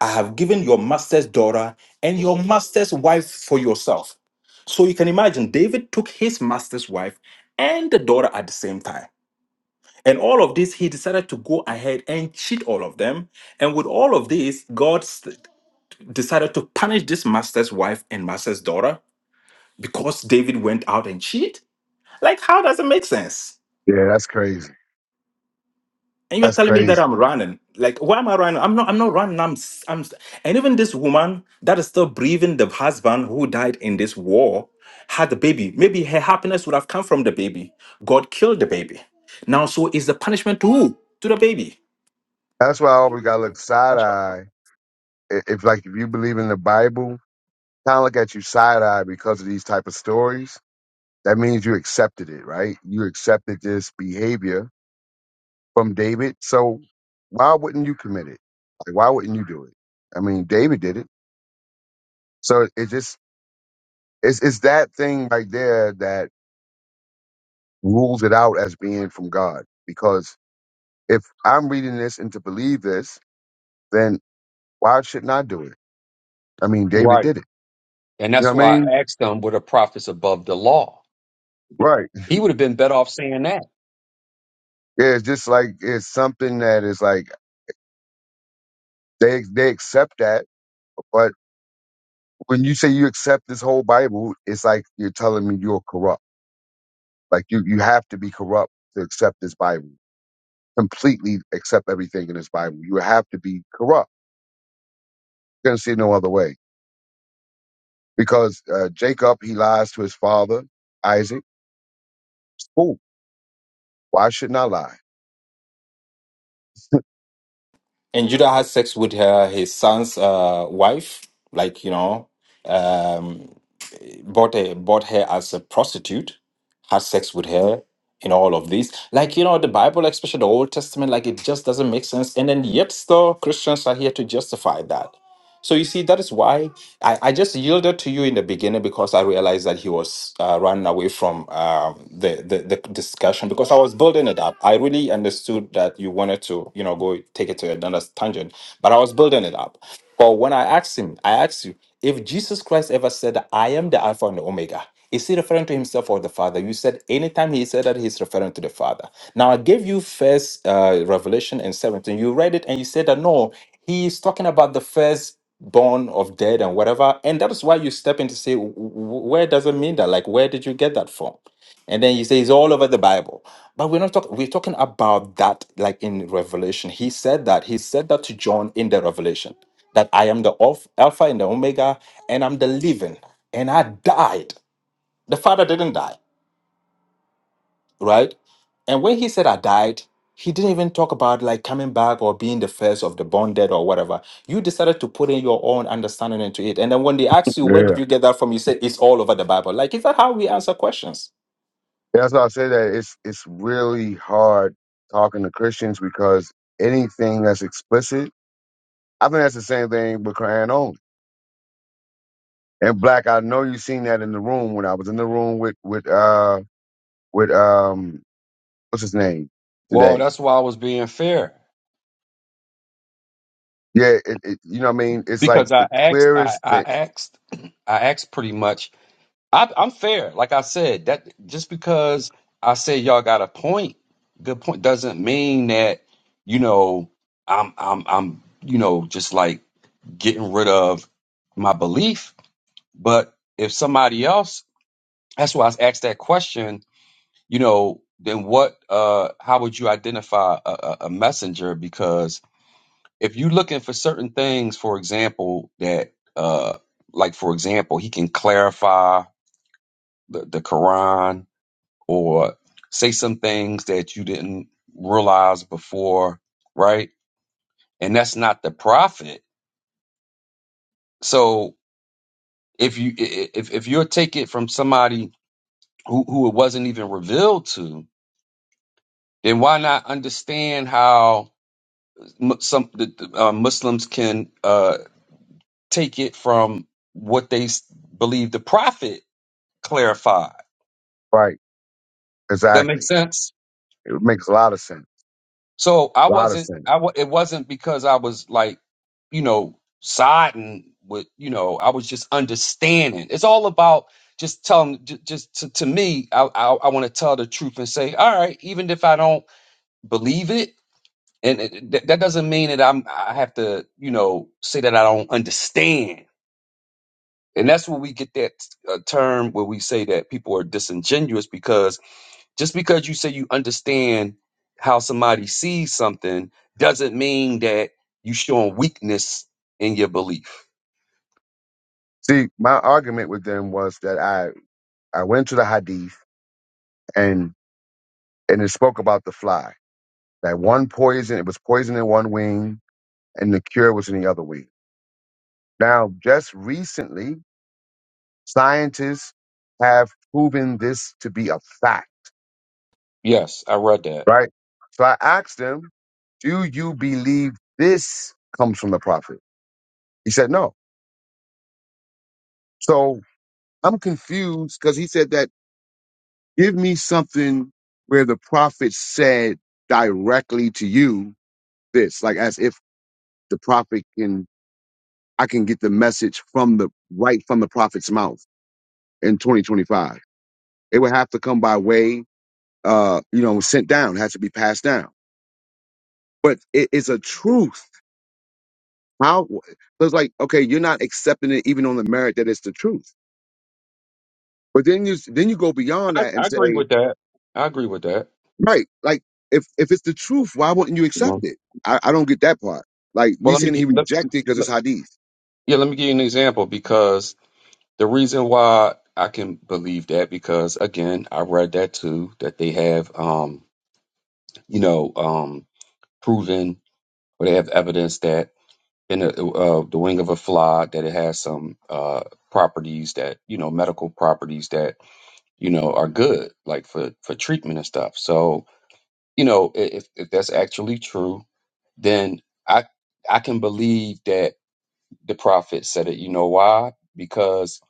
B: I have given your master's daughter and your master's wife for yourself. So you can imagine David took his master's wife and the daughter at the same time. And all of this, he decided to go ahead and cheat all of them. And with all of this, God s- decided to punish this master's wife and master's daughter because David went out and cheat. Like, how does it make sense?
A: Yeah, that's crazy.
B: and you're
A: That's
B: telling me that
A: crazy.
B: I'm running. Like, why am I running? I'm not. I'm not running. I'm. s- I'm. s- And even this woman that is still breathing, the husband who died in this war, had the baby. Maybe her happiness would have come from the baby. God killed the baby. Now, so is the punishment to who? To the baby.
A: That's why I always gotta look side eye. If if, like if you believe in the Bible, kind of look at you side eye because of these type of stories. That means you accepted it, right? You accepted this behavior from David. So why wouldn't you commit it? Like, why wouldn't you do it? I mean, David did it. So it just it's it's that thing right there that rules it out as being from God because If I'm reading this and to believe this, then why shouldn't I do it? I mean, David
F: Right.
A: did it.
F: And
A: You
F: that's
A: know what I
F: why
A: mean?
F: I asked him, were the prophets above the law?
A: Right.
F: He would have been better off saying that.
A: Yeah, it's just like it's something that is like they they accept that, but when you say you accept this whole Bible, it's like you're telling me you're corrupt. Like you you have to be corrupt to accept this Bible. Completely accept everything in this Bible. You have to be corrupt. You're gonna see it no other way. Because uh, Jacob he lies to his father Isaac. Fool. Why shouldn't I lie?
B: And Judah had sex with her his son's uh, wife, like you know, um, bought a, bought her as a prostitute. had sex with her and all of this. Like, you know, the Bible, like, especially the Old Testament, like it just doesn't make sense. And then yet still Christians are here to justify that. So you see, that is why I, I just yielded to you in the beginning because I realized that he was uh, running away from um, the, the the discussion because I was building it up. I really understood that you wanted to, you know, go take it to another tangent, but I was building it up. But when I asked him, I asked you if Jesus Christ ever said, "I am the Alpha and the Omega." Is he referring to himself or the Father? You said anytime he said that he's referring to the Father. Now I gave you first uh, Revelation and 17. You read it and you said that no, he's talking about the first born of dead and whatever. And that is why you step in to say, "W- w- where does it mean that? Like, where did you get that from? And then you say it's all over the Bible. But we're not talking, we're talking about that like in Revelation. He said that. He said that to John in the Revelation that I am the Alph- Alpha and the Omega, and I'm the living, and I died. The Father didn't die right? And when he said I died, he didn't even talk about like coming back or being the first of the born dead or whatever. You decided to put in your own understanding into it. And then when they ask you, where
A: Yeah.
B: did you get that from? You say it's all over the Bible. Like, is that how we answer questions?
A: Yeah, That's why I say that it's it's really hard talking to Christians because anything that's explicit, I think that's the same thing with Quran only. And black, I know you seen that in the room when I was in the room with with uh with um what's his name
F: Well,
A: today.
F: that's why I was being fair.
A: Yeah, it, it you know what I mean. It's like
F: because I
A: the
F: asked, I,
A: clearest
F: I
A: thing,
F: asked, I asked pretty much. I, I'm fair, like I said. That just because I said y'all got a point, good point, doesn't mean that you know I'm I'm I'm you know just like getting rid of my belief. But if somebody else, that's why I was asked that question. You know, then what? Uh, how would you identify a, a a messenger? Because if you're looking for certain things, for example, that uh like for example, he can clarify the, the Quran or say some things that you didn't realize before, right? And that's not the prophet. So if you i- i- if if you'll take it from somebody who, who it wasn't even revealed to, then why not understand how mu- some the, the, uh, Muslims can uh, take it from what they s- believe the prophet Clarified.
A: right?
F: Does that make
A: Exactly.
F: sense?
A: It makes a lot of sense.
F: So I
A: A lot of
F: wasn't,
A: sense.
F: I wa it wasn't because I was like, you know, siding with, you know, I was just understanding. It's all about just telling, ju- just to, to me, I, I, I want to tell the truth and say, all right, even if I don't believe it, and it, that that doesn't mean that I'm, I have to, you know, say that I don't understand. And that's where we get that uh, term where we say that people are disingenuous because just because you say you understand how somebody sees something doesn't mean that you showing weakness in your belief.
A: See, my argument with them was that I I went to the Hadith and and it spoke about the fly. That one poison, it was poison in one wing, and the cure was in the other wing. Now, just recently, scientists have proven this to be a fact,
F: Yes, I read that.
A: right? So I asked him, Do you believe this comes from the prophet? He said, No. So I'm confused because he said that give me something where the prophet said directly to you this, like as if the prophet can I can get the message from the right from the prophet's mouth. in 2025. It would have to come by way, uh, you know, sent down, has to be passed down. But it is a truth. How? So it's like, okay, you're not accepting it even on the merit that it's the truth. But then you then you go beyond
F: I,
A: that and
F: I agree
A: say,
F: with that. I agree with that.
A: right, like if if it's the truth, why wouldn't you accept
F: Mhm.
A: it? I, I don't get that part. Like
F: Well,
A: you
F: let me
A: saying he
F: get, let,
A: rejected because it's
F: let-
A: hadith
F: yeah, let me give you an example because the reason why I can believe that because again, I read that too that they have um, you know, um proven or they have evidence that in a, uh, the wing of a fly that it has some uh, properties that you know medical properties that you know are good like for for treatment and stuff so you know i- if, if that's actually true then i i can believe that the prophet said it you know why because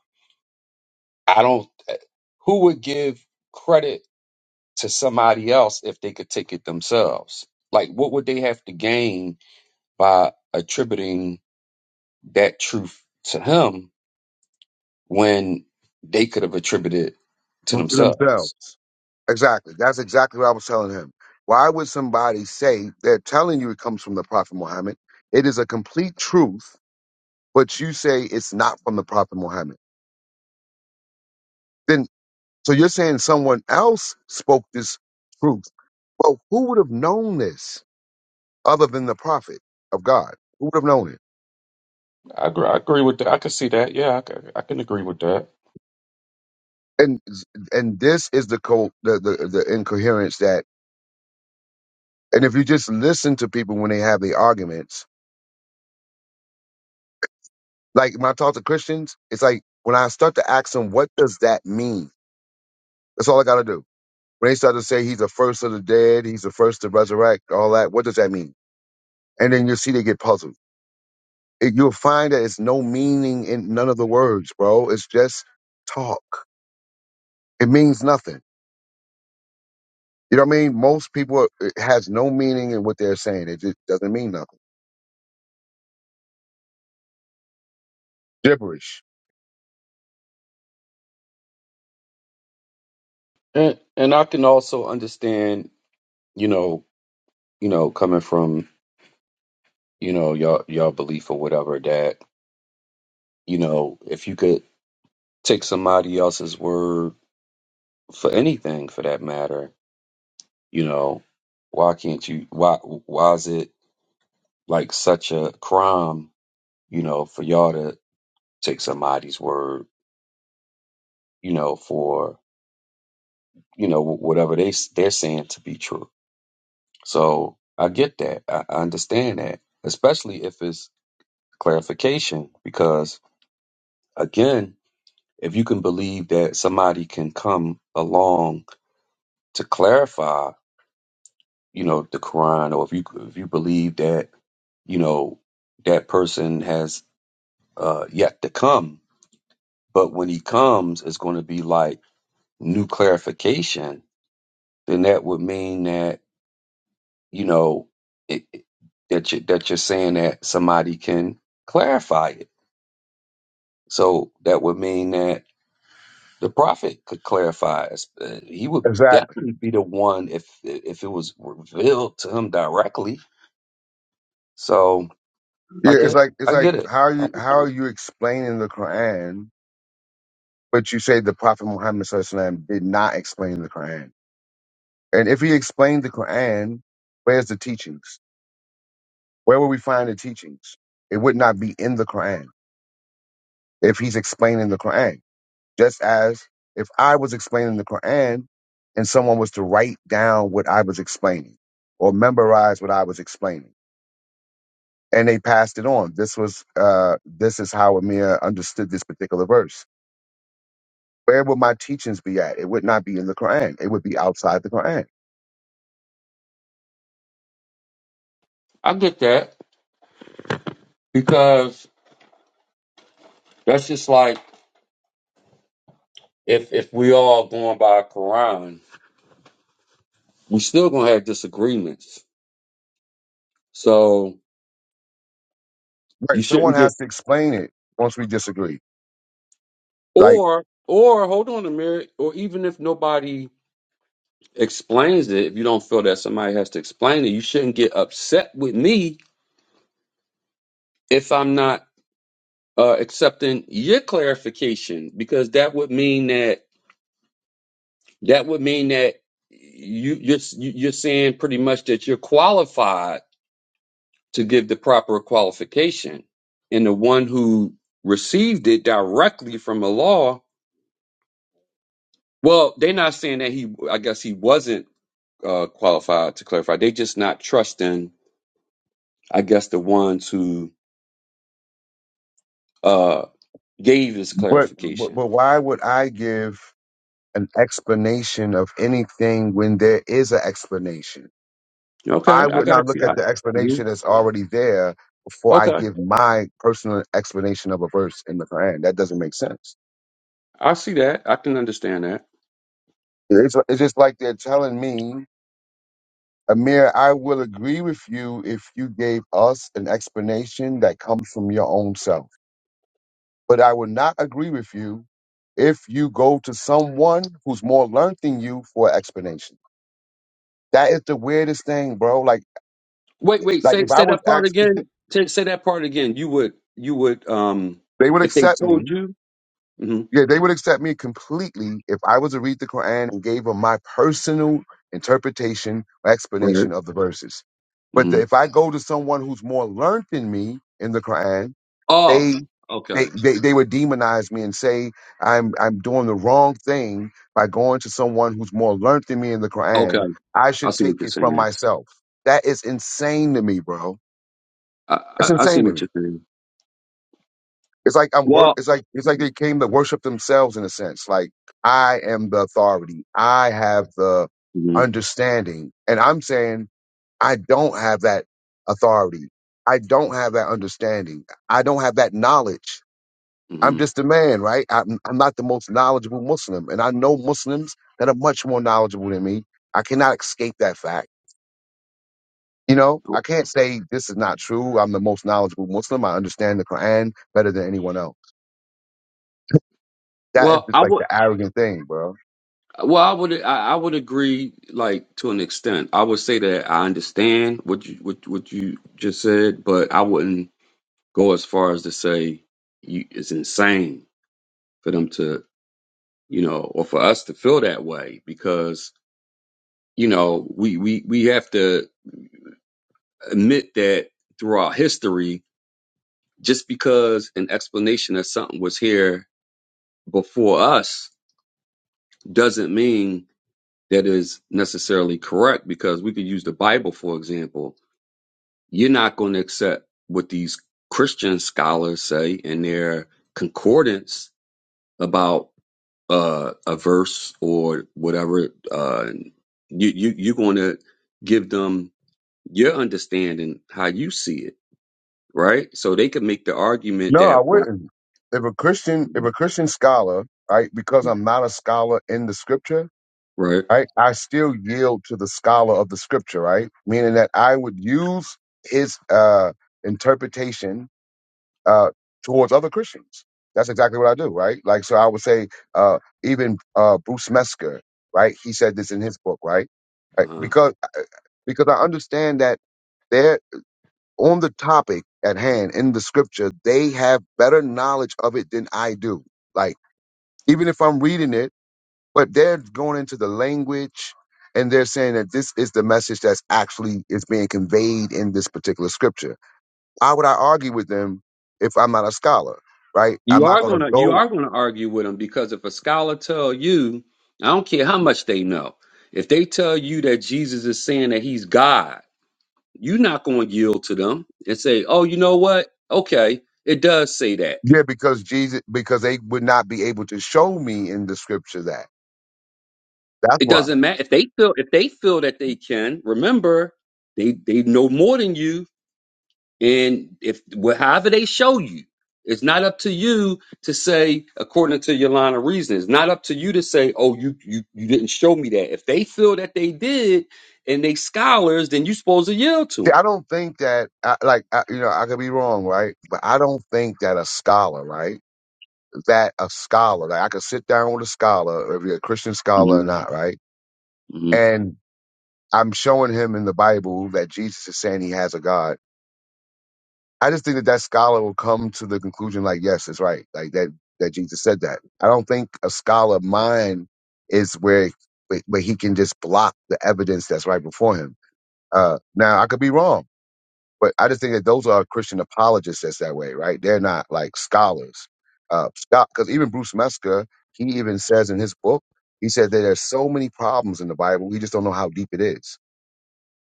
F: i don't eh, who would give credit to somebody else if they could take it themselves like what would they have to gain by attributing that truth to him when they could have attributed it to
A: to
F: themselves.
A: themselves. Exactly. That's exactly what I was telling him. Why would somebody say they're telling you it comes from the Prophet Muhammad? It is a complete truth but you say it's not from the Prophet Muhammad. Then, so you're saying someone else spoke this truth. Well, who would have known this other than the Prophet of God? Who would have known it?
F: I agree, I agree with that. I can see that. Yeah, I can, I can agree with that.
A: And and this is the co- the, the the incoherence that. And if you just listen to people when they have the arguments, like when I talk to Christians, it's like when I start to ask them, "What does that mean?" That's all I got to do. When they start to say he's the first of the dead, he's the first to resurrect, all that. What does that mean? And then you see they get puzzled it- you'll find that it's no meaning in none of the words, bro. It's just talk. It means nothing. You know what I mean? Most people uh, it has no meaning in what they're saying. It just doesn't mean nothing. Gibberish.
F: And and I can also understand, you know, you know, coming from, you know, y'all y'all belief or whatever that, you know, if you could take somebody else's word for anything for that matter, you know, why can't you why why is it like such a crime, you know, for y'all to take somebody's word, you know, for you know whatever they they're saying to be true. So I get that. I, I understand that, especially if it's clarification, because again, if you can believe that somebody can come along to clarify, you know, the Quran, or if you if you believe that you know that person has uh, yet to come, but when he comes, it's going to be like new clarification. Then that would mean that you know it, it- that you that you're saying that somebody can clarify it. So that would mean that the prophet could clarify. it. Uh, He would
A: Exactly.
F: definitely be the one if if it was revealed to him directly. So I
A: Yeah, it's
F: get
A: like it's
F: I get
A: like
F: it.
A: how are you how are you explaining the Quran, but you say the Prophet Muhammad SAW did not explain the Quran. And if he explained the Quran, where's the teachings? Where will we find the teachings? It would not be in the Quran if he's explaining the Quran. Just as if I was explaining the Quran and someone was to write down what I was explaining or memorize what I was explaining and they passed it on. This was, uh, this is how Amir understood this particular verse. Where would my teachings be at? It would not be in the Quran. It would be outside the Quran.
F: I get that because that's just like if if we all going by Quran, we still gonna have disagreements. So you
A: Right. Someone
F: shouldn't get.
A: has to explain it once we disagree. Like,
F: Or, or hold on a minute, or even if nobody explains it, if you don't feel that somebody has to explain it, you shouldn't get upset with me if I'm not uh, accepting your clarification, because that would mean that that would mean that you you're you're saying pretty much that you're qualified to give the proper qualification, and the one who received it directly from a law, well, they're not saying that he, I guess he wasn't uh, qualified to clarify. They just not trusting, I guess, the ones who uh, gave this
A: what, but,
F: clarification.
A: but why would I give an explanation of anything when there is an explanation?
F: Okay,
A: I
F: I
A: would
F: got
A: not look
F: you. I,
A: at the
F: mhm.
A: explanation that's already there before I
F: Okay,
A: give my personal explanation of a verse in the Quran. That doesn't make sense.
F: I see that. I can understand that.
A: It's, it's just like they're telling me, Amir, I will agree with you if you gave us an explanation that comes from your own self. But I will not agree with you if you go to someone who's more learned than you for an explanation. That is the weirdest thing, bro. Like,
F: Wait, wait.
A: like
F: Say
A: if I
F: say
A: was
F: that part
A: asked,
F: again. Say, say that part again. You would you would um
A: they would
F: if they
A: accept me
F: told you. hmm
A: Yeah, they would accept me completely if I was to read the Quran and gave them my personal interpretation or
F: Right.
A: explanation of the verses. But
F: hmm
A: the- if I go to someone who's more learned than me in the Quran, they
F: Oh. Okay.
A: they, they they would demonize me and say I'm I'm doing the wrong thing by going to someone who's more learned than me in the Quran.
F: Okay.
A: I
F: I
A: should
F: see what
A: take
F: you're
A: it
F: saying.
A: from
F: Now.
A: myself. That is insane to me, bro.
F: I,
A: That's
F: I I see
A: insane to me.
F: what you're saying.
A: It's like I'm work.
F: Well.
A: It's like it's like they came to worship themselves in a sense. Like I am the authority. I have the
F: hmm
A: understanding, and I'm saying I don't have that authority. I don't have that understanding. I don't have that knowledge. I'm
F: hmm
A: just a man, right? I'm, I'm not the most knowledgeable Muslim, and I know Muslims that are much more knowledgeable than me. I cannot escape that fact. You know, I can't say this is not true. I'm the most knowledgeable Muslim. I understand the Quran better than anyone else. That is
F: Well,
A: just
F: I
A: like
F: would.
A: the arrogant thing, bro.
F: Well, I would I, I would agree like to an extent. I would say that I understand what you what what you just said, but I wouldn't go as far as to say you it's insane for them to you know or for us to feel that way because you know we we we have to admit that throughout history, just because an explanation of something was here before us doesn't mean that is necessarily correct because we could use the Bible for example you're not going to accept what these Christian scholars say in their concordance about uh, a verse or whatever. Uh, you, you you're going to give them your understanding how you see it, right? So they can make the argument
A: No, I
F: that why-
A: wouldn't. If a Christian, if a Christian scholar, right, because I'm not a scholar in the scripture,
F: right.
A: right, I still yield to the scholar of the scripture, right? Meaning that I would use his uh interpretation uh towards other Christians. That's exactly what I do, right? Like so I would say uh even uh Bruce Mesker, right? He said this in his book, right? right?
F: Uh,
A: Because uh, because I understand that there. on the topic at hand in the scripture, they have better knowledge of it than I do. Like, even if I'm reading it, but they're going into the language and they're saying that this is the message that's actually is being conveyed in this particular scripture. Why would I argue with them if I'm not a scholar, right? I'm
F: you
A: not
F: are
A: going to
F: gonna you
A: go,
F: are gonna argue with them because if a scholar tell you, I don't care how much they know, if they tell you that Jesus is saying that he's God, You're not going to yield to them and say, "Oh, you know what? Okay, it does say that."
A: yeah, because Jesus, because they would not be able to show me in the scripture that. That's
F: It
A: why.
F: doesn't matter if they feel if they feel that they can. Remember, they they know more than you, and if well, however they show you, it's not up to you to say according to your line of reasoning. It's not up to you to say, "Oh, you you you didn't show me that." If they feel that they did, and they scholars, then you're supposed to yield
A: See,
F: to
A: I don't think that, I, like, I, you know, I could be wrong, right? But I don't think that a scholar, right? that a scholar. Like I could sit down with a scholar, whether you're a Christian scholar or
F: them.
A: not, right?
F: hmm
A: And I'm showing him in the Bible that Jesus is saying he has a God. I just think that that scholar will come to the conclusion, like, yes, it's right, like that that Jesus said that. I don't think a scholar mind is where where where he can just block the evidence that's right before him. Uh, now I could be wrong. But I just think that those are Christian apologists that's that way, right? They're not like scholars. Uh, Because even Bruce Mesker, he even says in his book, he said that there's so many problems in the Bible, we just don't know how deep it is,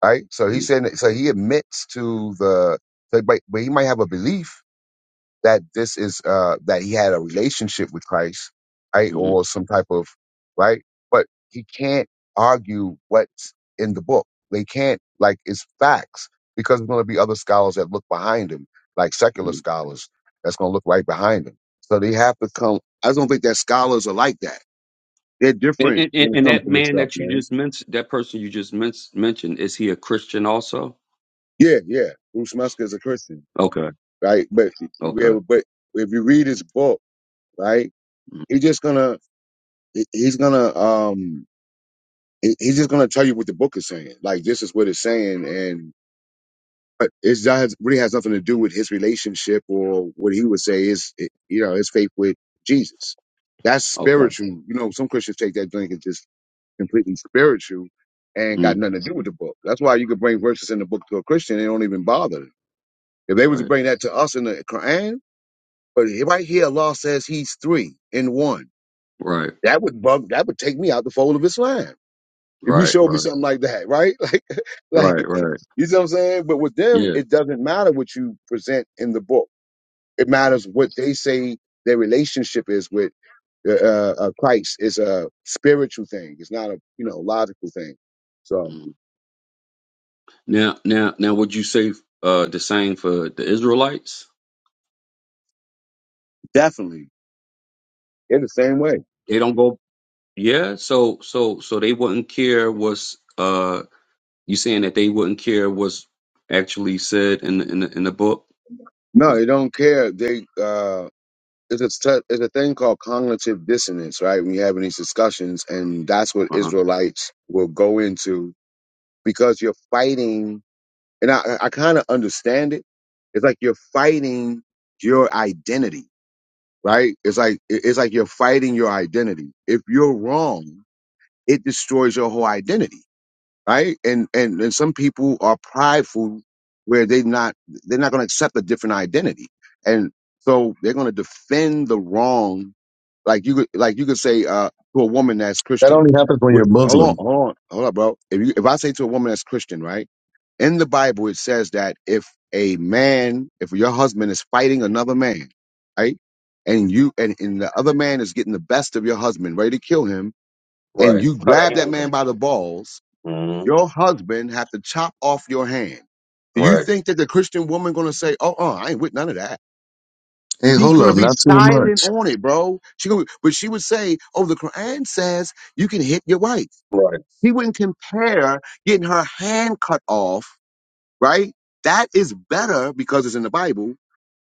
A: right? So
F: hmm
A: he said, so he admits to the, so, but, but he might have a belief, that this is uh that he had a relationship with Christ, right?
F: hmm
A: Or some type of right, but he can't argue what's in the book. They can't like it's facts because there's going to be other scholars that look behind him, like secular scholars that's going to look right behind him. So they have to come. I don't think that scholars are like that. They're
F: And,
A: different
F: and, and
A: when it
F: and
A: comes
F: that
A: to this
F: man
A: stuff,
F: that you
A: man.
F: just mentioned, that person you just men- mentioned, is he a Christian also?
A: Yeah, yeah. Bruce Musker is a Christian,
F: Okay,
A: right? But yeah,
F: okay,
A: but if you read his book, right,
F: mm,
A: you're just gonna he- he's gonna um he- he's just gonna tell you what the book is saying like this is what it's saying and but it's that has, really has nothing to do with his relationship or what he would say is eh, you know his faith with jesus that's
F: okay,
A: spiritual you know some christians take that drink and just completely spiritual and got
F: mm,
A: nothing to do with the book that's why you could bring verses in the book to a christian and they don't even bother them. if they was to
F: right,
A: bring that to us in the quran but right here allah says he's three in one
F: right,
A: that would bug that would take me out the fold of islam If you
F: right,
A: showed me
F: right,
A: something like that, right? Like, like
F: right, right.
A: you see what I'm saying? But with them,
F: Yeah.
A: it doesn't matter what you present in the book. It
F: mm,
A: matters what they say their relationship is with uh, uh, uh, Christ. It's a spiritual thing. It's not a you know logical thing. So
F: mm. Now, now, now, would you say uh, the same for the Israelites?
A: definitely, they're the same way.
F: They don't go. Yeah. So, so, so they wouldn't care what's uh you saying that they wouldn't care what's actually said in the, in the, in the book
A: No,
F: because
A: they don't care. They uh, it's a stu- it's a thing called cognitive dissonance, right? When you're having these discussions, and that's what
F: uh
A: Israelites will go into because you're fighting And I, I kind of understand it. It's like you're fighting your identity, right? It's like, it- it's like you're fighting your identity. If you're wrong, it destroys your whole identity, right? And, and, and some people are prideful where they not, they're not going to accept a different identity. And so they're going to defend the wrong like you could like you could say uh to a woman that's
G: That
A: Christian.
G: only happens when you're
A: With, hold on,
G: Muslim.
A: hold on, hold on, bro. If you if I say to a woman that's Christian, right? In the Bible, it says that if a man, if your husband is fighting another man, right, and you and, and the other man is getting the best of your husband, ready to kill him, and
F: right
A: you
F: cut a
A: grab that
F: hand off.
A: man by the balls,
F: Mhm.
A: your husband have to chop off your hand. Do you
F: Right.
A: think that the Christian woman gonna say, "Oh, uh, I ain't with none of that"?
G: Hey, hold up, not too
A: Been
G: much.
A: on it, bro. She gonna, but she would say, "Oh, the Quran says you can hit your wife."
F: Right.
A: He wouldn't compare getting her hand cut off, right? That is better because it's in the Bible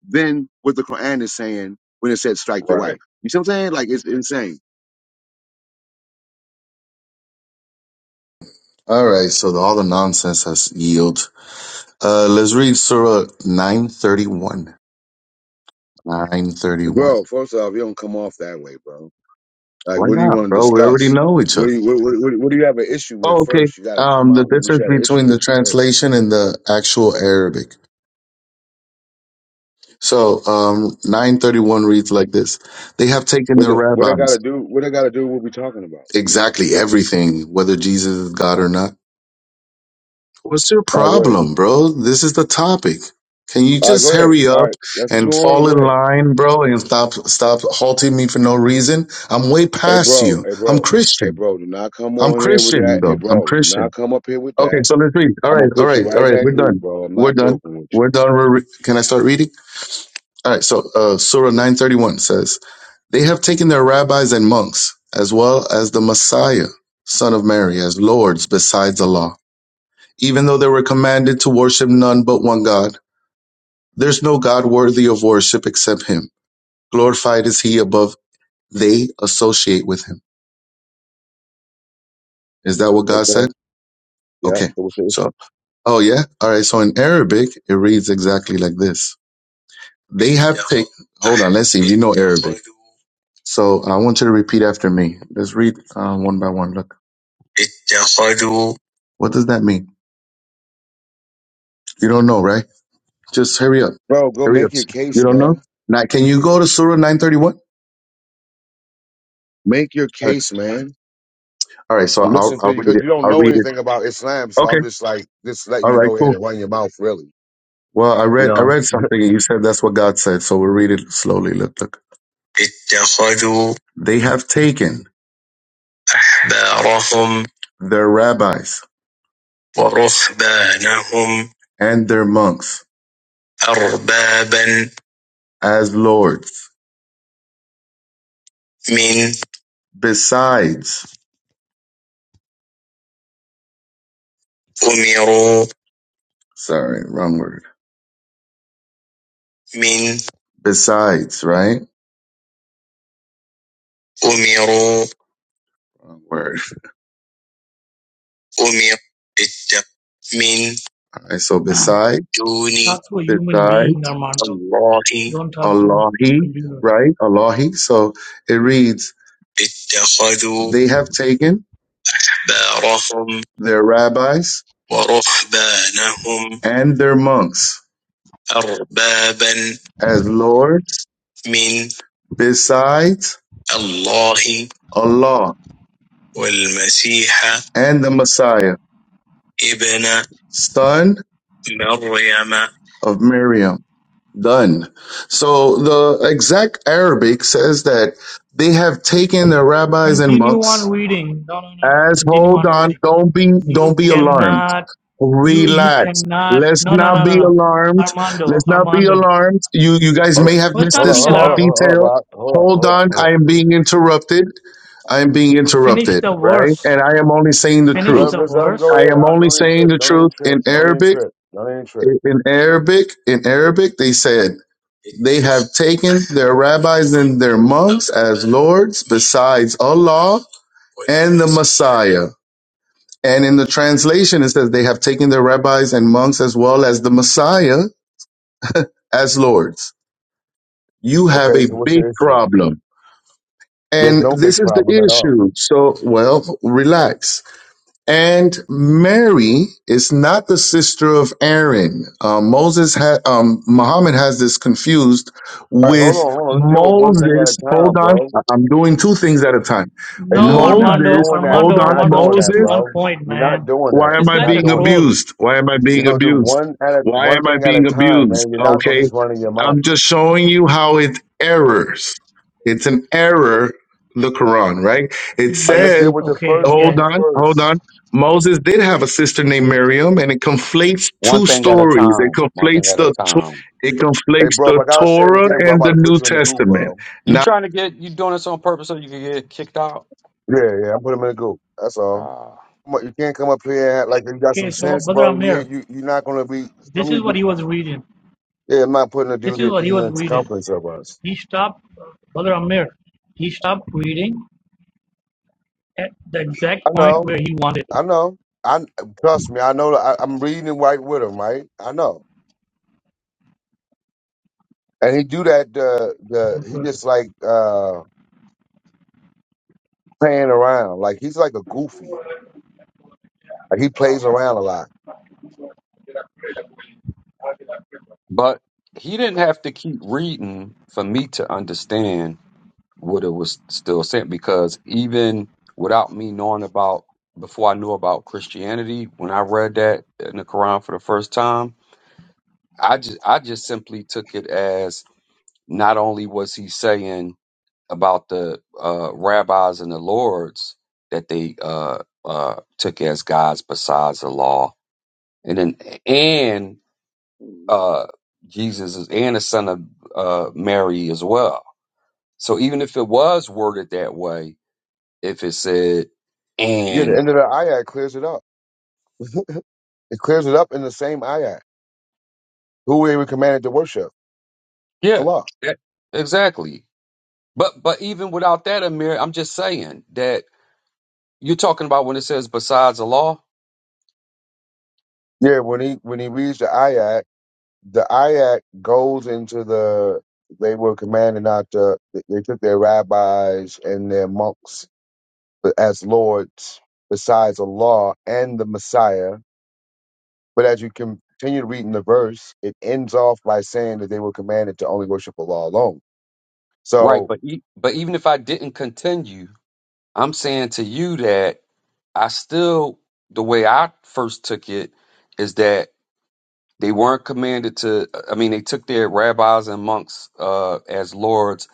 A: than what the Quran is saying when it said strike your
F: Right.
A: wife. You see what I'm saying? Like it's insane.
G: All right, so the, all the nonsense has yield. Uh, let's read Surah 931. 931.
A: Bro, first off, you don't come off that way, bro. Like,
G: Why
A: what do you
G: not,
A: want to
G: bro? We already
A: discuss?
G: know each
A: What
G: other.
A: do you what, what, what what do you have an issue
G: Oh,
A: with
G: okay.
A: first? You got to come
G: Um, the
A: out with what
G: difference
A: you had an issue
G: between the
A: with first.
G: translation and the actual Arabic. So, um, 931 reads like this. They have taken
A: What
G: their
A: the, what I got
G: rabbis
A: to do? What I got to do? What we talking about?
G: exactly everything, whether Jesus is God or not What's your
A: All right, go ahead.
G: problem, bro? This is the topic. Can you
A: All right,
G: just
A: go ahead.
G: hurry
A: All
G: up
A: right, that's what you
G: and
A: on.
G: fall
A: Go
G: in
A: ahead.
G: line, bro, and stop stop halting me for no reason? I'm way
A: Hey,
G: past
A: bro.
G: you.
A: Hey,
G: I'm
A: bro. Hey,
G: Christian.
A: bro. Do not come
G: I'm
A: on here with
G: Christian,
A: that. Hey,
G: though. I'm
A: bro. Do not
G: Christian.
A: come up here with
G: Okay,
A: that.
G: so let's read. All
A: I'm gonna
G: right, all
A: put
G: right,
A: you
G: all
A: right in
G: right.
A: that
G: We're
A: group,
G: done.
A: bro. I'm
G: We're
A: not
G: done.
A: joking with you.
G: We're done. We're re- Can I start reading? All right. So, uh, Surah 931 says, They have taken their rabbis and monks, as well as the Messiah, son of Mary, as lords besides Allah even though they were commanded to worship none but one God. There's no God worthy of worship except him. Glorified is he above they associate with him. Is that what God said?
A: Okay. Yeah.
G: Okay.
A: So what's the issue?
G: So, oh yeah. All right. So in Arabic, it reads exactly like this. They have taken, hold on. Let's see you know Arabic. So I want you to repeat after me. Let's read uh, one by one. Look. What does that mean? You don't know, right? Just hurry up.
A: Bro, go
G: Hurry up.
A: make your
G: You
A: case,
G: don't know?
A: bro.
G: Now, can you go to Surah 931?
A: Make your
G: All right.
A: case, man.
G: All right. So
A: I'm
G: I'll
A: listening to
G: I'll
A: you
G: read
A: because
G: it.
A: you don't
G: I'll
A: know
G: read it.
A: anything about Islam, so
G: Okay.
A: I'm just like just letting
G: All
A: you
G: right.
A: go ahead
G: Cool.
A: and run your mouth, really.
G: Well, I
A: You
G: read I
A: know?
G: read something, and you said that's what God said. So we'll read it slowly. Look, look. اتخذوا They have taken أحبارهم their rabbis ورهبانهم and their monks أربابا as lords من besides أمروا sorry wrong word من besides right أمروا wrong word Umia Bidda Min. Alright, so
H: Um,
G: beside Duni.
H: talk to a human
G: Beside
H: being, Armando.
G: Allahi.
H: Don't talk to
G: Allahi,
H: computer.
G: right? Allahi. So it reads اتخذوا They have taken أحبارهم their rabbis ورهبانهم and their monks أربابا as lords من besides Allah Allah والمسيح and the Messiah Ibn son Maryam. of Miriam. Done. So the exact Arabic says that they have taken the rabbis and
H: Continue on
G: monks
H: reading. No, no, no, no.
G: as
H: Continue
G: hold
H: on
G: on,
H: reading.
G: don't be don't
H: You
G: be alarmed.
H: cannot. You you
G: Relax.
H: cannot.
G: Let's
H: No, no,
G: not
H: no, no,
G: be
H: no.
G: alarmed.
H: Armando,
G: Let's not be
H: Armando.
G: alarmed. You you guys
A: Hold
G: may
A: up,
G: have
H: Well,
G: missed
A: hold
H: stop
A: up,
G: this
H: being
A: hold up,
G: small
A: hold up,
H: alarmed.
A: hold up,
G: detail.
A: Bob. hold up,
G: Hold
A: hold up,
G: on,
A: hold
G: I
A: up.
G: am being interrupted. I am being
H: Finish
G: interrupted,
H: the
G: right?
H: verse.
G: And I am only saying the
H: Finish
A: Let
G: truth.
A: him,
H: the
A: just let him go
H: verse.
G: I
A: ahead.
G: am
A: I
G: only
A: don't even
G: saying
A: trip.
G: the
A: Don't even
G: truth
A: trip.
G: in
A: Don't even
G: Arabic.
A: trip. Don't even trip.
G: In Arabic, in Arabic, they said they have taken their rabbis and their monks as lords besides Allah and the Messiah. And in the translation, it says they have taken their rabbis and monks as well as the Messiah as lords. You have
A: Okay,
G: a
A: so what's
G: big
A: the issue?
G: problem.
A: There's
G: And
A: no big
G: this is the
A: problem at all. All
G: issue. So, well, relax And Mary is not the sister of Aaron. Uh, Moses had, um, Muhammad has this confused
A: right, hold on,
G: with
A: hold on. Let's deal with one thing at a
G: Moses. Hold
A: time,
G: on.
A: bro.
G: I- I'm doing two things at a time.
A: Hey,
H: No,
A: no, you're not
H: Armando,
G: Moses,
A: doing that.
G: hold
H: Armando,
A: You're
G: on.
A: not
H: Armando.
A: doing
H: Stick
G: Moses.
A: that,
H: to one
A: bro.
H: point,
A: You're not
H: man.
A: doing
G: Why
A: that.
G: am
H: This
G: I
A: You're
H: guy's
A: not
H: a
G: being
A: doing that.
H: troll.
G: abused? Why am I
A: You're
G: being
A: gonna do
G: abused?
A: one at a
G: Why
A: one
G: am I
A: thing at a
G: being
A: time,
G: abused?
A: man. You're not gonna
G: Okay.
A: just run in your mouth.
G: I'm just showing you how it errors. It's an error, the Quran, right? It
A: All right, let's
G: says,
A: deal
H: Yes.
A: with the
H: Okay.
A: first
G: hold
H: Yes.
A: thing
G: on, hold
A: first.
G: on. Moses did have a sister named Miriam, and it conflates
F: One
G: two
F: thing at a
G: stories. It
F: time. One thing
G: conflates
F: at a
G: the to-
F: time.
G: it
A: Hey,
G: conflates
A: bro,
G: the
A: like I gotta say it
G: Torah
A: again, bro. I'm
G: and
A: about
G: the
A: to
G: New
A: put you in the group,
G: Testament.
A: bro.
F: You
G: Now,
F: trying to get you doing this on purpose so you can get kicked out?
A: Yeah, yeah, I'm putting him in the group. That's all.
F: Uh,
A: Come on, You can't come up here and act like you got
H: Okay.
A: some
H: So,
A: sense,
H: Brother
A: bro. You
H: Amir,
A: ain't you. You're not gonna be. Some
H: this
A: of you
H: is what
A: do.
H: he was reading.
A: Yeah, I'm not putting a
H: This
A: dude
H: is
A: in
H: what he
A: even
H: was
A: at the
H: reading.
A: circumference of us.
H: He stopped brother Amir. He stopped reading at the exact
A: I
H: point
A: know.
H: where he wanted.
A: I know. I trust me. I know. that I, I'm reading right with him, right? I know. And he do that. The
H: to.
A: the he
H: Okay,
A: just like uh playing around. Like he's like a goofy. Like he plays around a lot.
F: but he didn't have to keep reading for me to understand what it was still saying because even without me knowing about before I knew about Christianity, when I read that in the Quran for the first time, I just I just simply took it as not only was he saying about the uh, rabbis and the lords that they uh, uh, took as gods besides the law, and then and uh, Jesus is and the son of uh, Mary as well. So even if it was worded that way, if it said
A: Yeah, the
F: and
A: end of the ayat clears it up. It clears it up in the same ayat. Who were we commanded to worship?
F: yeah,
A: Allah.
F: that- exactly. But but even without that, Amir, I'm just saying that you're talking about when it says besides the law,
A: Yeah, when he when he reads the ayat, the ayat goes into the they were commanded not to they took their rabbis and their monks as lords besides Allah and the Messiah. But as you continue reading the verse, it ends off by saying that they were commanded to only worship Allah alone.
F: right?
A: So
F: But e- but even if I didn't continue I'm saying to you that I still, the way I first took it is that they weren't commanded to, I mean, they took their rabbis and monks uh, as lords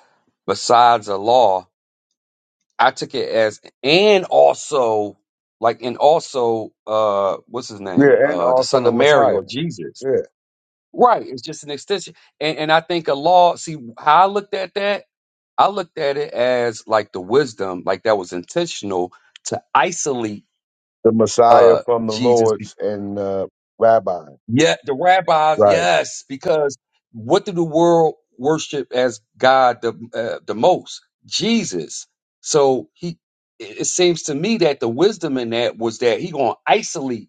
F: besides the law. I took it as, and also, like, and also, uh, what's his name?
A: yeah, and
F: Uh, the
A: also
F: son
A: the
F: of Mary
A: Messiah.
F: or Jesus.
A: Yeah.
F: Right. It's just an extension. And, and I think a law, see how I looked at that? I looked at it as like the wisdom, like that was intentional to isolate
A: the Messiah
F: uh
A: from the
F: Jesus. be-
A: Lord's and uh, Rabbi.
F: Yeah, the rabbis,
A: Right.
F: yes, because what did the world worship as God the uh, the most? Jesus. So he it it seems to me that the wisdom in that was that he going to isolate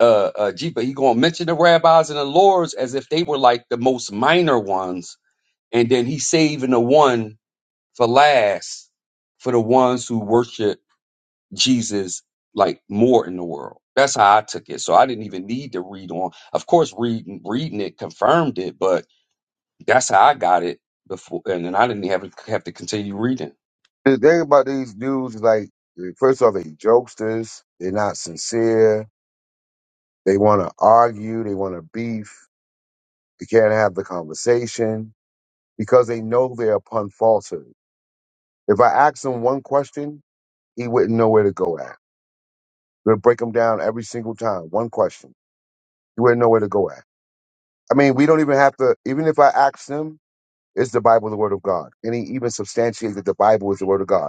F: uh, uh Jesus, he going to mention the rabbis and the lords as if they were like the most minor ones and then he saving the one for last for the ones who worship Jesus like more in the world. That's how I took it. So I didn't even need to read on. Of course, reading reading it confirmed it, but that's how I got it before, and then I didn't have have to continue reading.
A: The thing about these dudes is like, first off, they jokesters. They're not sincere. They want to argue. They want to beef. They can't have the conversation because they know they're upon falsehood. If I asked him one question, he wouldn't know where to go at. We'll break him down every single time. One question. He wouldn't know where to go at. I mean, we don't even have to, even if I asked him, is the Bible the Word of God? And he even substantiated that the Bible is the Word of God.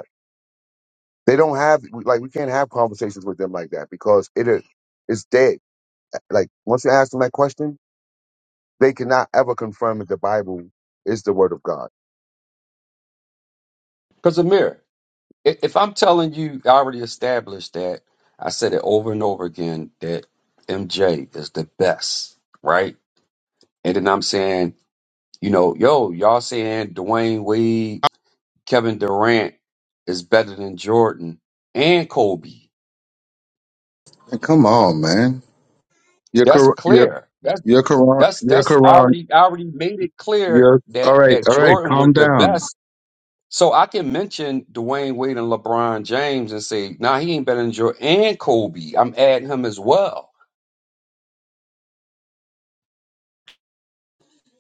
A: They don't have like we can't have conversations with them like that because it is it's dead. Like once you ask them that question, they cannot ever confirm that the Bible is the word of God.
F: Because Amir, i- if I'm telling you, I already established that I said it over and over again that MJ is the best, right? And then I'm saying, you know, yo, y'all saying Dwayne Wade, Kevin Durant is better than Jordan and Kobe.
G: come on, man. Your
F: That's
G: Quran, your,
F: clear. That's
G: your Quran,
F: that's
G: your
F: that's I
G: Quran
F: already I already made it clear
G: Your,
F: that
G: all right,
F: that
G: all right,
F: Jordan was
G: calm
F: the
G: down.
F: best. So I can mention Dwayne Wade and LeBron James and say, nah, he ain't better than Jordan and Kobe. I'm adding him as well.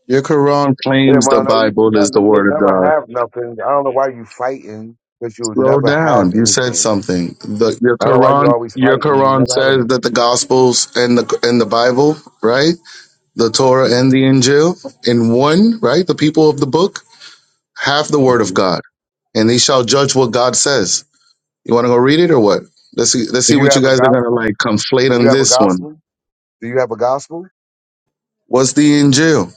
G: Your Quran
A: Yeah,
G: claims the
A: Mondo, you-
G: Bible is the
A: Mondo, you'll
G: word of
A: never
G: God.
A: have nothing. I don't know why you fighting because you'll
G: Slow
A: never have
G: down. You said
A: anything.
G: something. The, your
A: I don't know why you
G: Quran,
A: always
G: your
A: fighting. You
G: Quran
A: never have
G: says that the
A: anything.
G: Gospels and the and the Bible, right, the Torah and the Injil, in one, right, the people of the book have the word of
A: Mhm.
G: God, and they shall judge what God says. You want to go read it or what? Let's see. Let's
A: Do
G: see
A: you
G: what you
A: have a
G: guys are gonna
A: gospel?
G: like conflate
A: Do you
G: on
A: have a
G: this one.
A: gospel? Do you have a gospel?
G: What's the Injil?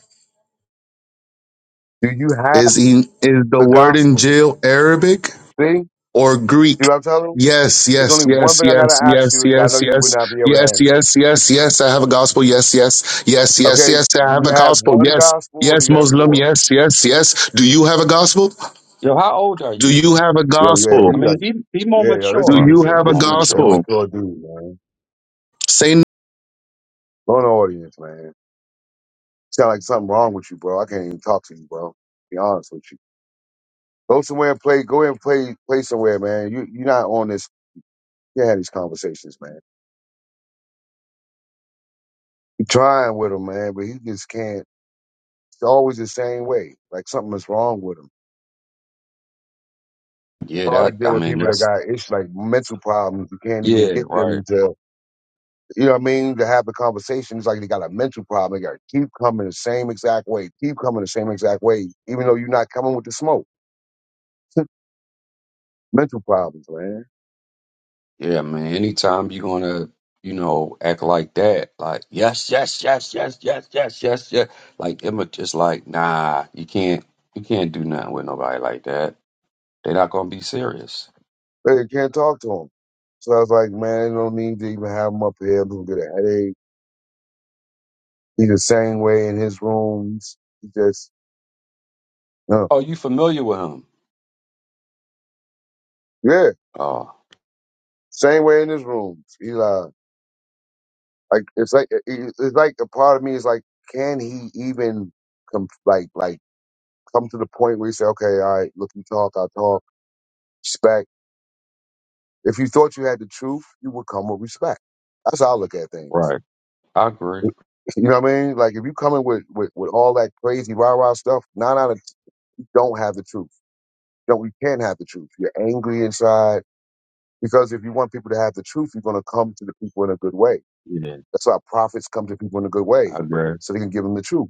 A: Do you have
G: Is in, is the
A: the
G: word
A: gospel?
G: Injil Arabic?
A: See, you
G: or Greek.
A: know what I'm telling? telling 'em?
G: Yes,
A: It's
G: yes,
A: only one
G: yes,
A: thing I gotta
G: yes,
A: ask
G: yes,
A: you that I know
G: yes,
A: you would
G: yes,
A: not be able to
G: yes,
A: answer.
G: yes, yes, yes. I have a gospel. Yes, yes, yes, yes,
A: Okay,
G: yes. I
A: do
G: have
A: you
G: a
A: have
G: gospel.
A: one
G: Yes,
A: gospel or do
G: yes,
A: you have
G: Muslim.
A: four?
G: Yes, yes, yes. Do you have a gospel?
F: Yo, how old are
G: Do
F: you?
G: you have a
A: Yo, yeah,
G: gospel?
F: I
A: you
F: mean,
A: like,
F: be be more
A: yeah, yo, this
G: Do
F: mature.
A: dude
G: you
A: is a,
F: Be
G: have a
A: this
F: more
A: dude is an
F: mature.
G: gospel?
A: immature dude, man.
G: Say,
A: Go in the audience, man. Sound like something wrong with you, bro. I can't even talk to you, bro. Be honest with you. Go somewhere and play. Go ahead and play. Play somewhere, man. You you're not on this. You can't have these conversations, man. you trying with him, man, but he just can't. It's always the same way. Like something is wrong with him.
F: Yeah,
A: hard to
F: that I
A: deal with
F: mean
A: people that
F: that's
A: got issues like mental problems. You can't even
F: yeah,
A: get
F: right.
A: them to. You know what I mean? To have the conversation, it's like they got a mental problem. They got to keep coming the same exact way, keep coming the same exact way, even though you're not coming with the smoke. Mental problems, man.
F: Yeah, man. Anytime you're gonna, you know, act like that, like yes, yes, yes, yes, yes, yes, yes, yes, like Emma, just like nah, you can't, you can't do nothing with nobody like that. They're not gonna be serious.
A: But you can't talk to them. So I was like, man, there's no need to even have him up here. People get a headache. He's the same way in his rooms. He just, no.
F: Oh, you familiar with him?
A: Yeah,
F: Oh,
A: same way in his rooms. He like, like it's like, it- it's like a part of me is like, can he even come, like, like come to the point where he say, okay, all right, look, you talk, I talk. respect. If you thought you had the truth, you would come with respect. That's how I look at things.
F: right. I agree.
A: You know what I mean? Like if you coming with, with, with all that crazy rah rah stuff, nine out of t- you don't have the truth. You don't you can't have the truth. You're angry inside because if you want people to have the truth, you're gonna come to the people in a good way.
F: Yeah,
A: That's why prophets come to people in a good
F: I
A: way,
F: agree.
A: so they can give them the truth.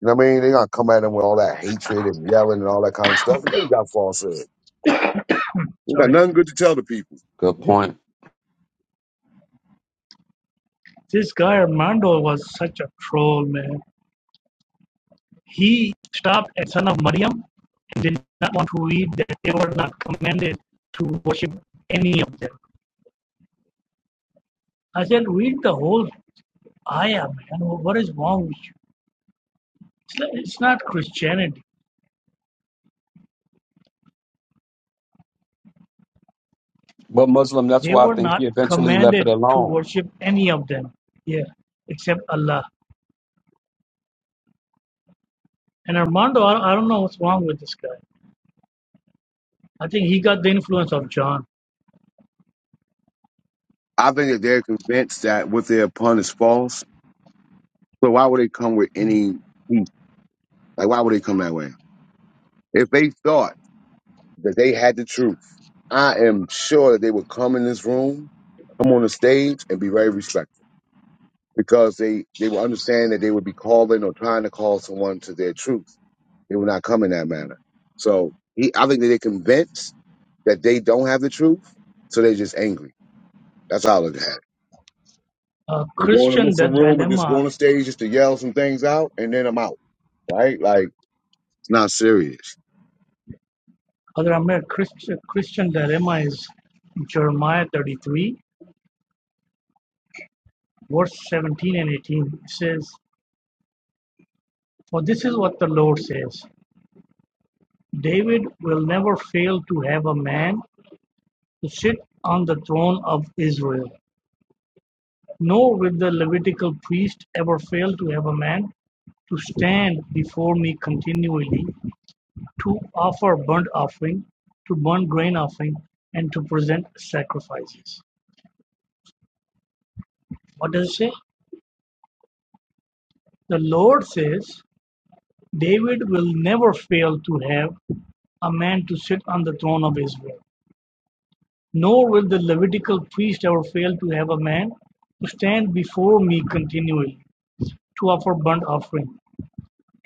A: You know what I mean? They're not come at them with all that hatred and yelling and all that kind of stuff. And they got falsehood. You got
H: Sorry.
A: nothing good to tell the people.
F: Good
H: Yeah.
F: point.
H: This guy Armando was such a troll, man. He stopped at Son of Maryam and did not want to read that they were not commanded to worship any of them. I said, read the whole ayah, man. What is wrong with you? It's not, it's not Christianity.
F: But Muslim, that's
H: They
F: why I
H: were
F: think he
H: not
F: eventually left it
H: commanded to
F: alone.
H: worship any of them. Yeah, except Allah. And Armando, I, I don't know what's wrong with this guy. I think he got the influence of John.
A: I think that they're convinced that what they're upon is false So why would they come with any heat? Like why would they come that way? If they thought that they had the truth, I am sure that they would come in this room, come on the stage, and be very respectful because they they would understand that they would be calling or trying to call someone to their truth. They will not come in that manner. So he, I think that they're convinced that they don't have the truth, so they're just angry. That's all it had.
H: Uh,
A: They go in the
H: Christian the
A: Muslim room and just go
H: dilemma,
A: on the stage just to yell some things out, and then I'm out. Right? Like it's not serious.
H: other American Christian, Christian dilemma is Jeremiah 33, verse 17 and 18. It says, For this is what the Lord says David will never fail to have a man to sit on the throne of Israel, nor will the Levitical priest ever fail to have a man to stand before me continually to offer burnt offering, to burn grain offering, and to present sacrifices. What does it say? The Lord says, David will never fail to have a man to sit on the throne of Israel. Nor will the Levitical priest ever fail to have a man to stand before me continually, to offer burnt offering,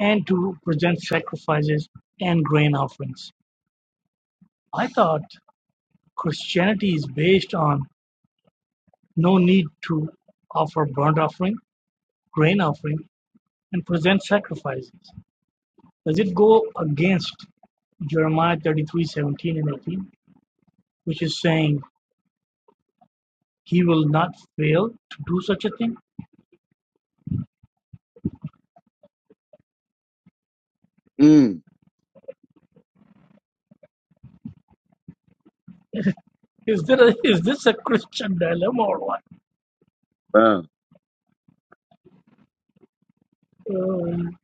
H: and to present sacrifices and grain offerings. I thought Christianity is based on no need to offer burnt offering, grain offering and present sacrifices. Does it go against Jeremiah 33 17 and 18, which is saying he will not fail to do such a thing?
A: Mm.
H: Is, there a, is this a Christian dilemma or what? Um,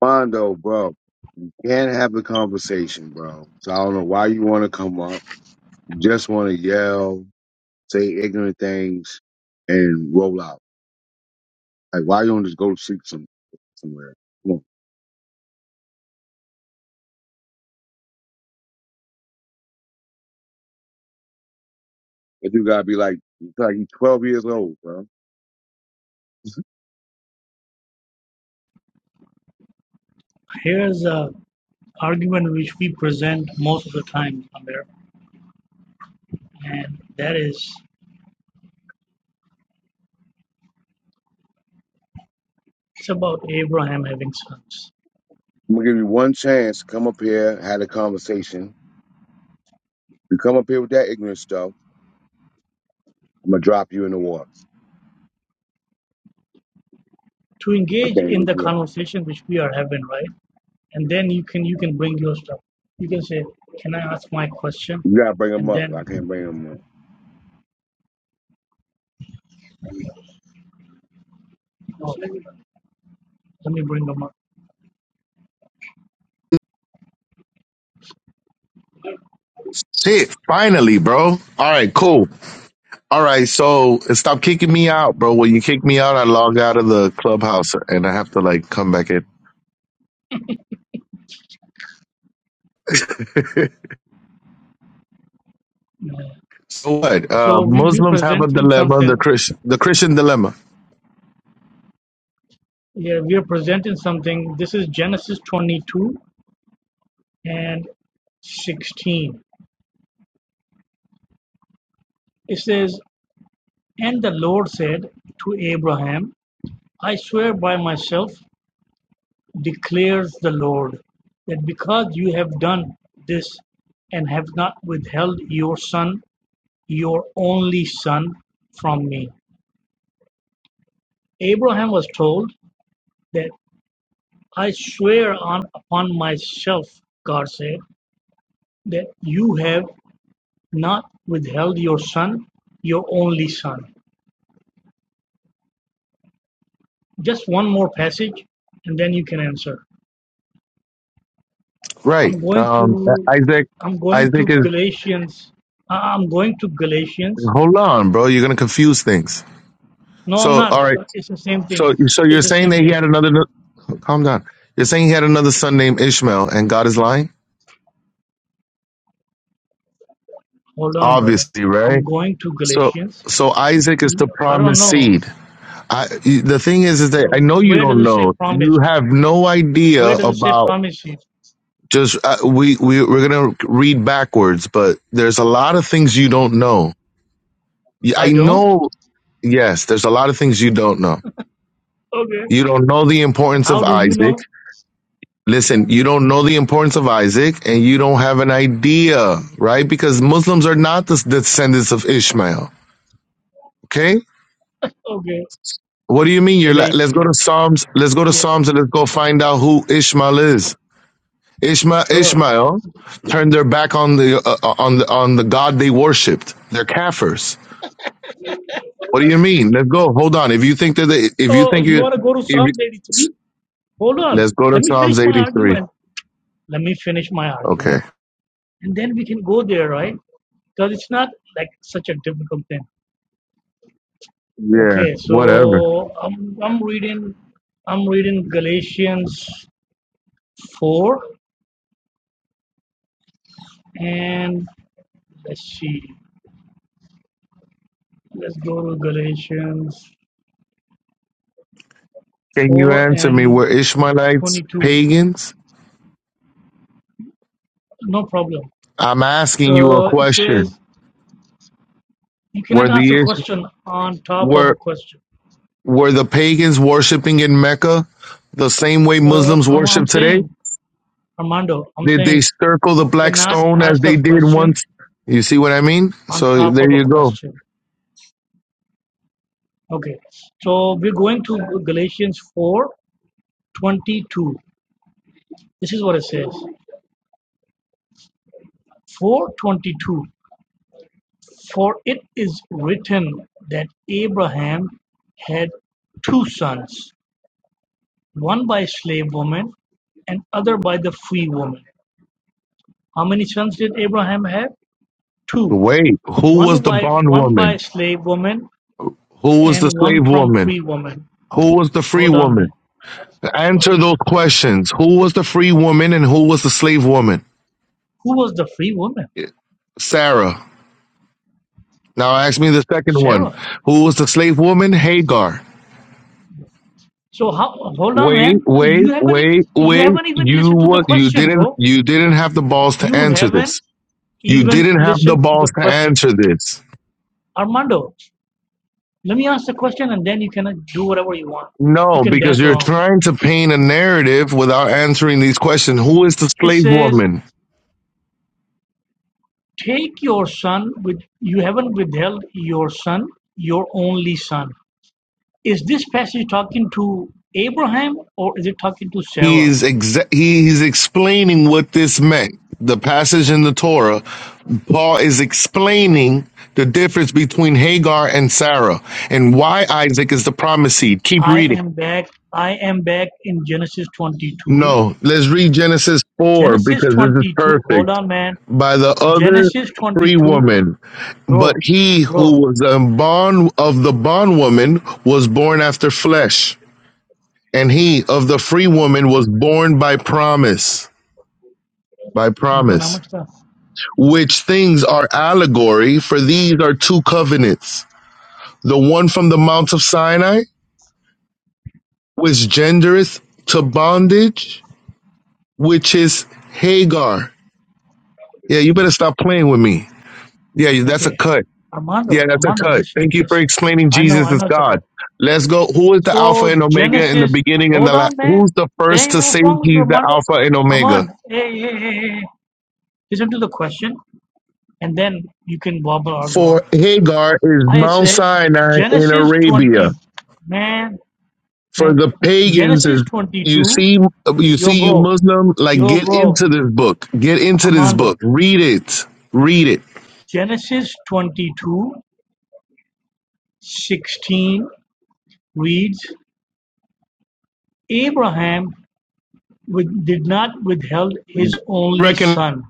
A: Mondo, bro, can't have a conversation, bro. So I don't know why you want to come up. You just want to yell, say ignorant things, and roll out. Like, why you don't just go to sleep some, somewhere? Come on. But you gotta be like, it's like you 12 years old, bro.
H: here's a argument which we present most of the time, Amir, and that is it's about Abraham having sons.
A: I'm gonna give you one chance. Come up here, had a conversation. You come up here with that ignorant stuff, I'm gonna drop you in the water.
H: To
A: I
H: engage
A: can't
H: in
A: get
H: the
A: you up.
H: conversation which we are having, right? and then you can you can bring your stuff. You can say, "Can I ask my question?"
A: You gotta bring them
H: And
A: up. I
H: then
A: can't bring them up.
H: oh, let me bring them up.
G: say it finally, bro. All right, cool. All right, so stop kicking me out, bro. When you kick me out, I log out of the clubhouse and I have to like come back in.
H: Uh,
G: So what?
H: So
G: Uh,
H: we we
G: Muslims have a
H: presenting
G: dilemma,
H: something.
G: the Chris, the Christian dilemma,
H: Yeah, we are presenting something. This is Genesis 22 and 16. It says, "And the Lord said to Abraham, I swear by myself, declares the Lord, that because you have done this and have not withheld your son." your only son from me. Abraham was told that I swear on upon myself, God said, that you have not withheld your son, your only son. Just one more passage and then you can answer.
G: right?
H: I'm going
G: Um,
H: to
G: Isaac,
H: I'm going to
G: Isaac is.
H: Galatians. I- am going to Galatians.
G: Hold on, bro. You're gonna confuse things.
H: No, I'm
G: So,
H: not.
G: all right.
H: Uh, It's the same thing.
G: So, so you're
H: It's the
G: saying
H: same
G: that he
H: thing.
G: had another. Calm down. You're saying he had another son named Ishmael, and God is lying.
H: Hold on, brother.
G: Obviously,
H: I'm
G: right?
H: going to
G: So,
H: Galatians.
G: so Isaac is the
H: I don't
G: promised
H: know.
G: seed. I, the thing is, is that
H: Uh,
G: I know you
H: Where does
G: don't
H: it say
G: know. You
H: promised?
G: have no idea
H: Where does it say
G: about
H: promises?
G: just uh, we we we're gonna read backwards, but there's a lot of things you don't know. Y- I
H: I don't.
G: know. Yes, there's a lot of things you don't know.
H: Okay.
G: You don't know the
H: And
G: importance
H: how
G: of
H: do you
G: Isaac.
H: know?
G: Listen, you don't know the importance of Isaac, and you don't have an idea, right? Because Muslims are not the descendants of Ishmael. Okay,
H: okay.
G: what do you mean? You're la- let's go to
H: Galatians.
G: Psalms. Let's go to Psalms and
H: TLS.
G: let's go find out who Ishmael is. Ishmael,
H: Sure.
G: Ishmael turned their back on the uh, uh, on the on the God they worshipped. They're kafirs. What do you mean? Let's go. Hold on. If you think that they, if you
H: Oh,
G: think
H: you
G: you,
H: want to go to
G: if you,
H: Psalm 83? Hold on.
G: let's go to
H: Let me finish
G: Psalms
H: my
G: 83.
H: argument. Let me finish my
G: Okay.
H: argument. And then we can go there, right? Because it's not like such a difficult thing.
G: Yeah.
H: Okay,
G: Whatever.
H: so I'm, I'm reading I'm reading Galatians 4 and let's see. Let's go to Galatians
G: Can you
H: 4
G: answer me?
H: and
G: Were Ishmaelites
H: 22.
G: pagans?
H: No problem.
G: I'm asking you a
H: Uh, it
G: question.
H: says, You
G: Were
H: cannot ask
G: the
H: a
G: Ish-
H: question on top of a
G: were
H: question.
G: were the pagans worshiping in Mecca the same way
H: Uh,
G: Muslims
H: I'm, I'm
G: worship today?
H: saying, Armando, I'm
G: Did they
H: saying,
G: circle the
H: you
G: black
H: cannot
G: stone as
H: ask a
G: they did
H: question
G: once? You see what I mean?
H: on
G: So
H: top
G: there
H: of a
G: you go.
H: question. Okay. So we're going to Galatians 4 22. This is what it says 4 22. For it is written that Abraham had two sons, one by a slave woman and other by the free woman. How many sons did Abraham have? Two.
G: Wait, who
H: One
G: was the
H: by one by
G: bondwoman?
H: a slave woman
G: Who was the
H: and
G: slave
H: one from
G: woman?
H: free woman.
G: Who was the free
H: Hold on,
G: woman?
H: man.
G: Answer those
H: Yes.
G: questions. Who was the free woman and who was the slave woman?
H: Who was the free woman?
G: Sarah. Now ask me the second one.
H: Sarah.
G: Who was the slave woman? Hagar.
H: So how? Hold on,
G: Wait,
H: man.
G: wait,
H: You haven't even
G: wait,
H: you
G: wait.
H: haven't even
G: You
H: listened to the
G: what you
H: question,
G: didn't
H: bro.
G: you didn't have the balls to
H: You
G: answer
H: haven't
G: this. You
H: even
G: didn't have the
H: listened to the
G: balls to
H: question,
G: answer this.
H: Armando. Let me ask the question and then you can do whatever you want. You
G: No,
H: can
G: because
H: dance
G: you're
H: around.
G: trying to paint a narrative without answering these questions. Who is the
H: It
G: slave
H: says,
G: woman?
H: Take your son with you haven't withheld your son, your only son. Is this passage talking to Abraham or is it talking to
G: He
H: Sarah?
G: is exa- he, he's explaining what this meant. The passage in the Torah Paul is explaining the difference between Hagar and Sarah and why Isaac is the promised seed. Keep
H: I
G: reading.
H: am back. I am back in Genesis 22.
G: No, let's read Genesis 4
H: Genesis
G: because this is
H: 22.
G: perfect.
H: Hold on, man.
G: By the other
H: Genesis
G: free
H: 22.
G: woman, but
H: Bro,
G: he
H: bro.
G: who was a bond of the bondwoman was born after flesh, and he of the free woman was born by promise. By
H: Nikan, how
G: promise,
H: much stuff?
G: which things are allegory, for these are two covenants The one from the Mount of Sinai, which gendereth to bondage, which is Hagar. Yeah, you better stop playing with me. Yeah, that's a
H: Okay.
G: cut. Yeah,
H: Armando,
G: that's a
H: Armando,
G: cut. Thank
H: listen,
G: you for
H: listen.
G: explaining
H: I know,
G: Jesus
H: I
G: is
H: know,
G: God.
H: Chakra.
G: Let's go. Who is the Alpha
H: So
G: and Omega in the
H: Genesis,
G: beginning and the
H: hold
G: last?
H: on, man.
G: Who's the first
H: Dang,
G: to
H: man,
G: say
H: what's wrong with you,
G: he's the
H: Armando?
G: Alpha and Omega?
H: Armand, hey, hey, hey, hey. hey. Listen to the question, and then you can wobble or go
G: For
H: on.
G: Hagar is
H: I
G: Mount
H: said
G: Sinai in
H: Genesis
G: Arabia.
H: 20, man,
G: for
H: man.
G: the pagans is
H: Genesis
G: you
H: 22,
G: see you
H: yo,
G: see you
H: bro,
G: muslim like
H: yo,
G: get
H: bro,
G: into this book get into this book
H: Armando.
G: read it read it
H: Genesis 22 16 reads, Abraham with, did not withheld his only
G: recognize
H: son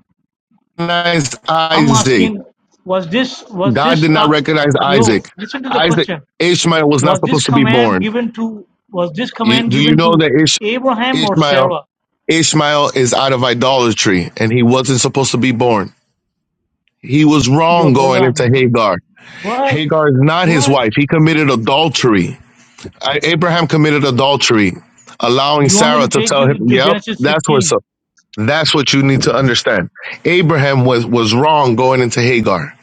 H: I'm
G: isaac
H: asking, was this was
G: god
H: this
G: did not
H: uh,
G: recognize
H: yo?
G: isaac
H: Listen to the
G: isaac
H: question.
G: ishmael was not
H: Was this
G: supposed to be
H: command
G: born
H: given to was this
G: you,
H: command
G: do you
H: given
G: know
H: to
G: that Ish,
H: Abraham or
G: ishmael
H: Sarah?
G: ishmael is out of idolatry and he wasn't supposed to be born he was
H: Yo,
G: wrong
H: hold
G: going
H: on,
G: into
H: man.
G: hagar
H: What?
G: hagar is not his
H: What?
G: wife he committed adultery I, Abraham committed adultery, allowing
H: You want me
G: Sarah
H: to
G: to
H: take
G: tell
H: you
G: him,
H: to
G: "Yep,
H: Genesis
G: that's where."
H: 15?
G: So that's what you need to understand. Abraham was was wrong going into Hagar.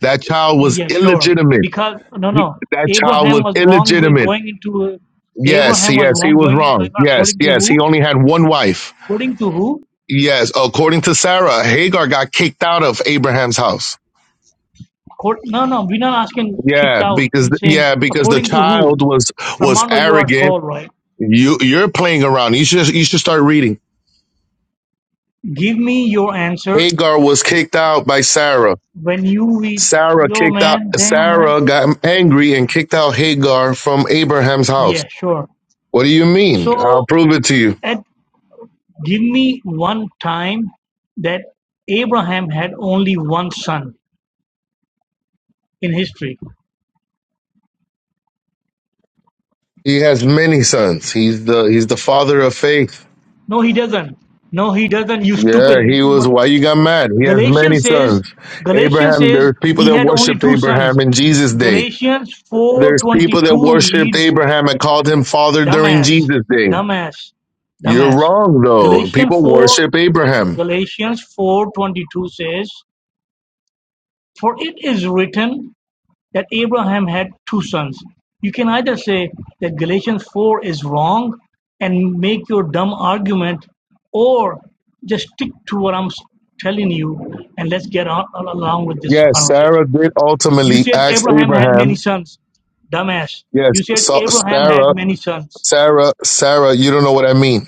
G: That child was
H: Yeah, sure.
G: illegitimate.
H: Because no,
G: He-
H: no.
G: that child was
H: Abraham was wrong with
G: illegitimate.
H: going into
G: Yes,
H: Abraham was
G: yes, he
H: wrong
G: was
H: going into
G: wrong. Yes,
H: according to
G: yes, he
H: who?
G: only had one wife.
H: According to who?
G: Yes, according to Sarah, Hagar got kicked out of Abraham's house.
H: According, no, no. We're not asking kicked
G: Yeah,
H: out.
G: because
H: We're saying
G: yeah, because the
H: according to who?
G: child was was
H: Armando, you are
G: arrogant.
H: troll, right?
G: You you're playing around. You should you should start reading.
H: Give me your answer
G: Hagar was kicked out by Sarah.
H: when you read.
G: Sarah
H: yo
G: kicked out
H: man, damn man.
G: Sarah got angry and kicked out Hagar from Abraham's house.
H: Yeah, sure.
G: What do you mean?
H: So
G: I'll prove it to you.
H: at give me one time that Abraham had only one son in history.
G: He has many sons. He's the he's the father of faith.
H: No, he doesn't. No, he doesn't. You
G: Yeah,
H: stupid.
G: he was
H: But
G: why you got mad? He has many
H: Galatians says
G: sons.
H: Galatians
G: Abraham,
H: says
G: there's people
H: he
G: that
H: had only
G: worshiped
H: two
G: Abraham
H: sons.
G: in Jesus' day.
H: Galatians
G: There's people that
H: 4:22
G: worshiped
H: reads
G: Abraham and called him father during
H: dumbass,
G: Jesus' day.
H: dumbass,
G: You're
H: dumbass.
G: wrong though.
H: Galatians
G: People
H: 4,
G: worship Abraham.
H: Galatians 4.22 says, For it is written that Abraham had two sons. You can either say that Galatians 4 is wrong and make your dumb argument, or just stick to what I'm telling you and let's get on, on- along with this
G: Yes,
H: conversation.
G: Sarah did
H: You
G: ultimately
H: said
G: ask
H: Abraham had many
G: Abraham.
H: sons. Dumbass.
G: Yes,
H: You said
G: so
H: Abraham had
G: Sarah,
H: many sons.
G: Sarah, Sarah, you don't know what I mean.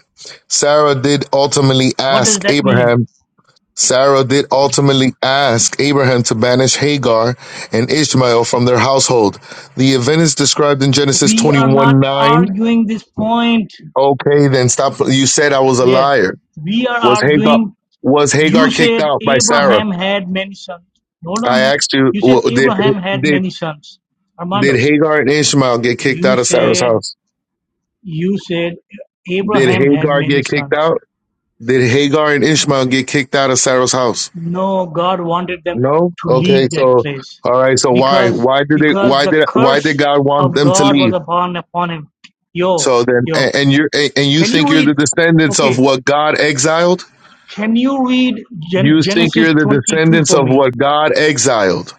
G: Sarah did ultimately
H: What does
G: ask
H: that mean?
G: Abraham. Sarah did ultimately ask Abraham to banish Hagar and Ishmael from their household. The event is described in Genesis
H: We are not
G: 21 9.
H: arguing this point.
G: Okay, then stop. You said I was a
H: Yes,
G: liar.
H: we are
G: Was Hagar,
H: arguing.
G: was Hagar
H: You
G: kicked
H: said
G: out by Sarah?
H: Abraham had many sons. Hold
G: I
H: on, man.
G: asked you,
H: You said
G: w- did,
H: Abraham had
G: did,
H: many sons.
G: did
H: Armando,
G: Hagar and Ishmael get kicked
H: you
G: out of Sarah's
H: said
G: house?
H: you said
G: Did
H: Abraham had
G: Hagar
H: many
G: get kicked
H: sons.
G: out? Did Hagar and Ishmael get kicked out of Sarah's house?
H: No, God wanted them
G: No.
H: to
G: Okay,
H: leave that
G: so
H: place
G: all right, so why
H: because
G: why did it
H: because
G: why
H: the
G: did why did
H: curse
G: God want
H: of
G: them to
H: God
G: leave?
H: was upon upon him. Yo,
G: So then
H: yo,
G: and, and you're and and you
H: can
G: think
H: you
G: you're
H: read?
G: the descendants of
H: Okay,
G: what God exiled?
H: Can you read Gen-
G: You think
H: Genesis
G: you're the
H: 22
G: descendants
H: for
G: of
H: me?
G: what God exiled?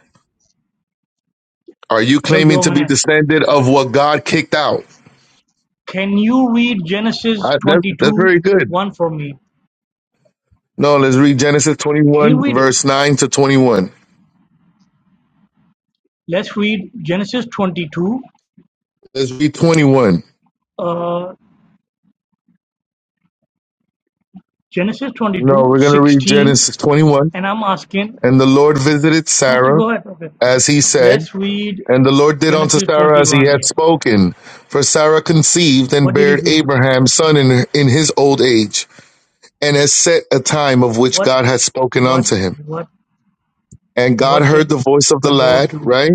G: Are you
H: Yo,
G: claiming
H: yo,
G: to be
H: man.
G: descended of what God kicked out?
H: Can you read Genesis
G: I, that's that's
H: 22
G: very good.
H: 1 for me?
G: No, let's read Genesis
H: Can you
G: 21
H: read it?
G: verse 9 to 21.
H: Let's read Genesis 22,
G: Let's read 21.
H: uh, Genesis
G: No,
H: 22
G: we're going to read
H: 16.
G: Genesis 21.
H: And I'm asking,
G: And the Lord visited
H: okay,
G: Sarah
H: go ahead. Okay.
G: as he said,
H: Let's read
G: and the Lord did unto
H: Genesis
G: Sarah as he
H: 21
G: had
H: here.
G: spoken. For Sarah conceived and
H: What did he
G: bare
H: do?
G: Abraham son in, in his old age, and has set a time of which
H: What,
G: God had spoken
H: what,
G: unto him.
H: what,
G: And God
H: what
G: heard
H: did
G: the voice of the
H: the Lord
G: lad,
H: do?
G: right?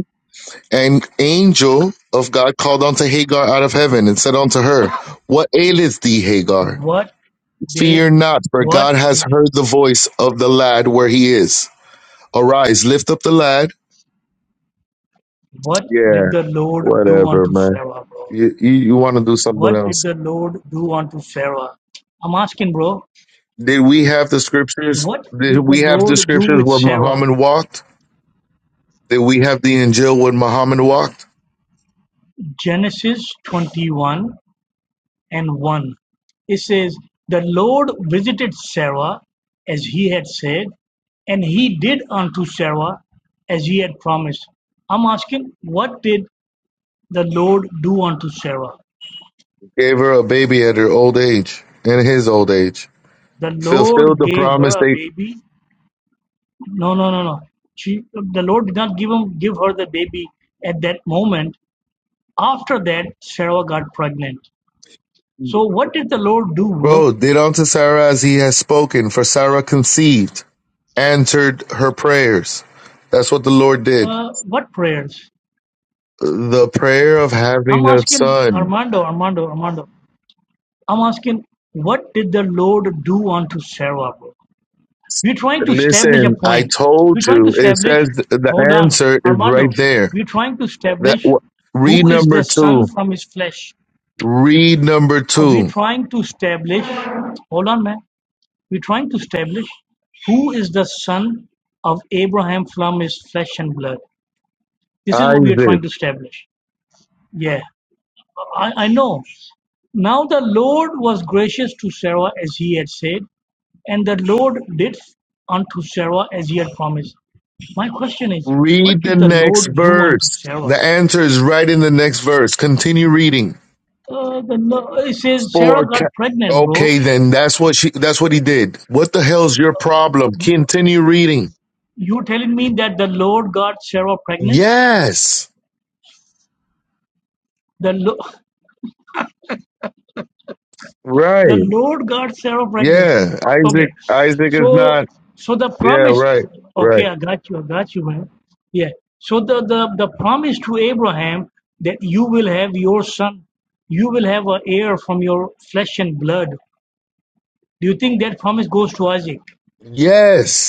G: And angel of God called unto Hagar out of heaven and said unto her, What aileth thee, Hagar?
H: What did,
G: Fear not, for
H: what
G: God has
H: did
G: heard the voice of the lad where he is Arise, lift up the lad.
H: What did
G: Yeah,
H: the Lord do
G: whatever,
H: unto
G: man.
H: Sarah, bro?
G: You you, you want to do something
H: What did
G: else?
H: the Lord do unto Sarah? I'm asking, bro,
G: Did we have the scriptures?
H: what
G: Did
H: did the
G: we have the
H: Lord do
G: scriptures
H: with
G: where
H: Sarah?
G: Muhammad walked? Did we have the Injil when Muhammad walked?
H: Genesis 21 and 1. It says, The Lord visited Sarah as he had said, and he did unto Sarah as he had promised. I'm asking, what did the Lord do unto Sarah?
G: Gave her a baby at her old age, in his old age.
H: The Lord
G: Fulfilled the
H: gave her
G: promise
H: a
G: they,
H: baby No, no, no, no. She, the Lord did not give him, give her the baby at that moment. After that, Sarah got pregnant. So what did the Lord do, bro?
G: bro, did unto Sarah as he has spoken, for Sarah conceived, answered her prayers. That's what the Lord did.
H: Uh, what prayers?
G: The prayer of
H: I'm
G: having a
H: asking
G: son.
H: Armando, Armando, Armando. I'm asking, what did the Lord do unto Sarah, bro? We're trying to establish a
G: Listen, I
H: point. We're
G: told
H: trying to
G: you. It says
H: establish.
G: th- the
H: Hold on,
G: answer is right
H: Armando.
G: there.
H: We're trying to
G: That
H: establish
G: w- read
H: who is
G: number
H: the son
G: two.
H: from his flesh.
G: Read number
H: Uh, we're
G: two.
H: trying to establish, hold on, man. We're trying to establish who is the son of Abraham from his flesh and blood. This is what we are
G: Isaac.
H: trying to establish. Yeah, I, I know. Now the Lord was gracious to Sarah as he had said, and the Lord did unto Sarah as he had promised. My question is, what
G: Read the
H: did the
G: next
H: Lord do unto
G: verse.
H: Sarah?
G: The answer is right in the next verse. Continue reading.
H: Uh, the, Lo- it says Sarah
G: For
H: got
G: ca-
H: pregnant, bro.
G: okay, then that's what she. That's what he did. What the hell's your problem? Continue reading.
H: You telling me that the Lord got Sarah pregnant?
G: Yes.
H: The Lo- the
G: Right.
H: Lord got Sarah pregnant.
G: Yeah. Isaac.
H: Okay,
G: Isaac is not.
H: so so the
G: Yeah.
H: promise.
G: Right. Right.
H: Okay, I got you. I got you, man. Yeah. So the the the promise to Abraham that you will have your son, you will have an heir from your flesh and blood. Do you think that promise goes to Isaac?
G: Yes.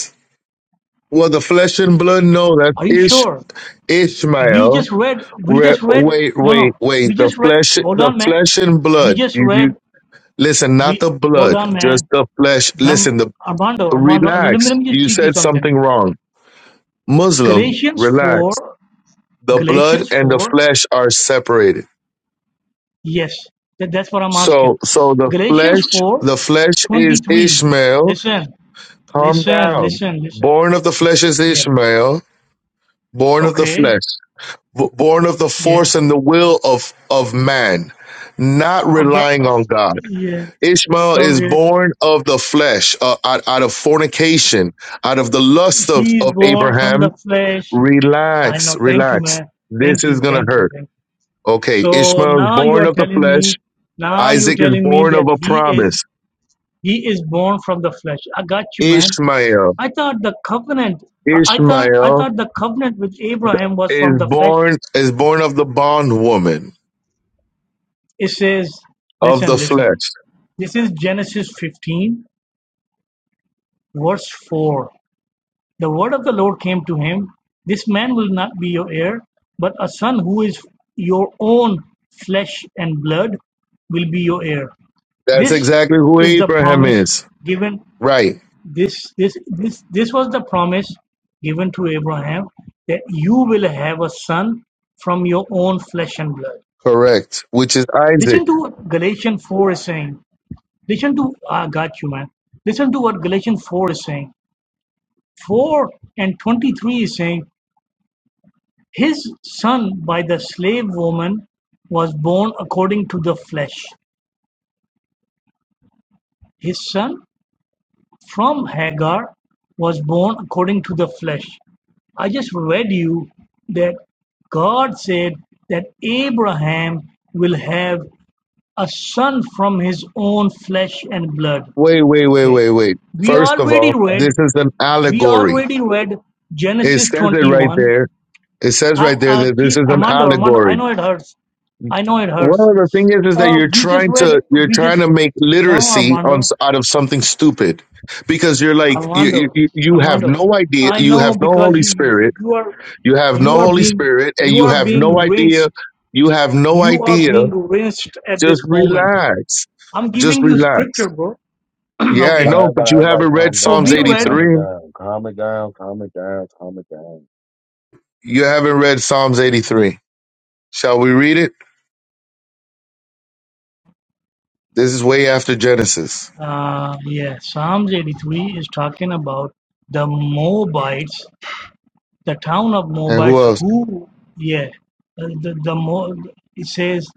G: Well, the flesh and blood, no, that's
H: Are you
G: Ish,
H: sure? We
G: Ishmael.
H: just read. We
G: Re-
H: just read.
G: wait,
H: No, no.
G: wait, wait.
H: We
G: The
H: just read.
G: flesh,
H: Hold
G: the
H: on, man.
G: flesh and
H: We
G: blood.
H: just
G: You, you
H: read.
G: listen, not
H: We
G: the
H: hold
G: blood,
H: on,
G: just
H: man.
G: the flesh.
H: Dam,
G: Listen, the
H: Armando, Armando, let me,
G: relax.
H: let me just
G: You
H: teach you
G: said
H: something.
G: something wrong. Muslim,
H: Galatians 4,
G: relax. The blood
H: Galatians
G: and the
H: 4,
G: flesh are separated.
H: yes, that, that's what I'm asking.
G: So, so the
H: Galatians
G: flesh,
H: 4,
G: the flesh is
H: 23.
G: Ishmael.
H: Listen,
G: Calm
H: listen,
G: down.
H: listen, listen.
G: Born of the flesh is
H: Yeah,
G: Ishmael. Born of the
H: okay,
G: flesh. b- born of the
H: yeah.
G: force and the will of of man not
H: Of the,
G: relying on god
H: yeah,
G: ishmael is
H: okay.
G: born of the flesh uh, out, out of fornication out of the lust of,
H: He's
G: of
H: born from the
G: abraham
H: flesh. I
G: relax
H: know. Thank you,
G: relax
H: man.
G: this
H: Thank
G: is
H: you,
G: gonna
H: thank you,
G: hurt
H: thank you.
G: okay
H: So
G: ishmael is
H: now you
G: born
H: are
G: of the
H: telling
G: flesh
H: me, now you're
G: isaac is
H: telling me
G: born of
H: that
G: a
H: he is
G: promise
H: He is born from the flesh. I got you, man.
G: ishmael
H: I thought the covenant. I I thought I
G: ishmael
H: thought the covenant with Abraham was
G: is
H: from the flesh.
G: born is born of the bondwoman
H: It says,
G: of
H: listen,
G: the
H: listen.
G: flesh
H: This is Genesis 15, verse 4. The word of the Lord came to him This man will not be your heir, but a son who is your own flesh and blood will be your heir.
G: that's
H: This
G: exactly who
H: is the
G: abraham
H: promise
G: is
H: given
G: right
H: This, this, this, this was the promise given to Abraham that you will have a son from your own flesh and blood.
G: Correct. Which is Isaac.
H: Listen to what Galatians 4 is saying. Listen to, I ah, got you, man. Listen to what Galatians 4 is saying. 4 and 23 is saying, His son by the slave woman was born according to the flesh. His son From Hagar was born according to the flesh. I just read you that God said that Abraham will have a son from his own flesh and blood.
G: Wait, wait, wait,
H: Okay.
G: wait, wait.
H: We
G: First of
H: already
G: all, this
H: read,
G: is an
H: we
G: allegory.
H: already read
G: It
H: Genesis
G: says it right
H: 21.
G: there. It says
H: Uh,
G: right there
H: uh,
G: that this is an
H: Armando, Armando, I
G: allegory.
H: know it hurts. I know it
G: One
H: hurts.
G: of the thing is, is that
H: Uh,
G: you're
H: we just
G: trying
H: read,
G: to you're
H: we
G: trying
H: just,
G: to make
H: no,
G: literacy on
H: Armando.
G: s- out of something stupid because you're like you, you
H: Armando,
G: you you have
H: Armando,
G: no idea
H: I
G: you
H: know
G: have no
H: because
G: Holy
H: you
G: Spirit
H: you are
G: you have
H: you
G: no
H: are
G: Holy
H: being
G: Spirit and
H: you
G: you
H: are
G: have
H: being
G: no idea
H: rinsed.
G: you have no
H: You are
G: idea
H: being rinsed at
G: just
H: this moment.
G: relax
H: I'm
G: just
H: giving you
G: relax
H: scripture, bro.
G: Yeah, I
A: All
H: okay.
A: right,
G: know, but
A: everybody,
G: you
A: everybody
G: haven't read
A: calm
H: So
A: down.
G: Psalms
H: we
A: Everybody calm
H: read
A: it
G: 83.
A: down. Calm it down. Calm it down. Calm it down.
G: You haven't read Psalms 83. Shall we read it? This is way after Genesis.
H: uh yeah, Psalms 83 is talking about the Moabites, the town of
G: And who
H: Moabites
G: else?
H: who yeah, uh, the the Mo, it says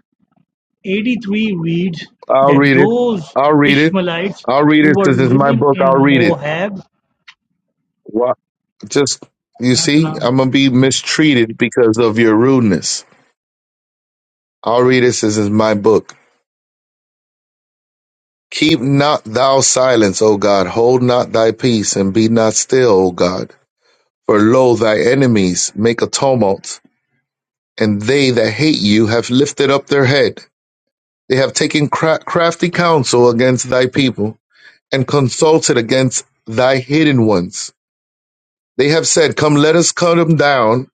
H: Eighty-three reads
G: I'll
H: that
G: read it.
H: those
G: I'll read it.
H: Ishmaelites
G: I'll read
H: who
G: it
H: were
G: because it's my
H: living
G: book.
H: in
G: I'll read it.
H: Moab,
G: What? Just, you see,
H: the
G: I'm going to be mistreated because of your rudeness. I'll read it since it's my book. Keep not thou silence, O God. Hold not thy peace and be not still, O God. For lo, thy enemies make a tumult and they that hate you have lifted up their head. They have taken cra- crafty counsel against thy people, and consulted against thy hidden ones. They have said, Come, let us cut them down,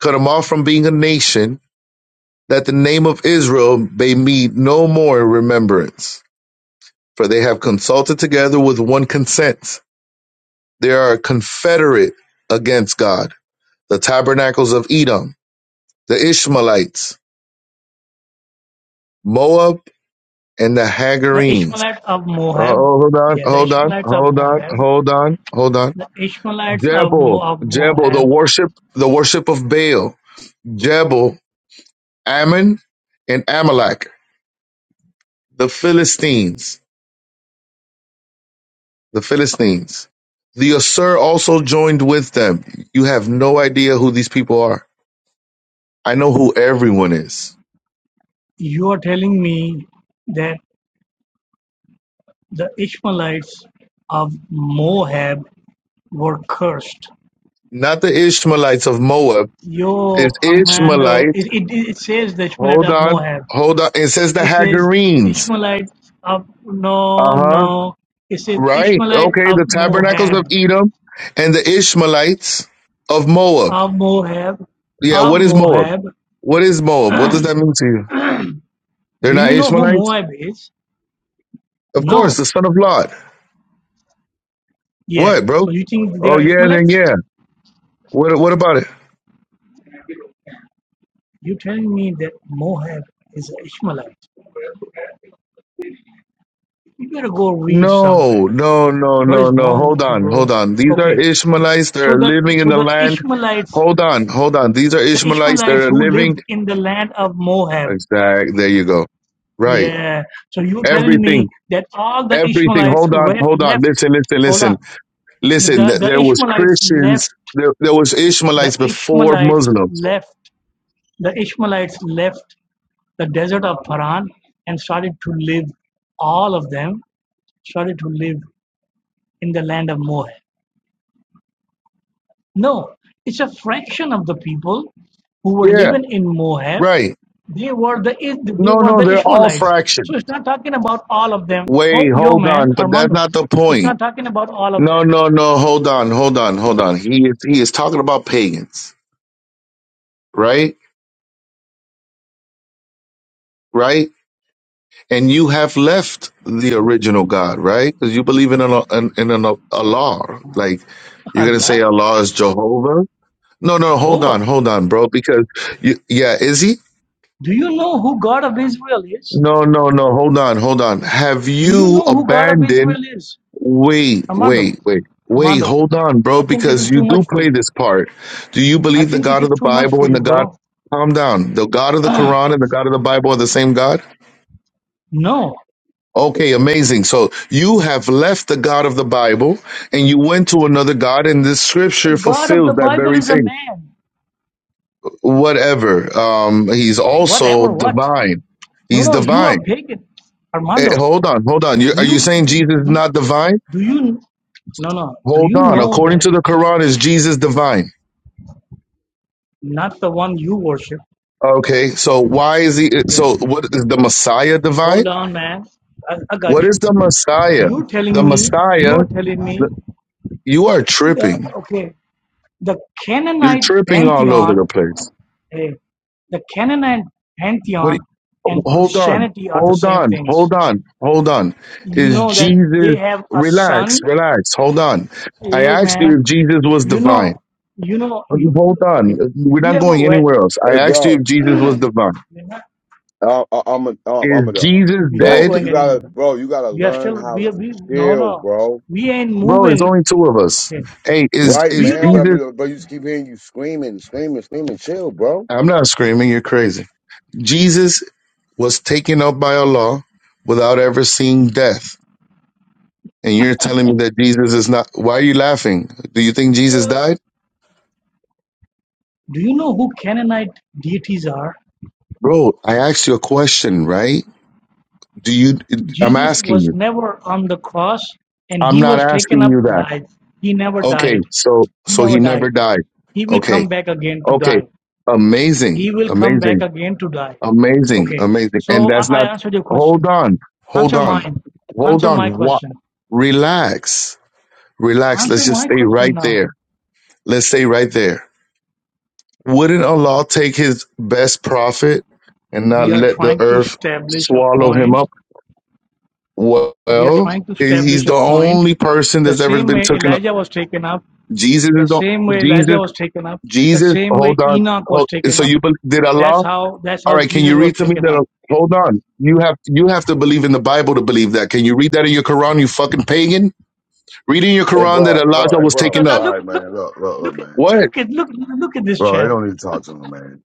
G: cut them off from being a nation, that the name of Israel may be no more in remembrance. For they have consulted together with one consent. They are confederate against God, the tabernacles of Edom, the Ishmaelites, Moab, and the Hagarines
H: Ishmaelites of
G: Oh,
H: Moab,
G: oh, hold on,
H: yeah, the
G: hold on,
H: Ishmaelites of
G: hold on,
H: Moab,
G: hold on, hold on.
H: the Ishmaelites of, Mo-
G: Jebel,
H: of
G: Jebel, the
H: Moab,
G: worship, the worship of Baal. Jebel, Ammon, and Amalek, the Philistines, the Philistines. The Asur also joined with them. You have no idea who these people are. I know who everyone is.
H: you are telling me that the Ishmaelites of Moab were cursed.
G: Not the Ishmaelites of Moab.
H: Yo,
G: It's
H: Armando,
G: Ishmaelites.
H: it, it, it says the Ishmaelites
G: Hold
H: of
G: on,
H: Moab.
G: hold on. It says the
H: He says,
G: Hagarenes.
H: Ishmaelites of
G: Uh
H: no,
G: huh.
H: no. He says,
G: Right.
H: Ishmaelite
G: Okay.
H: of
G: The tabernacles of
H: Moab,
G: Edom and the Ishmaelites of Moab.
H: of Moab,
G: Yeah.
H: of
G: What is Moab?
H: Moab.
G: What is Moab? What does that mean to you? They're
H: Do
G: not
H: you know who
G: Ishmaelites?
H: Moab is?
G: Of course.
H: No.
G: The son of Lot.
H: Yeah.
G: What,
H: So
G: bro?
H: you think they
G: Oh,
H: are
G: yeah. Then,
H: Ishmaelites?
G: yeah. What, what about it?
H: You're telling me that Moab is an Ishmaelite. You better go read some,
G: No,
H: man.
G: no, no,
H: What
G: no,
H: is
G: no.
H: wrong
G: Hold
H: with you,
G: on. Hold
H: bro?
G: on. These are
H: Okay.
G: Ishmaelites.
H: So
G: They're
H: the
G: living in
H: so
G: the
H: the
G: land.
H: Ishmaelites,
G: Hold on. Hold on. These are
H: the
G: Ishmaelites.
H: Ishmaelites
G: They're
H: who
G: living.
H: lived in the land of Moab.
G: Exact. There you go. Right.
H: Yeah. So you telling me
G: Everything.
H: that all the
G: Everything.
H: Ishmaelites
G: Hold on.
H: re-
G: Hold on.
H: left?
G: Listen, listen,
H: Hold
G: listen.
H: on.
G: Listen,
H: The
G: th-
H: the
G: there was
H: Ishmaelites
G: Christians,
H: left.
G: there, there was
H: The
G: Ishmaelites before
H: Ishmaelites
G: Muslims.
H: left. The Ishmaelites left the desert of Paran and started to live. All of them started to live in the land of Moab. No, it's a fraction of the people who were
G: Yeah,
H: living in Moab.
G: right.
H: They were the they
G: No,
H: were
G: no,
H: the
G: they're all
H: Ishmaelites.
G: fractions.
H: So it's not talking about all of them. Hope
G: Wait,
H: yo
G: hold
H: man,
G: on, but that's
H: Armando.
G: not the
H: It's
G: point.
H: not talking about all of
G: No,
H: them.
G: no, no, hold on, hold on, hold on. He is he is talking about pagans, right? Right? And you have left the original God, right? Because you believe in an in, in an Allah. Like you're gonna say
H: Allah,
G: Allah is Jehovah. No, no, hold on,
H: Jehovah.
G: hold on, bro. Because you, yeah, is he?
H: Do you know who God of Israel is?
G: No, no, no. Hold on, hold on. Have
H: Do you
G: you
H: know who God of
G: abandoned?
H: Israel is?
G: Wait,
H: Armando,
G: wait, wait, wait.
H: Armando,
G: Hold on, bro,
H: I think this is
G: because you
H: too
G: do
H: much for
G: play
H: you.
G: this part. Do you
H: I
G: believe the
H: think this
G: God of
H: is
G: the
H: too much
G: Bible
H: for
G: and
H: you,
G: the God?
H: bro.
G: Calm down. The God of the Quran and the God of the Bible are the same God?
H: No,
G: Okay, amazing. So you have left the God of the Bible and you went to another God, and this
H: the
G: scripture
H: God of
G: fulfills
H: the
G: that
H: Bible
G: very
H: is a
G: thing.
H: man.
G: Whatever. Um, he's also
H: Whatever, what?
G: divine.
H: No,
G: He's
H: no, you are
G: divine.
H: pagan,
G: Eh,
H: Armando.
G: hold on, hold on. You,
H: Do
G: are you
H: you
G: saying
H: do,
G: Jesus is
H: do
G: not divine?
H: you no no? Do
G: Hold
H: you
G: on.
H: know
G: According
H: that
G: to the Quran, is Jesus divine?
H: not the one you worship?
G: Okay, so why is he? So
H: Yes.
G: what is the Messiah divine?
H: Hold on, man. I, I got
G: What is
H: you.
G: the Messiah?
H: You're
G: The
H: telling me. You
G: Messiah.
H: are telling me.
G: the- You are
H: The
G: tripping.
H: okay. The
G: You're
H: Canaanite
G: tripping all over the
H: pantheon.
G: place.
H: Hey, the Canaanite
G: What? do
H: pantheon
G: you-
H: and
G: Hold on.
H: Christianity are the
G: Hold
H: same
G: on.
H: things.
G: Hold on. Hold on.
H: You
G: Is
H: know that they
G: Jesus?
H: have a
G: Relax.
H: son
G: Relax. Hold on. I
H: Hey
G: asked you
H: man,
G: if Jesus was
H: you know,
G: divine.
H: you know, you-
G: Hold
H: okay.
G: on. We're
H: Have you
G: not
H: ever
G: going
H: read?
G: anywhere else. I
A: Hey,
G: asked you if
A: bro,
G: Jesus was divine.
H: We're not,
A: I, I, I'm a, I'm I'm
G: Is
A: a dumb.
G: Jesus
H: we're not
A: Bro,
G: dead?
A: you
H: going
A: gotta,
H: anywhere.
A: bro, you gotta
H: We are
A: learn
H: still,
A: how
H: we are,
A: to
H: we, no,
A: chill,
H: no,
A: bro.
H: we ain't
G: Bro, it's
H: moving.
G: only two of us.
H: Okay.
G: Hey, is
A: Right,
H: Do
G: is
H: you
A: man. But I
H: know,
G: Jesus?
A: believe, bro, you just keep hearing you screaming, screaming, screaming. Chill, bro.
G: I'm not screaming. You're crazy. Jesus was taken up by Allah without ever seeing death, and you're telling me that Jesus is not. Why are you laughing? Do you think Jesus died,
H: do you know who Canaanite deities are?
G: bro? I asked you a question, right? Do you? I'm
H: Jesus
G: asking
H: was
G: you.
H: never on the cross and
G: I'm
H: he
G: not
H: was taken
G: asking
H: up
G: you that.
H: alive. He never
G: Okay,
H: died.
G: so
H: He
G: so
H: never
G: he never
H: died.
G: died.
H: He will
G: Okay,
H: come back again to
G: okay,
H: die.
G: amazing,
H: He will come
G: amazing.
H: back again to die.
G: Amazing,
H: Okay.
G: amazing.
H: So
G: And
H: I,
G: that's
H: I
G: not,
H: answered your question.
G: hold on, hold
H: Answer
G: on,
H: mine.
G: hold
H: Answer my
G: on. What?
H: question.
G: Relax, relax. Let's
H: Answer
G: just
H: my
G: stay
H: question
G: right
H: now.
G: there. Let's stay right there. Wouldn't Allah take his best prophet and not
H: We are
G: let the
H: trying to
G: earth
H: establish a
G: swallow him
H: point.
G: up?
H: We are
G: Well,
H: trying to
G: he's
H: establish
G: the
H: a point.
G: only person
H: The
G: that's ever
H: same
G: been
H: way
G: taken up.
H: Elijah was taken up,
G: Jesus
H: the
G: is the,
H: same way Elijah
G: Jesus,
H: was taken up, the
G: Jesus,
H: same way
G: hold on.
H: Enoch was
G: Hold,
H: taken
G: so
H: up.
G: you believe, did
H: That's
G: Allah?
H: how that's
G: All
H: how
G: right, can
H: Jesus
G: you
H: was
G: read to me
H: taken up.
G: that? Hold on, you have you have to believe in the Bible to believe that. Can you read that in your Quran? You fucking pagan. Read in your
A: Hey,
G: Quran that
A: bro, bro,
G: Elijah
A: hey,
G: was
H: Now,
A: bro.
G: taken
H: now
A: All
G: up.
H: look
A: right,
H: look
A: man. Look, look, look,
H: look at
A: man.
G: What?
H: look at look look at this
A: Bro, they
H: chap.
A: don't need to talk to him, man.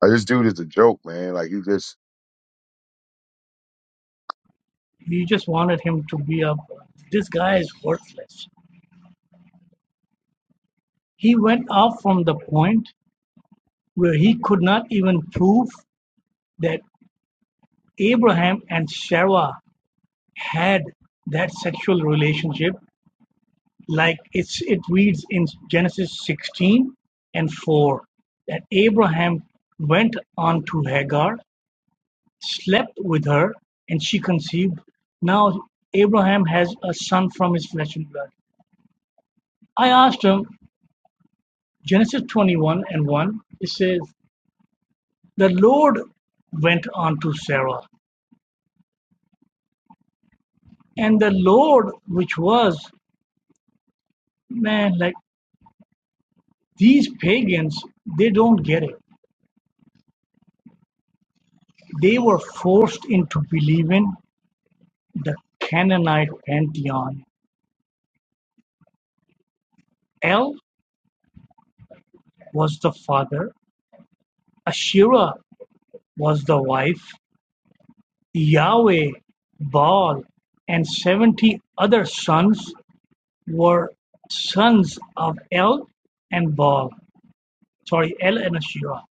A: Like, this dude is a joke, man. Like, he just,
H: He just wanted him to be up. This guy is worthless. He went off from the point where he could not even prove that Abraham and Sarah had that sexual relationship like it's it reads in Genesis 16 and 4 that Abraham went on to Hagar, slept with her, and she conceived. Now Abraham has a son from his flesh and blood. I asked him, Genesis 21 and 1, it says, The Lord went on to Sarah, and the Lord, which was, man, like These pagans, they don't get it. They were forced into believing the Canaanite pantheon. El was the father, Asherah was the wife, Yahweh, Baal, and 70 other sons were sons of El and Baal. Sorry, El and Asherah.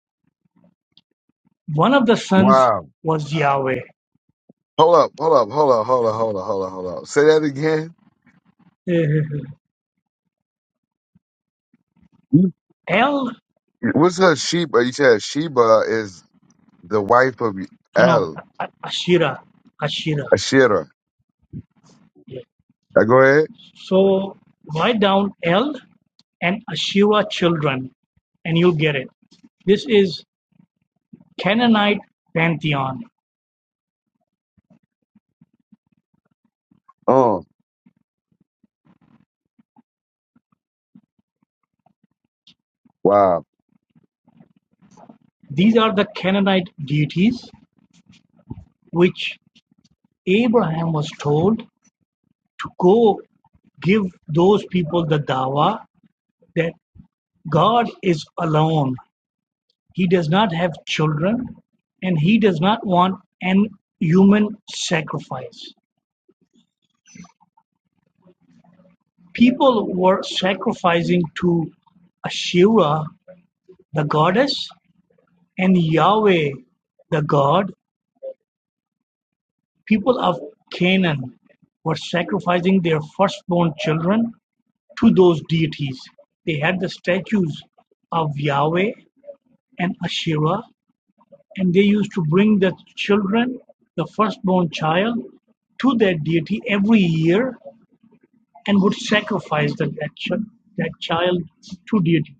H: One of the sons
A: wow.
H: was Yahweh.
A: Hold up, hold up, hold up, hold up, hold up, hold up, hold up. Say that again. You-
H: El,
A: What's her Sheba? You said Sheba is the wife of
H: no, no,
A: El
H: Asherah, Asherah.
A: Ashira. Now, Go ahead.
H: So write down El and Asherah children, and you'll get it. This is Canaanite pantheon.
A: Oh, wow.
H: These are the Canaanite deities which Abraham was told to go give those people the dawa that God is alone. He does not have children, and he does not want an human sacrifice. People were sacrificing to Ashura, the goddess, And Yahweh, the God, people of Canaan were sacrificing their firstborn children to those deities. They had the statues of Yahweh and Asherah, and they used to bring the children, the firstborn child, to that deity every year and would sacrifice that, that, that child to deity.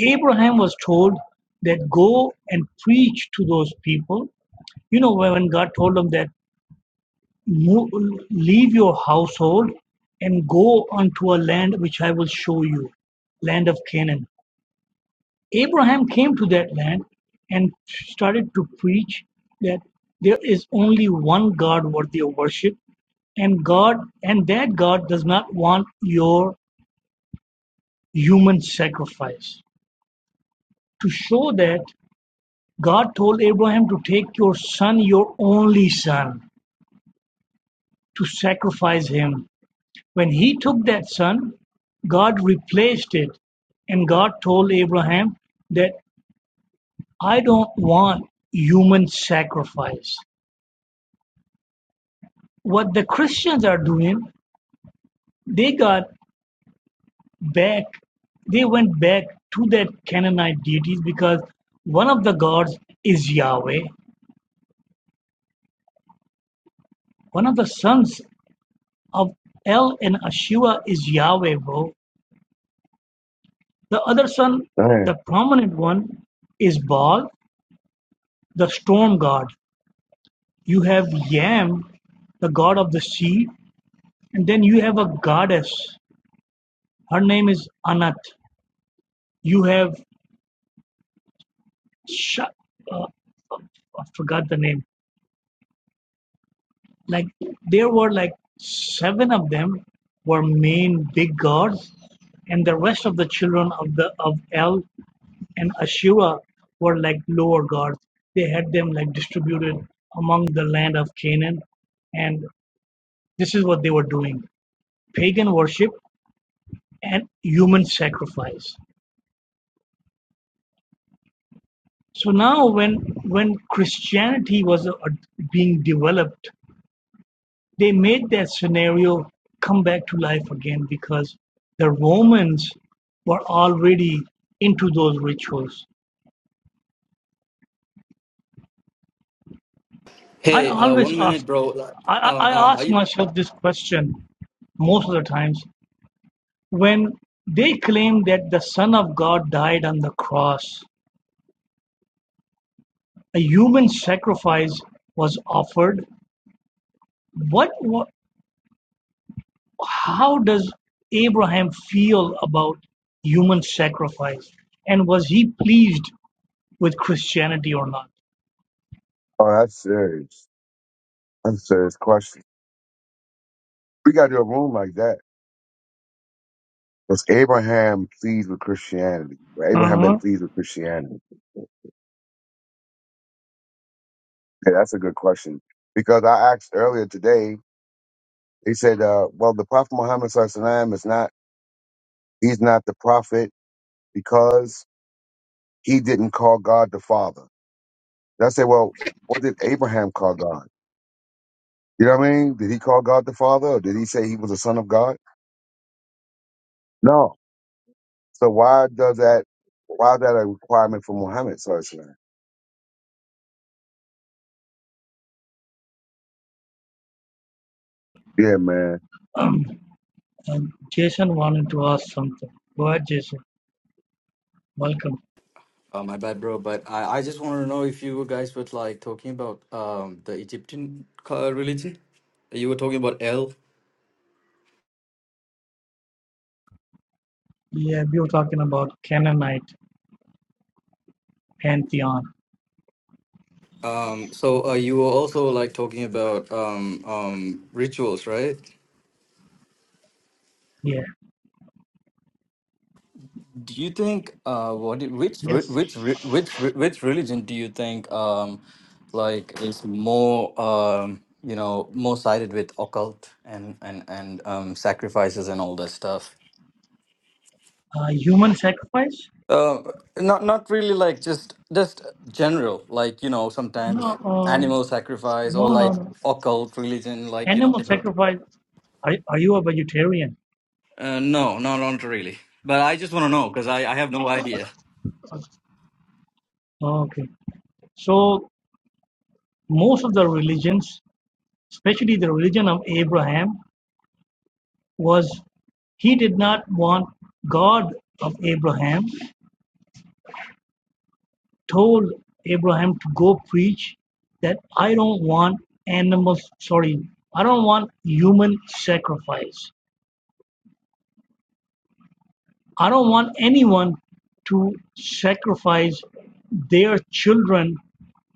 H: Abraham was told that go and preach to those people you know when god told him that Move, Leave your household and go unto a land which I will show you, land of Canaan. Abraham came to that land and started to preach that there is only one God worthy of worship, and God and that God does not want your human sacrifice. To show that God told Abraham to take your son, your only son, to sacrifice him When he took that son, God replaced it, and God told Abraham that I don't want human sacrifice. What the Christians are doing, they got back, they went back to that Canaanite deities because one of the gods is Yahweh. One of the sons of El and Asherah is Yahweh, bro. The other son, the
A: Dang.
H: prominent one, is Baal, the storm god. You have Yam, the god of the sea, and then you have a goddess. Her name is Anat. You have Sh- uh, I forgot the name. Like there were like seven of them were main big gods, and the rest of the children of the of El and Asherah were like lower gods. They had them like distributed among the land of Canaan, and this is what they were doing: pagan worship and human sacrifice. So now, when when Christianity was uh, being developed, they made that scenario come back to life again because the Romans were already into those rituals. I
I: Hey, uh,
H: always
I: one minute,
H: ask,
I: bro. Like,
H: I,
I: Um,
H: I
I: um, are
H: ask
I: you?
H: myself this question most of the times when they claim that the Son of God died on the cross, a human sacrifice was offered. What, what how does Abraham feel about human sacrifice? And was he pleased with Christianity or not?
A: Oh, that's serious. That's a serious question. We got to do a room like that. Was Abraham pleased with Christianity? Or Abraham been
H: Uh-huh.
A: pleased with Christianity? Yeah, that's a good question. Because I asked earlier today, they said, uh, well, the Prophet Muhammad Sallallahu Alaihi Wasallam is not, he's not the prophet because he didn't call God the Father. And I said, well, what did Abraham call God? You know what I mean? Did he call God the Father or did he say he was the son of God? No, So why does that? Why is that a requirement for Muhammad? Sallallahu Alaihi Wasallam? Yeah, man.
H: Um, and Jason wanted to ask something. Go ahead, Jason. Welcome.
I: Uh, my bad, bro. But I, I just wanted to know if you guys were like talking about um the Egyptian co- religion. You were talking about El.
H: Yeah, we were talking about Canaanite pantheon.
I: Um, so uh, you were also like talking about um um rituals, right?
H: Yeah.
I: Do you think uh what do- which re-
H: Yes.
I: which re- which re- which religion do you think um like is more um you know more sided with occult and and and um sacrifices and all that stuff?
H: Uh, human sacrifice?
I: Uh, not not really like just just general like you know
H: No.
I: sometimes
H: Um,
I: animal sacrifice
H: no.
I: or
H: No.
I: like
H: No.
I: occult religion like you know.
H: Animal sacrifice. Are, are you a vegetarian?
I: Uh, no, no, not really. But I just want to know because I I have no idea.
H: Oh, Okay. So most of the religions, especially the religion of Abraham, was he did not want God of Abraham, told Abraham to go preach that I don't want animals, sorry, I don't want human sacrifice. I don't want anyone to sacrifice their children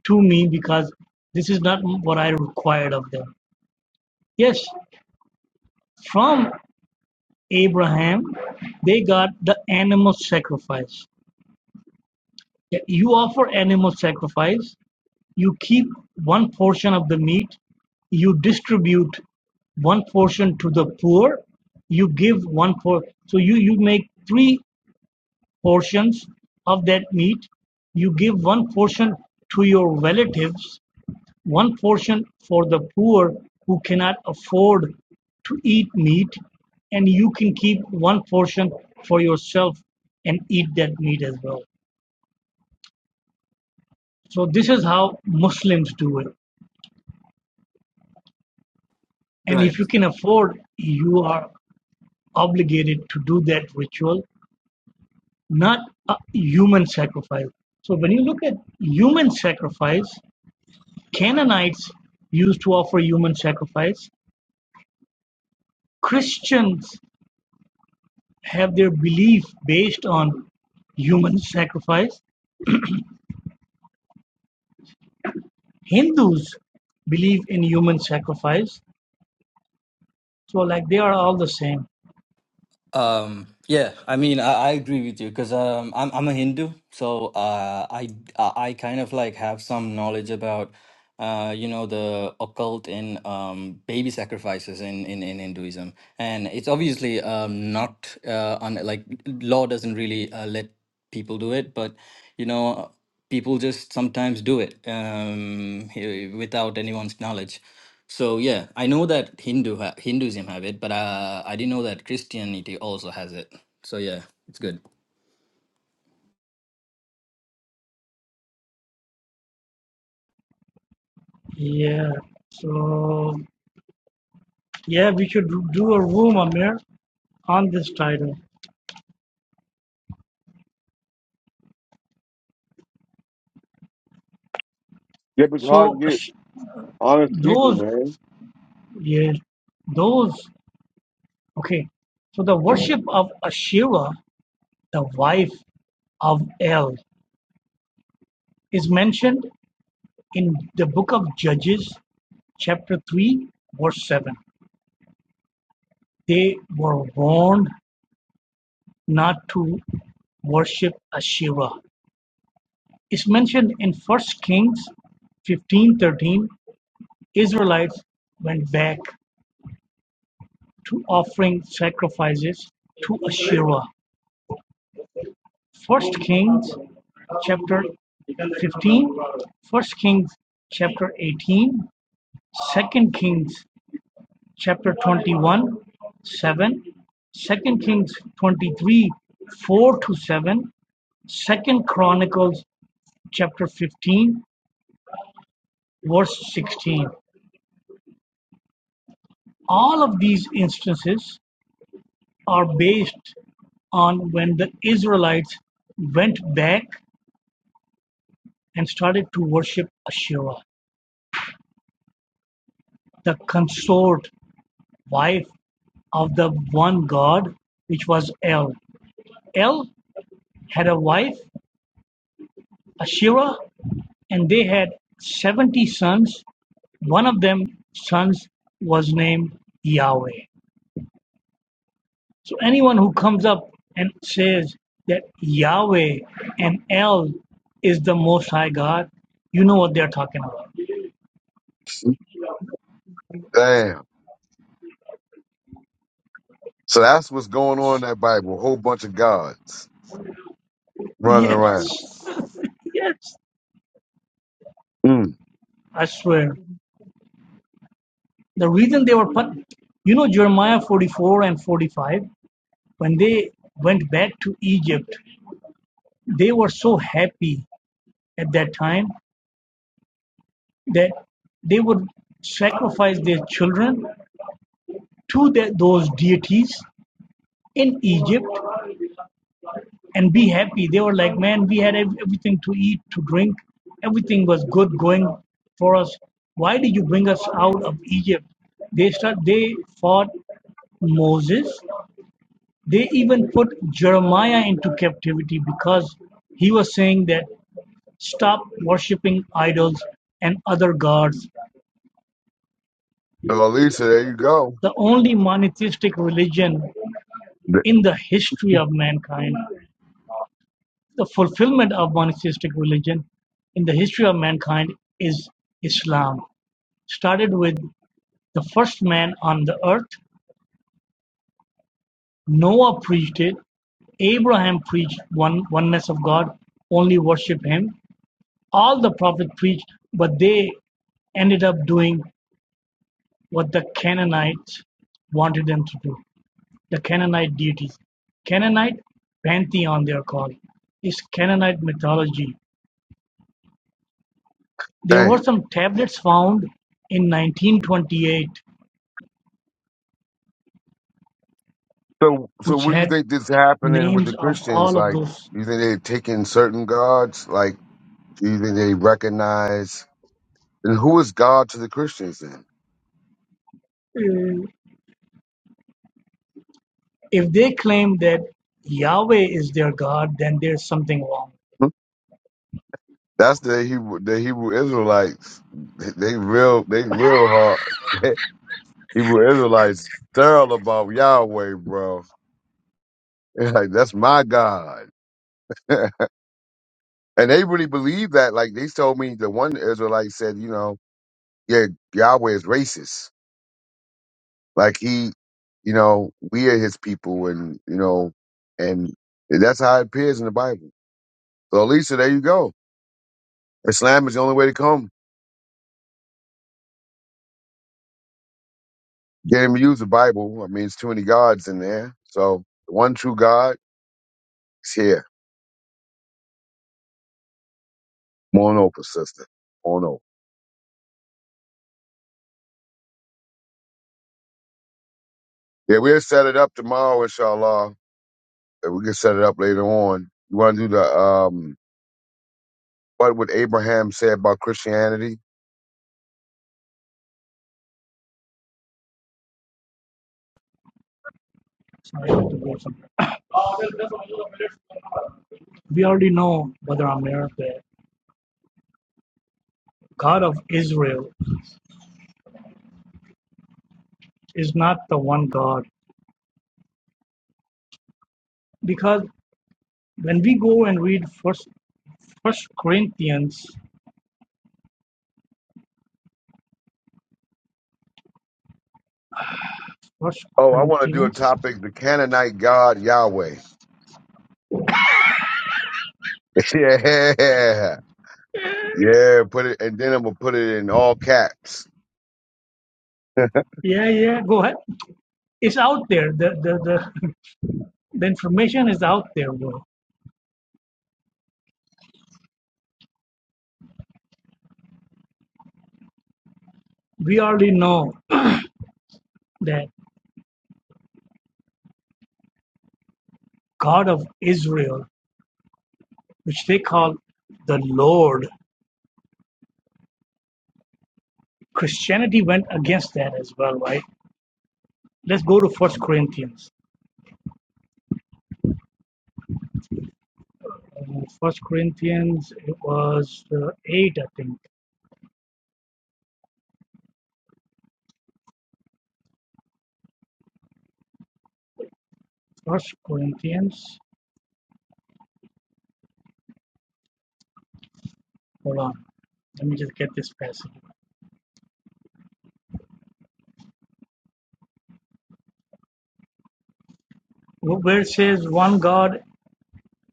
H: to me because this is not what I required of them. Yes, from Abraham, they got the animal sacrifice. You offer animal sacrifice, You keep one portion of the meat, you distribute one portion to the poor, you give one portion. So you, you make three portions of that meat. You give one portion to your relatives, one portion for the poor who cannot afford to eat meat, and you can keep one portion for yourself and eat that meat as well. So this is how Muslims do it. And
I: Right.
H: if you can afford, you are obligated to do that ritual, not a human sacrifice. So when you look at human sacrifice, Canaanites used to offer human sacrifice. Christians have their belief based on human sacrifice. Hindus believe in human sacrifice. So like they are all the same.
I: Um, yeah, I mean, I, I agree with you because um, I'm I'm a Hindu, so uh, I I I kind of like have some knowledge about uh, you know, the occult and um, baby sacrifices in, in in Hinduism, and it's obviously um not uh on like law doesn't really uh, let people do it, but you know, people just sometimes do it um he- without anyone's knowledge. So yeah, I know that Hindu ha- Hinduism have it, but uh, I didn't know that Christianity also has it. So yeah, it's good.
H: Yeah. So yeah, we should do a room, Amir, on this title.
A: Yeah, but it's hard
H: So
A: to get honest people,
H: Those,
A: man.
H: yes, those. Okay. So the worship of Asherah, the wife of El, is mentioned in the book of Judges, chapter 3, verse 7. They were warned not to worship Asherah. It's mentioned in First Kings 15:13. Israelites went back to offering sacrifices to Asherah. First Kings chapter 15, First Kings chapter 18, Second Kings chapter 21, 7, Second Kings 23, 4 to 7, Second Chronicles chapter 15, verse 16. All of these instances are based on when the Israelites went back and started to worship Asherah, the consort wife of the one God, which was El. El had a wife, Asherah, and they had 70 sons. One of them sons was named Yahweh. So anyone who comes up and says that Yahweh and El is the Most High God, you know what they're talking about.
A: Damn. So that's what's going on in that Bible. A whole bunch of gods running
H: Yes.
A: around.
H: yes.
A: Mm.
H: I swear. The reason they were put, you know, Jeremiah 44 and 45, When they went back to Egypt, they were so happy at that time that they would sacrifice their children to the, those deities in Egypt and be happy. They were like, man, we had everything to eat, to drink, everything was good going for us. Why did you bring us out of Egypt? They start. They fought Moses. They even put Jeremiah into captivity because he was saying that Stop worshipping idols and other gods,
A: So Alicia, there you go.
H: the only monotheistic religion
A: Th-
H: in the history of mankind. The fulfillment of monotheistic religion in the history of mankind is Islam. Started with the first man on the earth, Noah preached it, Abraham preached one oneness of God, only worship him. All the prophets preached, but they ended up doing what the Canaanites wanted them to do. The Canaanite deities, Canaanite pantheon they are called, is Canaanite mythology. There
A: Damn.
H: were some tablets found in 1928
A: So so
H: which
A: what do you
H: had
A: think this happening with
H: names
A: the
H: of
A: Christians?
H: all of
A: Like,
H: those.
A: you think they're taking certain gods? Like, do you think they recognize? And who is God to the Christians then?
H: If they claim that Yahweh is their God, then there's something wrong.
A: That's the Hebrew, the Hebrew Israelites. They they real, they real hard. Hebrew Israelites sterile about Yahweh, bro. It's like that's my God, and they really believe that. Like they told me, the one Israelite said, you know, yeah, Yahweh is racist. Like he, you know, we are his people, and you know, and that's how it appears in the Bible. So, Lisa, there you go. Islam is the only way to come. Can't even use the Bible. I mean, it's too many gods in there. So the one true God is here. Come on over, sister. Come on over. Yeah, we'll set it up tomorrow, inshallah. And we can set it up later on. You want to do the um, what would Abraham say about Christianity?
H: So I have to go somewhere. We already know, Brother Amir, that God of Israel is not the one God. Because when we go and read first first Corinthians, first
A: Oh, I want to do a
H: Corinthians
A: topic: the Canaanite God Yahweh. yeah, yeah. Put it, and then I'm gonna put it in all caps.
H: Yeah, yeah. Go ahead. It's out there. The the the, the information is out there, bro. We already know that God of Israel, which they call the Lord. Christianity went against that as well, right? Let's go to First Corinthians. Uh, First Corinthians, it was uh, eight, I think. First Corinthians. Hold on. Let me just get this passage. Where it says one God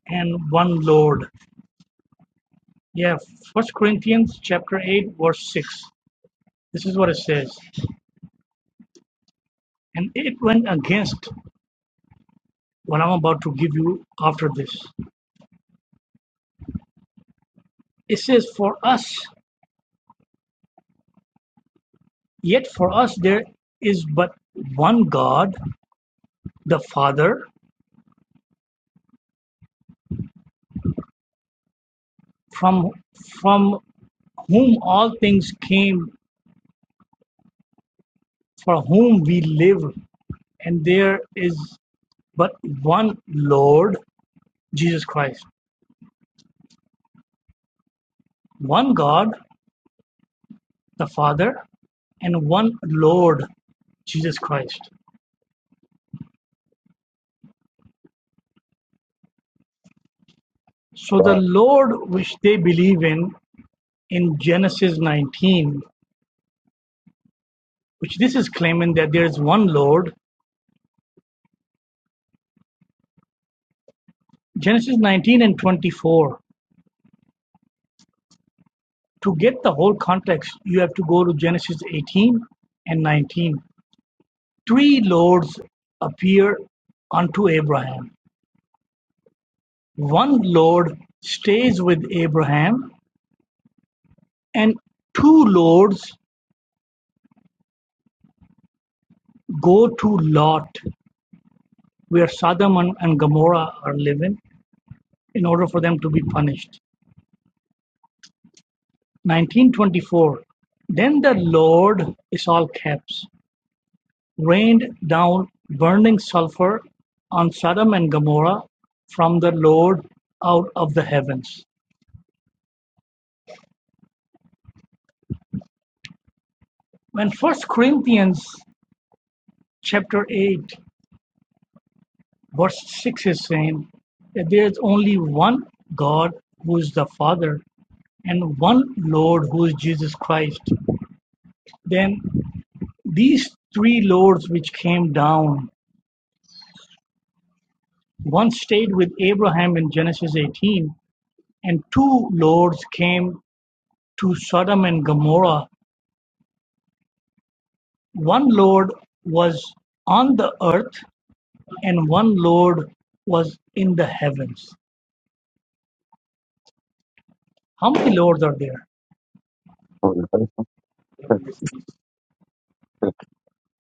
H: and one Lord. Yeah, First Corinthians chapter eight, verse six. This is what it says. And it went against what I'm about to give you after this. It says, For us, yet for us there is but one God, the Father, from from whom all things came, for whom we live, and there is but one Lord, Jesus Christ. One God, the Father, and one Lord, Jesus Christ. So the
A: Uh,
H: Lord which they believe in in Genesis 19, which this is claiming that there is one Lord, Genesis 19 and 24. To get the whole context, you have to go to Genesis 18 and 19. Three Lords appear unto Abraham. One Lord stays with Abraham, and two Lords go to Lot, where Sodom and Gomorrah are living, in order for them to be punished. 1924 Then the Lord (is all caps) rained down burning sulphur on Sodom and Gomorrah from the Lord out of the heavens. When First Corinthians chapter 8, verse 6 is saying that there is only one God who is the Father and one Lord who is Jesus Christ, then these three Lords which came down One stayed with Abraham in Genesis eighteen, and two lords came to Sodom and Gomorrah. One lord was on the earth, and one lord was in the heavens. How many lords are there?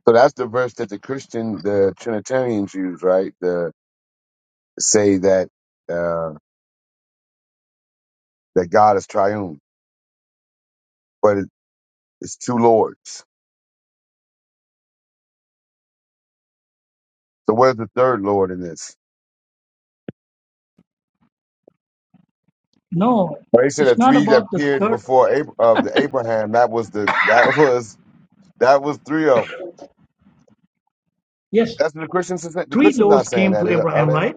A: so that's the verse that the Christian, the Trinitarians use, right? The say that uh, that God is triune, but it, it's two lords. So where's the third lord in this?
H: No,
A: Well, they said the
H: it's not
A: three that
H: about the
A: appeared
H: third.
A: before Ab- of the Abraham. That was the that was that was three of them.
H: Yes,
A: That's what the Christians. are saying. The
H: three
A: Christians not
H: lords
A: saying
H: came
A: that
H: to
A: are
H: Abraham,
A: they?
H: right?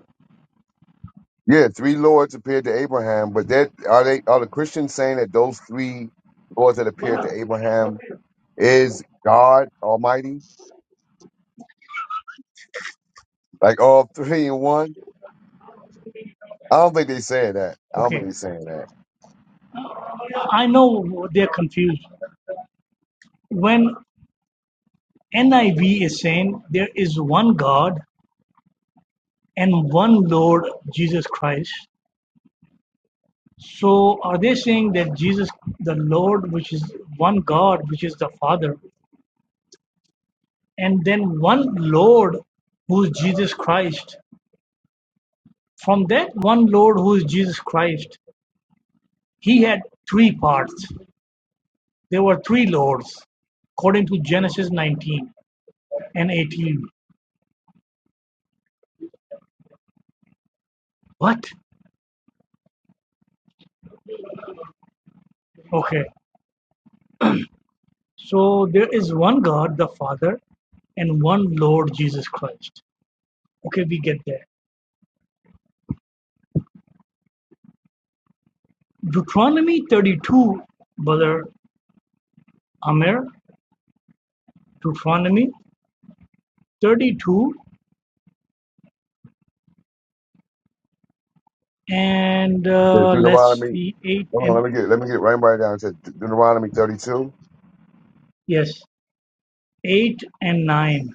A: Yeah, three lords appeared to Abraham, but that are they? Are the Christians saying that those three lords that appeared to Abraham is God Almighty, like all three in one? I don't think they're saying that. I don't think
H: Okay,
A: they're saying that.
H: I know they're confused. When NIV is saying there is one God and one Lord Jesus Christ, So are they saying that Jesus, the Lord, which is one God, which is the Father, and then one Lord who is Jesus Christ? From that one Lord who is Jesus Christ, he had three parts. There were three Lords, according to Genesis 19 and 18. What? Okay. So there is one God, the Father, and one Lord Jesus Christ. Okay, we get that. Deuteronomy 32, Brother Amir, Deuteronomy 32 and
A: There's
H: uh, let's
A: Deuteronomy
H: see 8
A: Hold on,
H: and
A: let me get let me get right right down to Deuteronomy 32.
H: yes 8 and 9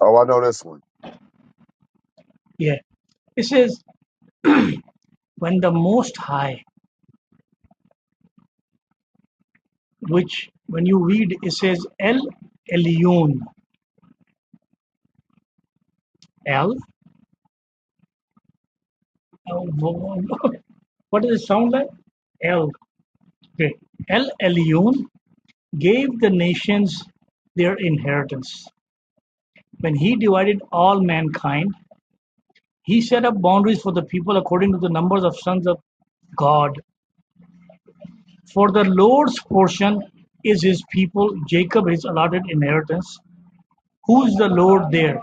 A: Oh, I know this one.
H: yeah it says when the most high which when you read it says el elyon el uh, what does it sound like el okay el elyon gave the nations their inheritance when he divided all mankind He set up boundaries for the people according to the numbers of sons of God. For the Lord's portion is his people, Jacob his allotted inheritance. Who's the Lord there?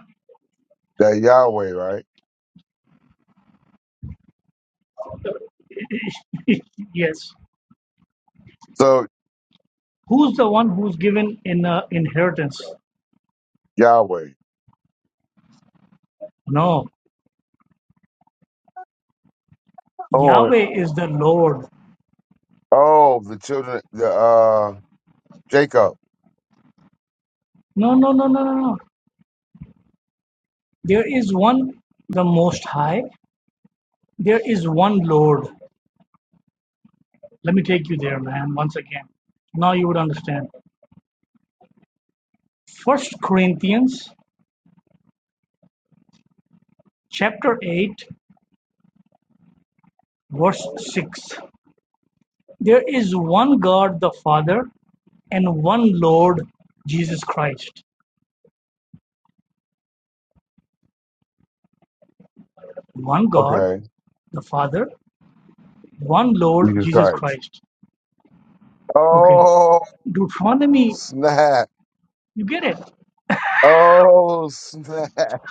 A: That Yahweh, right?
H: yes.
A: So
H: Who's the one who's given in uh, inheritance?
A: Yahweh.
H: No.
A: Oh,
H: Yahweh is the Lord.
A: oh, the children, the uh, Jacob.
H: No, no, no, no, no, no. There is one, the Most High. There is one Lord. Let me take you there, man, once again. Now you would understand. First Corinthians chapter 8, verse 6. There is one God the Father and one Lord Jesus Christ. One God
A: Okay,
H: the Father, one Lord
A: Jesus
H: Jesus
A: Christ.
H: Christ. Okay.
A: Oh
H: Deuteronomy,
A: snap!
H: you get it.
A: Oh snap!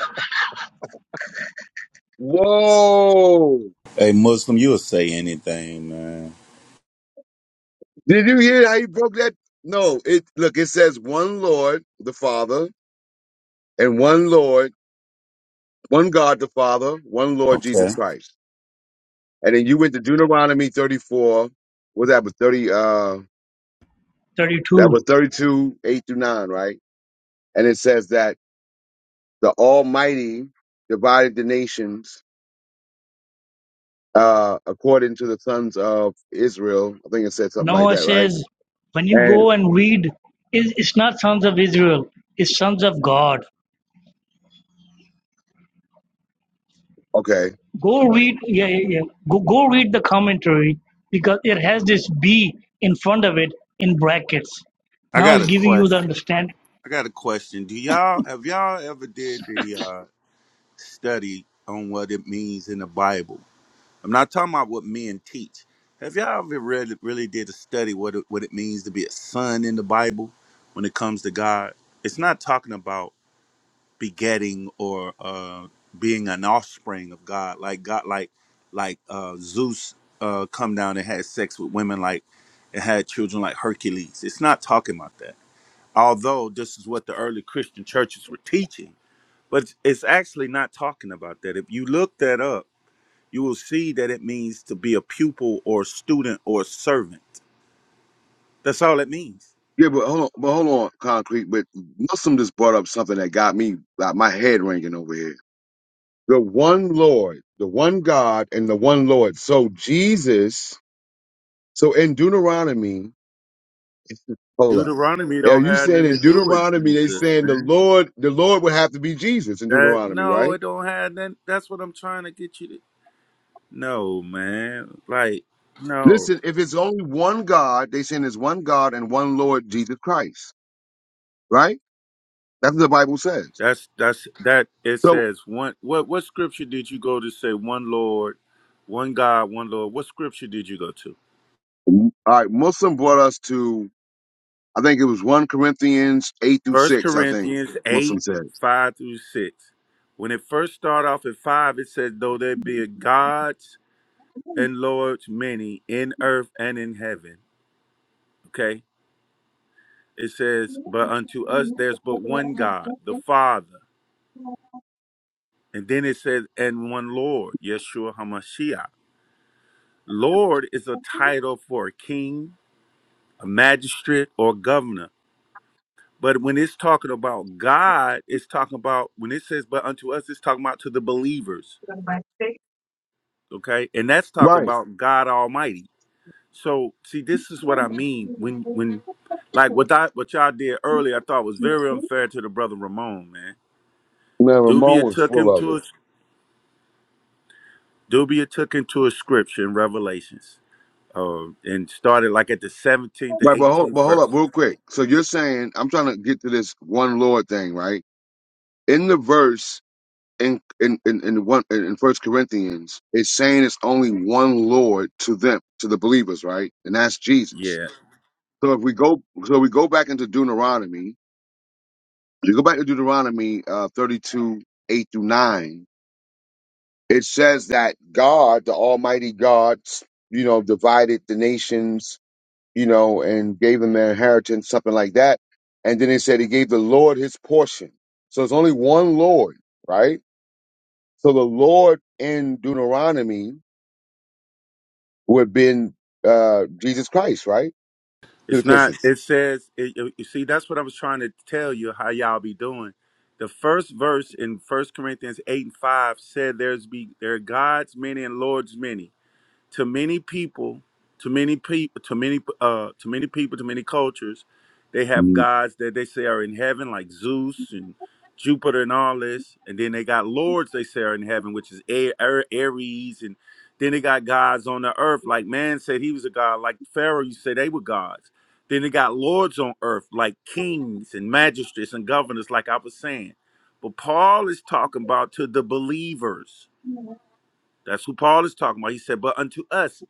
A: Whoa!
C: Hey, Muslim, you'll say anything, man.
A: Did you hear how he broke that? No, it look. It says one Lord, the Father, and one Lord, one God, the Father, one Lord,
C: Okay.
A: Jesus Christ. And then you went to Deuteronomy 34. What's that? But 30, uh, that was
H: 32.
A: 32, 8 through 9, right? And it says that the Almighty divided the nations, uh, according to the sons of Israel. I think it said something like
H: Noah
A: that, right?
H: says, when you
A: And,
H: go and read, it's it's not sons of Israel, it's sons of God.
A: okay.
H: Go read, yeah, yeah, yeah. Go, go read the commentary because it has this B in front of it in brackets.
C: I
H: Now
C: got
H: it's
C: a
H: giving you the
C: question.
H: understand.
C: I got a question. Do y'all have y'all ever did the uh, study on what it means in the Bible? I'm not talking about what men teach. Have y'all ever really, really did a study what it, what it means to be a son in the Bible when it comes to God? It's not talking about. begetting or uh, being an offspring of God. Like God, like like uh, Zeus uh, come down and had sex with women, like and had children like Hercules. It's not talking about that. Although this is what the early Christian churches were teaching, but it's actually not talking about that. If you look that up, you will see that it means to be a pupil or student or servant. That's all it means.
A: Yeah, but hold on, but hold on, concrete. But Muslim just brought up something that got me, like my head ringing over here. The one Lord, the one God, and the one Lord. So Jesus, so in Deuteronomy, Hold up.
C: Deuteronomy
A: Are
C: don't
A: you
C: have
A: saying
C: nothing to
A: in
C: do with
A: Deuteronomy they
C: Jesus,
A: saying the
C: man.
A: Lord, the Lord would have to be Jesus in
C: That
A: Deuteronomy,
C: no,
A: right?
C: it don't have that. That's what I'm trying to get you to. No, man. Like no.
A: Listen, if it's only one God, they saying there's one God and one Lord, Jesus Christ, right? That's what the Bible says.
C: That's that's that. It
A: So,
C: says one. What what scripture did you go to say one Lord, one God, one Lord? What scripture did you go to?
A: all right, Muslim brought us to, I think it was one Corinthians eight through
C: First
A: six. I think
C: Corinthians
A: Muslim
C: eight
A: says.
C: five through six. When it first start off at five, it says though there be a gods and lords many in earth and in heaven. Okay. It says, but unto us there's but one God, the Father And then it says, and one Lord, Yeshua HaMashiach. Lord is a title for a king, a magistrate, or governor. But when it's talking about God, it's talking about, when it says, but unto us, it's talking about to the believers. Okay. And that's talking
A: Right.
C: about God Almighty. So see, this is what I mean when, when, like what I, what y'all did earlier, I thought was very unfair to the brother Ramon, man.
A: Man, Ramon
C: Dubia
A: was
C: took him
A: full of
C: to
A: it.
C: a, Dubia took him to a scripture in Revelations Oh, and started like at the 17th
A: Right,
C: to
A: but hold,
C: 18th
A: but hold
C: verse.
A: up, real quick. So you're saying I'm trying to get to this one Lord thing, right? In the verse in in in in, one, in in First Corinthians, it's saying it's only one Lord to them, to the believers, right? And that's Jesus.
C: Yeah.
A: So if we go, so we go back into Deuteronomy. You go back to Deuteronomy uh, thirty-two eight through nine. It says that God, the Almighty God, you know, divided the nations, you know, and gave them their inheritance, something like that. And then it said he gave the Lord his portion. So it's only one Lord, right? So the Lord in Deuteronomy would have been uh, Jesus Christ, right, to the
C: It's not,
A: Christian.
C: it says, it, you you see, that's what I was trying to tell you how y'all be doing. The first verse in First Corinthians 8 and 5 said, There's be, there are gods many and lords many. to many people, to many people, to many uh, to many people, to many cultures, they have
A: Mhm.
C: gods that they say are in heaven, like Zeus and Jupiter and all this, and then they got lords they say are in heaven, which is A- A- Aries, and then they got gods on the earth, like man said he was a god, like Pharaoh you say they were gods. Then they got lords on earth, like kings and magistrates and governors, like I was saying. But Paul is talking about to the believers that's who Paul is talking about. He said, "But unto us,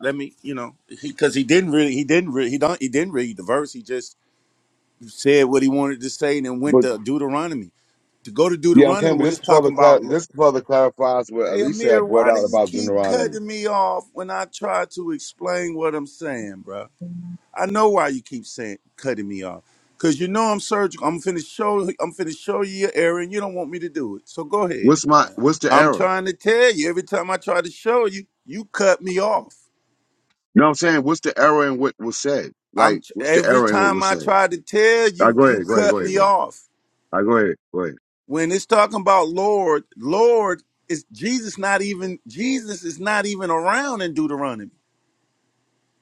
C: let me, you know, because he, 'cause he didn't really, he didn't really, he don't, he didn't read the verse. He just said what he wanted to say, and then went
A: But
C: to Deuteronomy. To go to
A: yeah, I'm
C: Deuteronomy
A: saying, but
C: when it's
A: this further
C: talking about,
A: clar- this further clarifies what
C: hey
A: Alicia
C: Amir,
A: had brought
C: why do
A: out
C: you
A: about
C: keep
A: Deuteronomy.
C: cutting me off when I try to explain what I'm saying, bro? I know why you keep saying cutting me off. Cause you know I'm surgical. I'm finna show I'm finna show you your error and you don't want me to do it. So go ahead,
A: What's my
C: man.
A: what's the
C: I'm
A: error?
C: trying to tell you, every time I try to show you, you cut me off.
A: You know what I'm saying? What's the error in what was said?
C: I'm
A: Like,
C: tr-
A: what's the
C: every
A: error in what
C: time
A: was
C: I
A: said?
C: try to tell
A: I
C: you,
A: go
C: you
A: ahead, go ahead, go
C: cut
A: ahead,
C: me
A: go ahead.
C: off.
A: I go ahead, go
C: When it's talking about Lord, Lord is Jesus not even Jesus is not even around in Deuteronomy.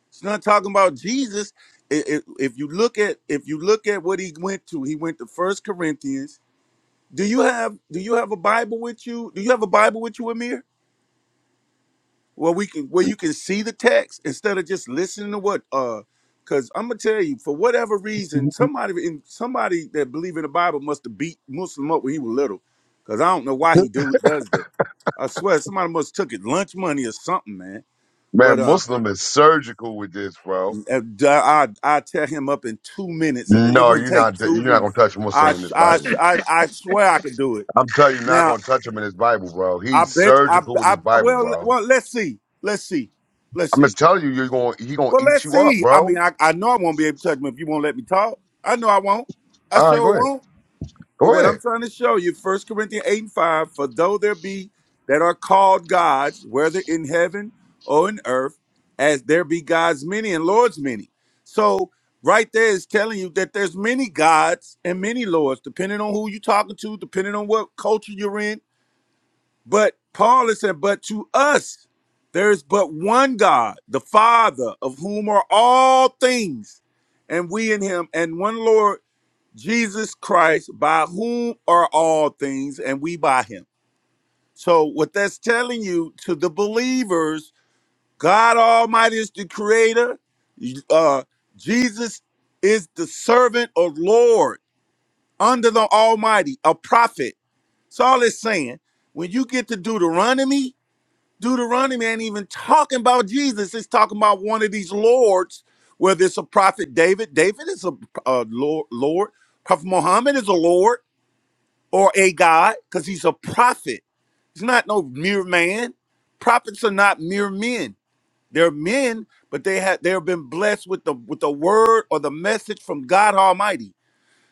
C: It's not talking about Jesus. I- I- If you look at if you look at what he went to, he went to First Corinthians. Do you have do you have a Bible with you? Do you have a Bible with you, Amir? Where we can where you can see the text instead of just listening to what uh because I'm gonna tell you, for whatever
A: ahead.
C: reason, somebody in somebody that believe in the Bible must have beat Muslim up when he was little. Cause I don't know why he do does that. I swear somebody must took it lunch money or something, man. But
A: Man,
C: uh
A: Muslim is surgical with this, bro.
C: I I, I tear him up in two minutes and it, it
A: No,
C: wouldn't
A: you're
C: take
A: not. You're
C: two
A: not
C: minutes.
A: gonna touch Muslim
C: I,
A: in
C: sh-
A: this
C: I sh-
A: Bible.
C: I I swear I could do it.
A: I'm telling you, you're not
C: Now
A: gonna touch him in this Bible, bro.
C: I
A: He's
C: bet I,
A: surgical with
C: I
A: this Bible,
C: well
A: bro.
C: well let's see. Let's see. Let's
A: I'm
C: see.
A: just telling you, you're going. He gonna
C: Well
A: eat
C: let's
A: you up,
C: see. I mean
A: bro.
C: I, I know I won't be able to touch him if you won't let me talk. I know I won't. I
A: All right,
C: sure
A: go ahead.
C: won't. But
A: Go
C: what I'm
A: ahead.
C: trying to show you, First Corinthians 8 and 5, for though there be that are called gods, whether in heaven or in earth, as there be gods many and lords many. So right there is telling you that there's many gods and many lords, depending on who you're talking to, depending on what culture you're in, but Paul is saying, but to us, there is but one God, the Father, of whom are all things, and we in him, and one Lord, Jesus Christ, by whom are all things, and we by him. So, what that's telling you to the believers, God Almighty is the creator, uh, Jesus is the servant or Lord under the Almighty, a prophet. That's all it's saying. When you get to Deuteronomy, Deuteronomy ain't even talking about Jesus. It's talking about one of these lords, whether it's a prophet David. David is a, a lord, lord. Prophet Muhammad is a lord or a god because he's a prophet. He's not no mere man. Prophets are not mere men. They're men, but they have they have been blessed with the with the word or the message from God Almighty.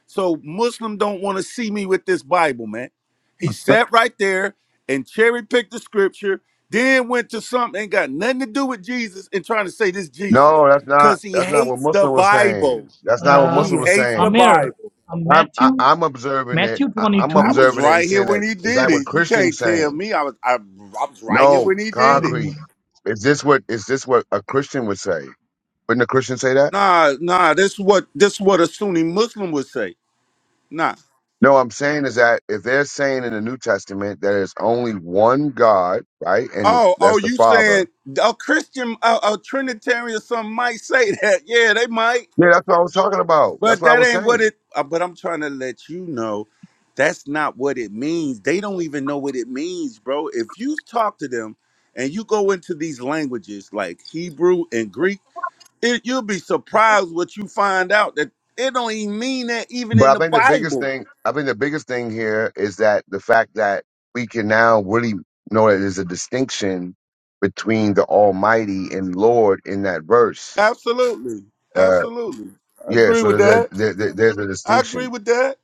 C: So Muslim don't want to see me with this Bible, man. He sat right there and cherry picked the scripture, then went to something ain't got nothing to do with Jesus and trying to say this Jesus
A: No, that's not.
C: because he
A: That's not what
C: hates the
A: Muslim was
C: Bible.
A: saying. That's not what
C: He
A: Muslim
H: Um,
A: was
C: hates the
A: saying.
H: Amir,
C: Bible.
H: uh,
A: I'm. I,
H: Matthew,
A: I'm observing it.
H: Matthew
A: I, I'm
C: I
H: 22.
C: was
A: observing it and
C: right here
A: saying
C: when
A: that.
C: he
A: Is
C: did
A: that what
C: it. You can't
A: Christian's
C: tell
A: saying?
C: me I was I, I was right here
A: No,
C: when he did it.
A: concrete. Is this what? Is this what a Christian would say? Wouldn't a Christian say that?
C: Nah, nah. This is what this is what a Sunni Muslim would say. Nah.
A: No, I'm saying is that if they're saying in the New Testament that there's only one God, right, and
C: Oh, oh,
A: that's the
C: you saying
A: Father.
C: a Christian, a, a Trinitarian, or something might say that? Yeah, they might.
A: Yeah, that's what I was talking about. That's
C: But
A: what I
C: that
A: was
C: ain't what
A: saying.
C: it. uh, But I'm trying to let you know, that's not what it means. They don't even know what it means, bro. If you talk to them, and you go into these languages like Hebrew and Greek, it, you'll be surprised what you find out that it don't even mean that even
A: But
C: in
A: I
C: the
A: think the biggest
C: Bible.
A: thing, I think the biggest thing here is that the fact that we can now really know that there's a distinction between the Almighty and Lord in that verse.
C: Absolutely,
A: Uh,
C: absolutely. I
A: yeah,
C: agree
A: so
C: with
A: there's a
C: that.
A: there, there- there's a
C: I agree
A: distinction.
C: with that.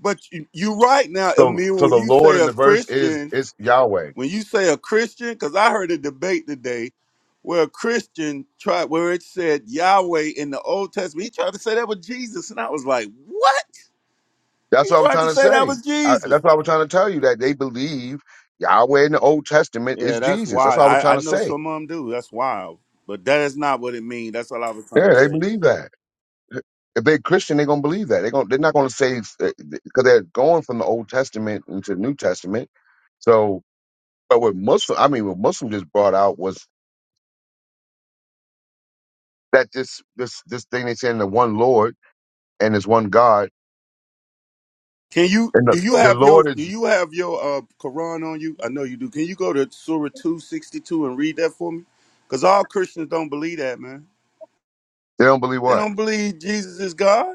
C: But you, you're right now,
A: So
C: Emil.
A: so
C: When
A: the
C: you
A: Lord
C: say
A: in
C: a
A: the verse is
C: Christian,
A: is Yahweh.
C: When you say a Christian, because I heard a debate today where a Christian tried where it said Yahweh in the Old Testament. He tried to say that was Jesus, and I was like, "What?"
A: That's
C: He
A: what I'm
C: tried to
A: trying to
C: say that
A: say.
C: was
A: I,
C: Jesus.
A: that's what I was trying to tell you that they believe Yahweh in the Old Testament
C: Yeah,
A: is
C: that's
A: Jesus. That's
C: wild.
A: what I was
C: I, I
A: trying to
C: know
A: say.
C: some of them do. That's wild, but that is not what it means. That's all I was trying
A: Yeah,
C: to
A: they
C: say.
A: believe that. if they're Christian, they're gonna believe that. They're gonna they're not gonna say because they're going from the Old Testament into the New Testament. So, but what Muslim, I mean, what Muslim just brought out was that this this this thing they saying the one Lord and this one God
C: Can you
A: and the
C: do you
A: the
C: have your
A: Lord
C: do
A: is
C: you have your uh Quran on you? I know you do. Can you go to Surah two sixty two and read that for me? Because all Christians don't believe that, man.
A: they don't believe
C: They
A: what?
C: don't believe Jesus is God.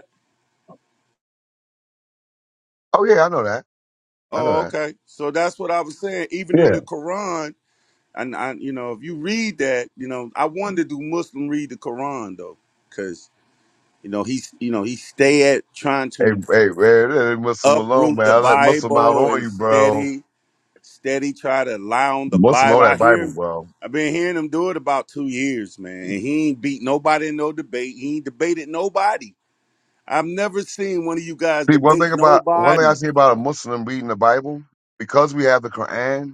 A: Oh yeah, I know that. I know
C: Oh,
A: that.
C: okay. So that's what I was saying. Even in
A: Yeah.
C: the Quran, and I, you know, if you read that, you know, I wonder do Muslim read the Quran though, because you know he's, you know, he stay at trying
A: Hey,
C: to
A: hey, man, leave Muslim alone,
C: uproot
A: man.
C: the
A: I let Muslim out
C: Bible
A: on
C: and
A: you, bro.
C: steady, steady try to lie on the
A: Muslim know
C: Bible. I
A: that
C: hear
A: Bible,
C: him.
A: bro.
C: I've been hearing him do it about two years, man, and he ain't beat nobody in no debate. He ain't debated nobody. I've never seen one of you guys
A: See, one
C: debate
A: thing about one thing I
C: nobody.
A: see about a Muslim reading the Bible because we have the Quran.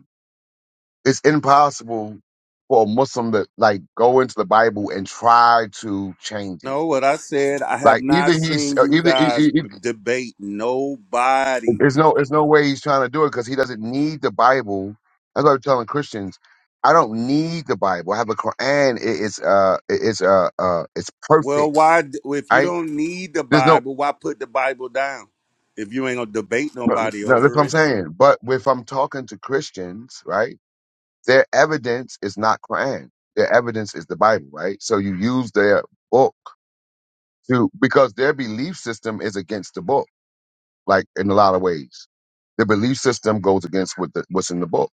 A: It's impossible for a Muslim to like go into the Bible and try to change it.
C: No, what I said, I have
A: Like either
C: not
A: he's
C: seen
A: uh,
C: you
A: either e-
C: guys
A: e-
C: b-
A: e-
C: debate nobody.
A: there's no there's no way he's trying to do it because he doesn't need the Bible. That's what I'm telling Christians. I don't need the Bible. I have a Quran. It- It's uh it- it's uh uh it's
C: Well,
A: perfect.
C: why, d- well, if you
A: Right?
C: don't need the
A: There's no
C: Bible, why put the Bible down if you ain't gonna debate
A: no,
C: nobody
A: no that's what
C: over
A: I'm
C: it?
A: saying. But if I'm talking to Christians, right, their evidence is not Quran. Their evidence is the Bible, right? So you use their book to because their belief system is against the book, like in a lot of ways. The belief system goes against what the, what's in the book.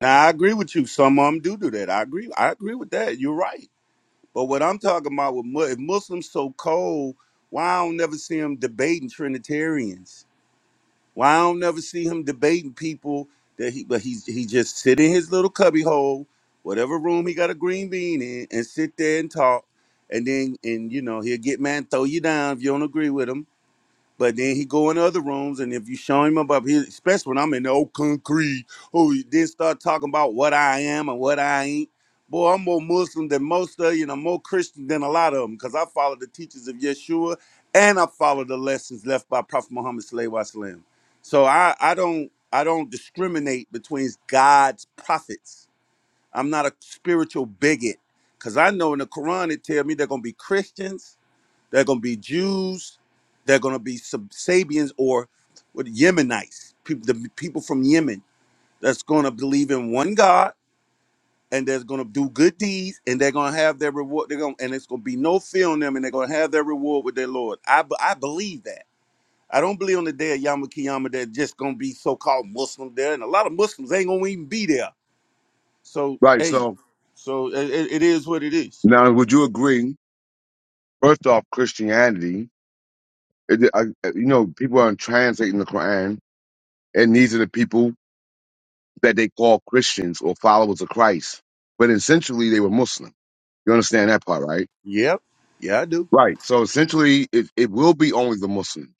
C: Now, I agree with you. Some of them do do that. I agree. I agree with that. You're right. But what I'm talking about with Mu- if Muslims so cold, why I don't never see them debating Trinitarians? Why I don't never see him debating people that he but he's he just sit in his little cubby hole, whatever room he got a green bean in, and sit there and talk. And then and you know, he'll get mad and throw you down if you don't agree with him. But then he go in other rooms, and if you show him about, he, especially when I'm in the old concrete, oh, he then start talking about what I am and what I ain't. Boy, I'm more Muslim than most of you, and I'm more Christian than a lot of them, because I follow the teachings of Yeshua, and I follow the lessons left by Prophet Muhammad Sallallahu Alaihi Wasallam. So I, I don't, I don't discriminate between God's prophets. I'm not a spiritual bigot, because I know in the Quran it tells me they're gonna be Christians they're going to be Jews. They're going to be sub Sabians or what Yemenites, people, the people from Yemen that's going to believe in one God and that's going to do good deeds and they're going to have their reward. They're going to, and it's going to be no fear on them and they're going to have their reward with their Lord. I, b- I believe that. I don't believe on the day of Yom Kiyama they're just going to be so-called Muslim there and a lot of Muslims ain't going to even be there. So,
A: Right.
C: hey,
A: So
C: so it, it it is what it is.
A: now, would you agree? First off, Christianity, it, I, you know, people are translating the Quran, and these are the people that they call Christians or followers of Christ, but essentially they were Muslim. You understand that part, right?
C: Yep. Yeah, I do.
A: Right. So essentially, it, it will be only the Muslims.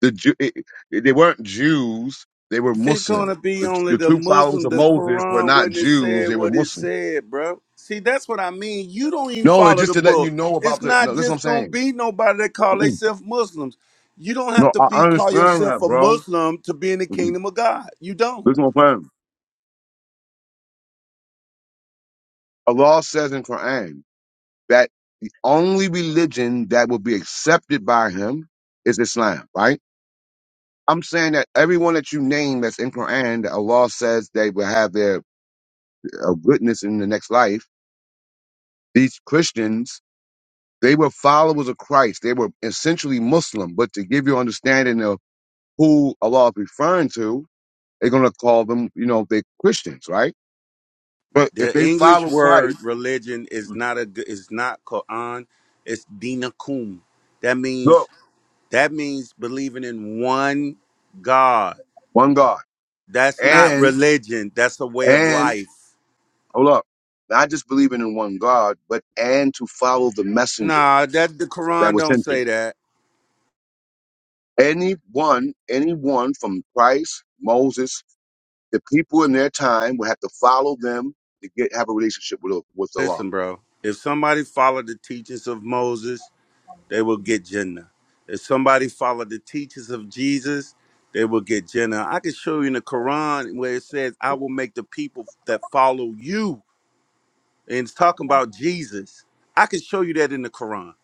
A: The Jew, it, it- they weren't Jews; they were
C: It's gonna
A: Muslim.
C: be
A: The,
C: only
A: the
C: the
A: true followers
C: Muslim,
A: of
C: the
A: Moses were
C: Quran,
A: not
C: wouldn't have
A: Jews;
C: said
A: they were
C: what it
A: Muslim.
C: said, bro. See, that's what I mean. You don't even
A: No, it's
C: follow
A: just
C: the
A: to letting you
C: book.
A: know
C: It's
A: about the.
C: not
A: No, listen, what I'm
C: just gonna
A: saying.
C: be nobody that call
A: Mm-mm.
C: themselves Muslims. You don't have
A: No,
C: to
A: I
C: be
A: I
C: call
A: understand
C: yourself
A: that,
C: a
A: bro.
C: Muslim to be in the
A: Mm-mm.
C: kingdom of God. You don't.
A: Listen, what I'm saying. Allah says in Quran that the only religion that will be accepted by Him is Islam, right? I'm saying that everyone that you name that's in Quran, that Allah says they will have their uh, goodness in the next life. These Christians They were followers of Christ. They were essentially Muslim. But to give you understanding of who Allah is referring to, they're going to call them, you know, they Christians, right? But if
C: The
A: they
C: English
A: follow
C: word
A: Christ,
C: religion is not a g- is not Quran. It's dinakum. That means
A: look,
C: that means believing in one God.
A: one God.
C: That's not
A: And,
C: religion. That's a way of
A: and,
C: life.
A: hold up, not just believing in one God, but and to follow the messenger
C: Nah, that the
A: that
C: Quran
A: was
C: don't
A: sent to you.
C: say that.
A: Anyone, anyone from Christ, Moses, the people in their time would have to follow them to get have a relationship with, with Allah.
C: Listen, bro. If somebody followed the teachings of Moses, they will get Jannah. If somebody followed the teachings of Jesus, they will get Jannah. I can show you in the Quran where it says, "I will make the people that follow you," and it's talking about Jesus. I can show you that in the Quran,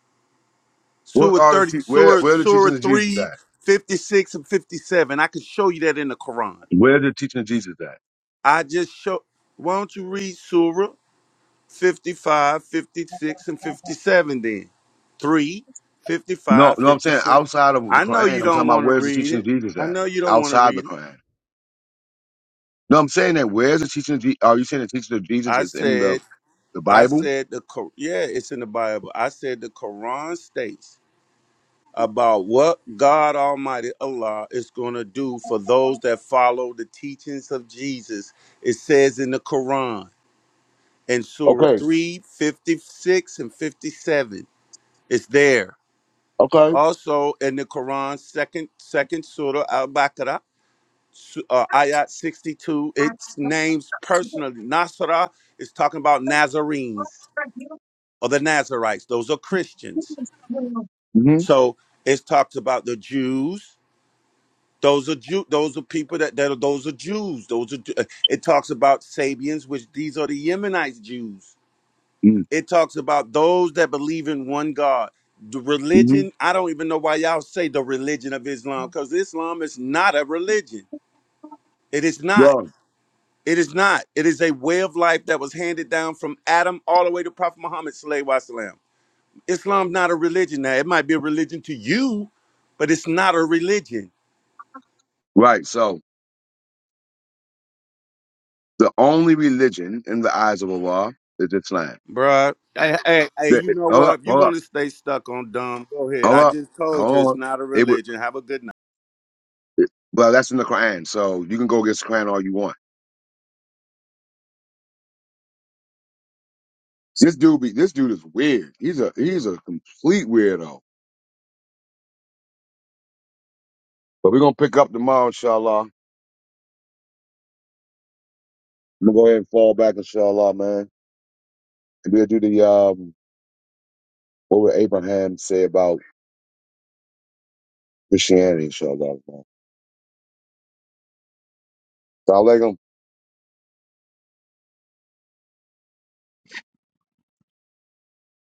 A: What
C: Surah
A: are the
C: thirty,
A: te- where
C: Surah
A: where the
C: Surah
A: teaching of Jesus
C: three,
A: at?
C: fifty six and fifty seven. I can show you that in the Quran.
A: Where the teaching of Jesus at?
C: I just show. Why don't you read Surah? 55, 56, and 57 then. 3, fifty
A: No,
C: five,
A: no, I'm
C: fifty
A: saying
C: six.
A: outside of the
C: I know
A: Quran.
C: you
A: I'm
C: don't
A: talking about
C: want to
A: where's the
C: read
A: teaching of
C: it.
A: Jesus
C: I
A: at?
C: know you don't want to
A: Outside the
C: read it.
A: Quran. No, I'm saying that where's the teaching of Jesus? Are you saying the teaching of Jesus
C: I
A: is in the
C: said,
A: the
C: I
A: Bible?
C: said the Qu- yeah, it's in the Bible. I said the Quran states about what God Almighty Allah is going to do for those that follow the teachings of Jesus. It says in the Quran in Surah
A: Okay,
C: 3, 56 and 57. It's there.
A: okay.
C: Also in the Quran, second second surah Al Baqarah, su- uh, ayat sixty two. it names personally. Nasra is talking about Nazarenes or the Nazarites. Those are Christians.
A: Mm-hmm.
C: So it talks about the Jews. Those are Jew. Those are people that, that are those are Jews. Those are. Ju- uh, It talks about Sabians, which these are the Yemenite Jews. it talks about those that believe in one God. The
A: Mm-hmm.
C: religion, I don't even know why y'all say the religion of Islam, because Islam is not a religion. It is not.
A: Wrong.
C: It is not. It is a way of life that was handed down from Adam all the way to Prophet Muhammad. Islam Islam's not a religion now. It might be a religion to you, but it's not a religion,
A: Right. So the only religion in the eyes of Allah is Islam.
C: bruh. Hey, hey, hey,
A: The-
C: you know
A: Hold
C: what?
A: up,
C: If you
A: hold
C: want
A: up,
C: to stay stuck on dumb, go ahead.
A: hold
C: I
A: up,
C: just told you
A: hold
C: it's
A: on.
C: not a
A: It would.
C: religion. Have a good night.
A: Well, that's in the Quran, so you can go against the Quran all you want. This dude be this dude is weird. He's a he's a complete weirdo. But we're gonna pick up tomorrow, inshallah. I'm gonna go ahead and fall back, inshallah, man. And we'll do the um what would Abraham say about Christianity, inshallah, man. Salaam alaikum.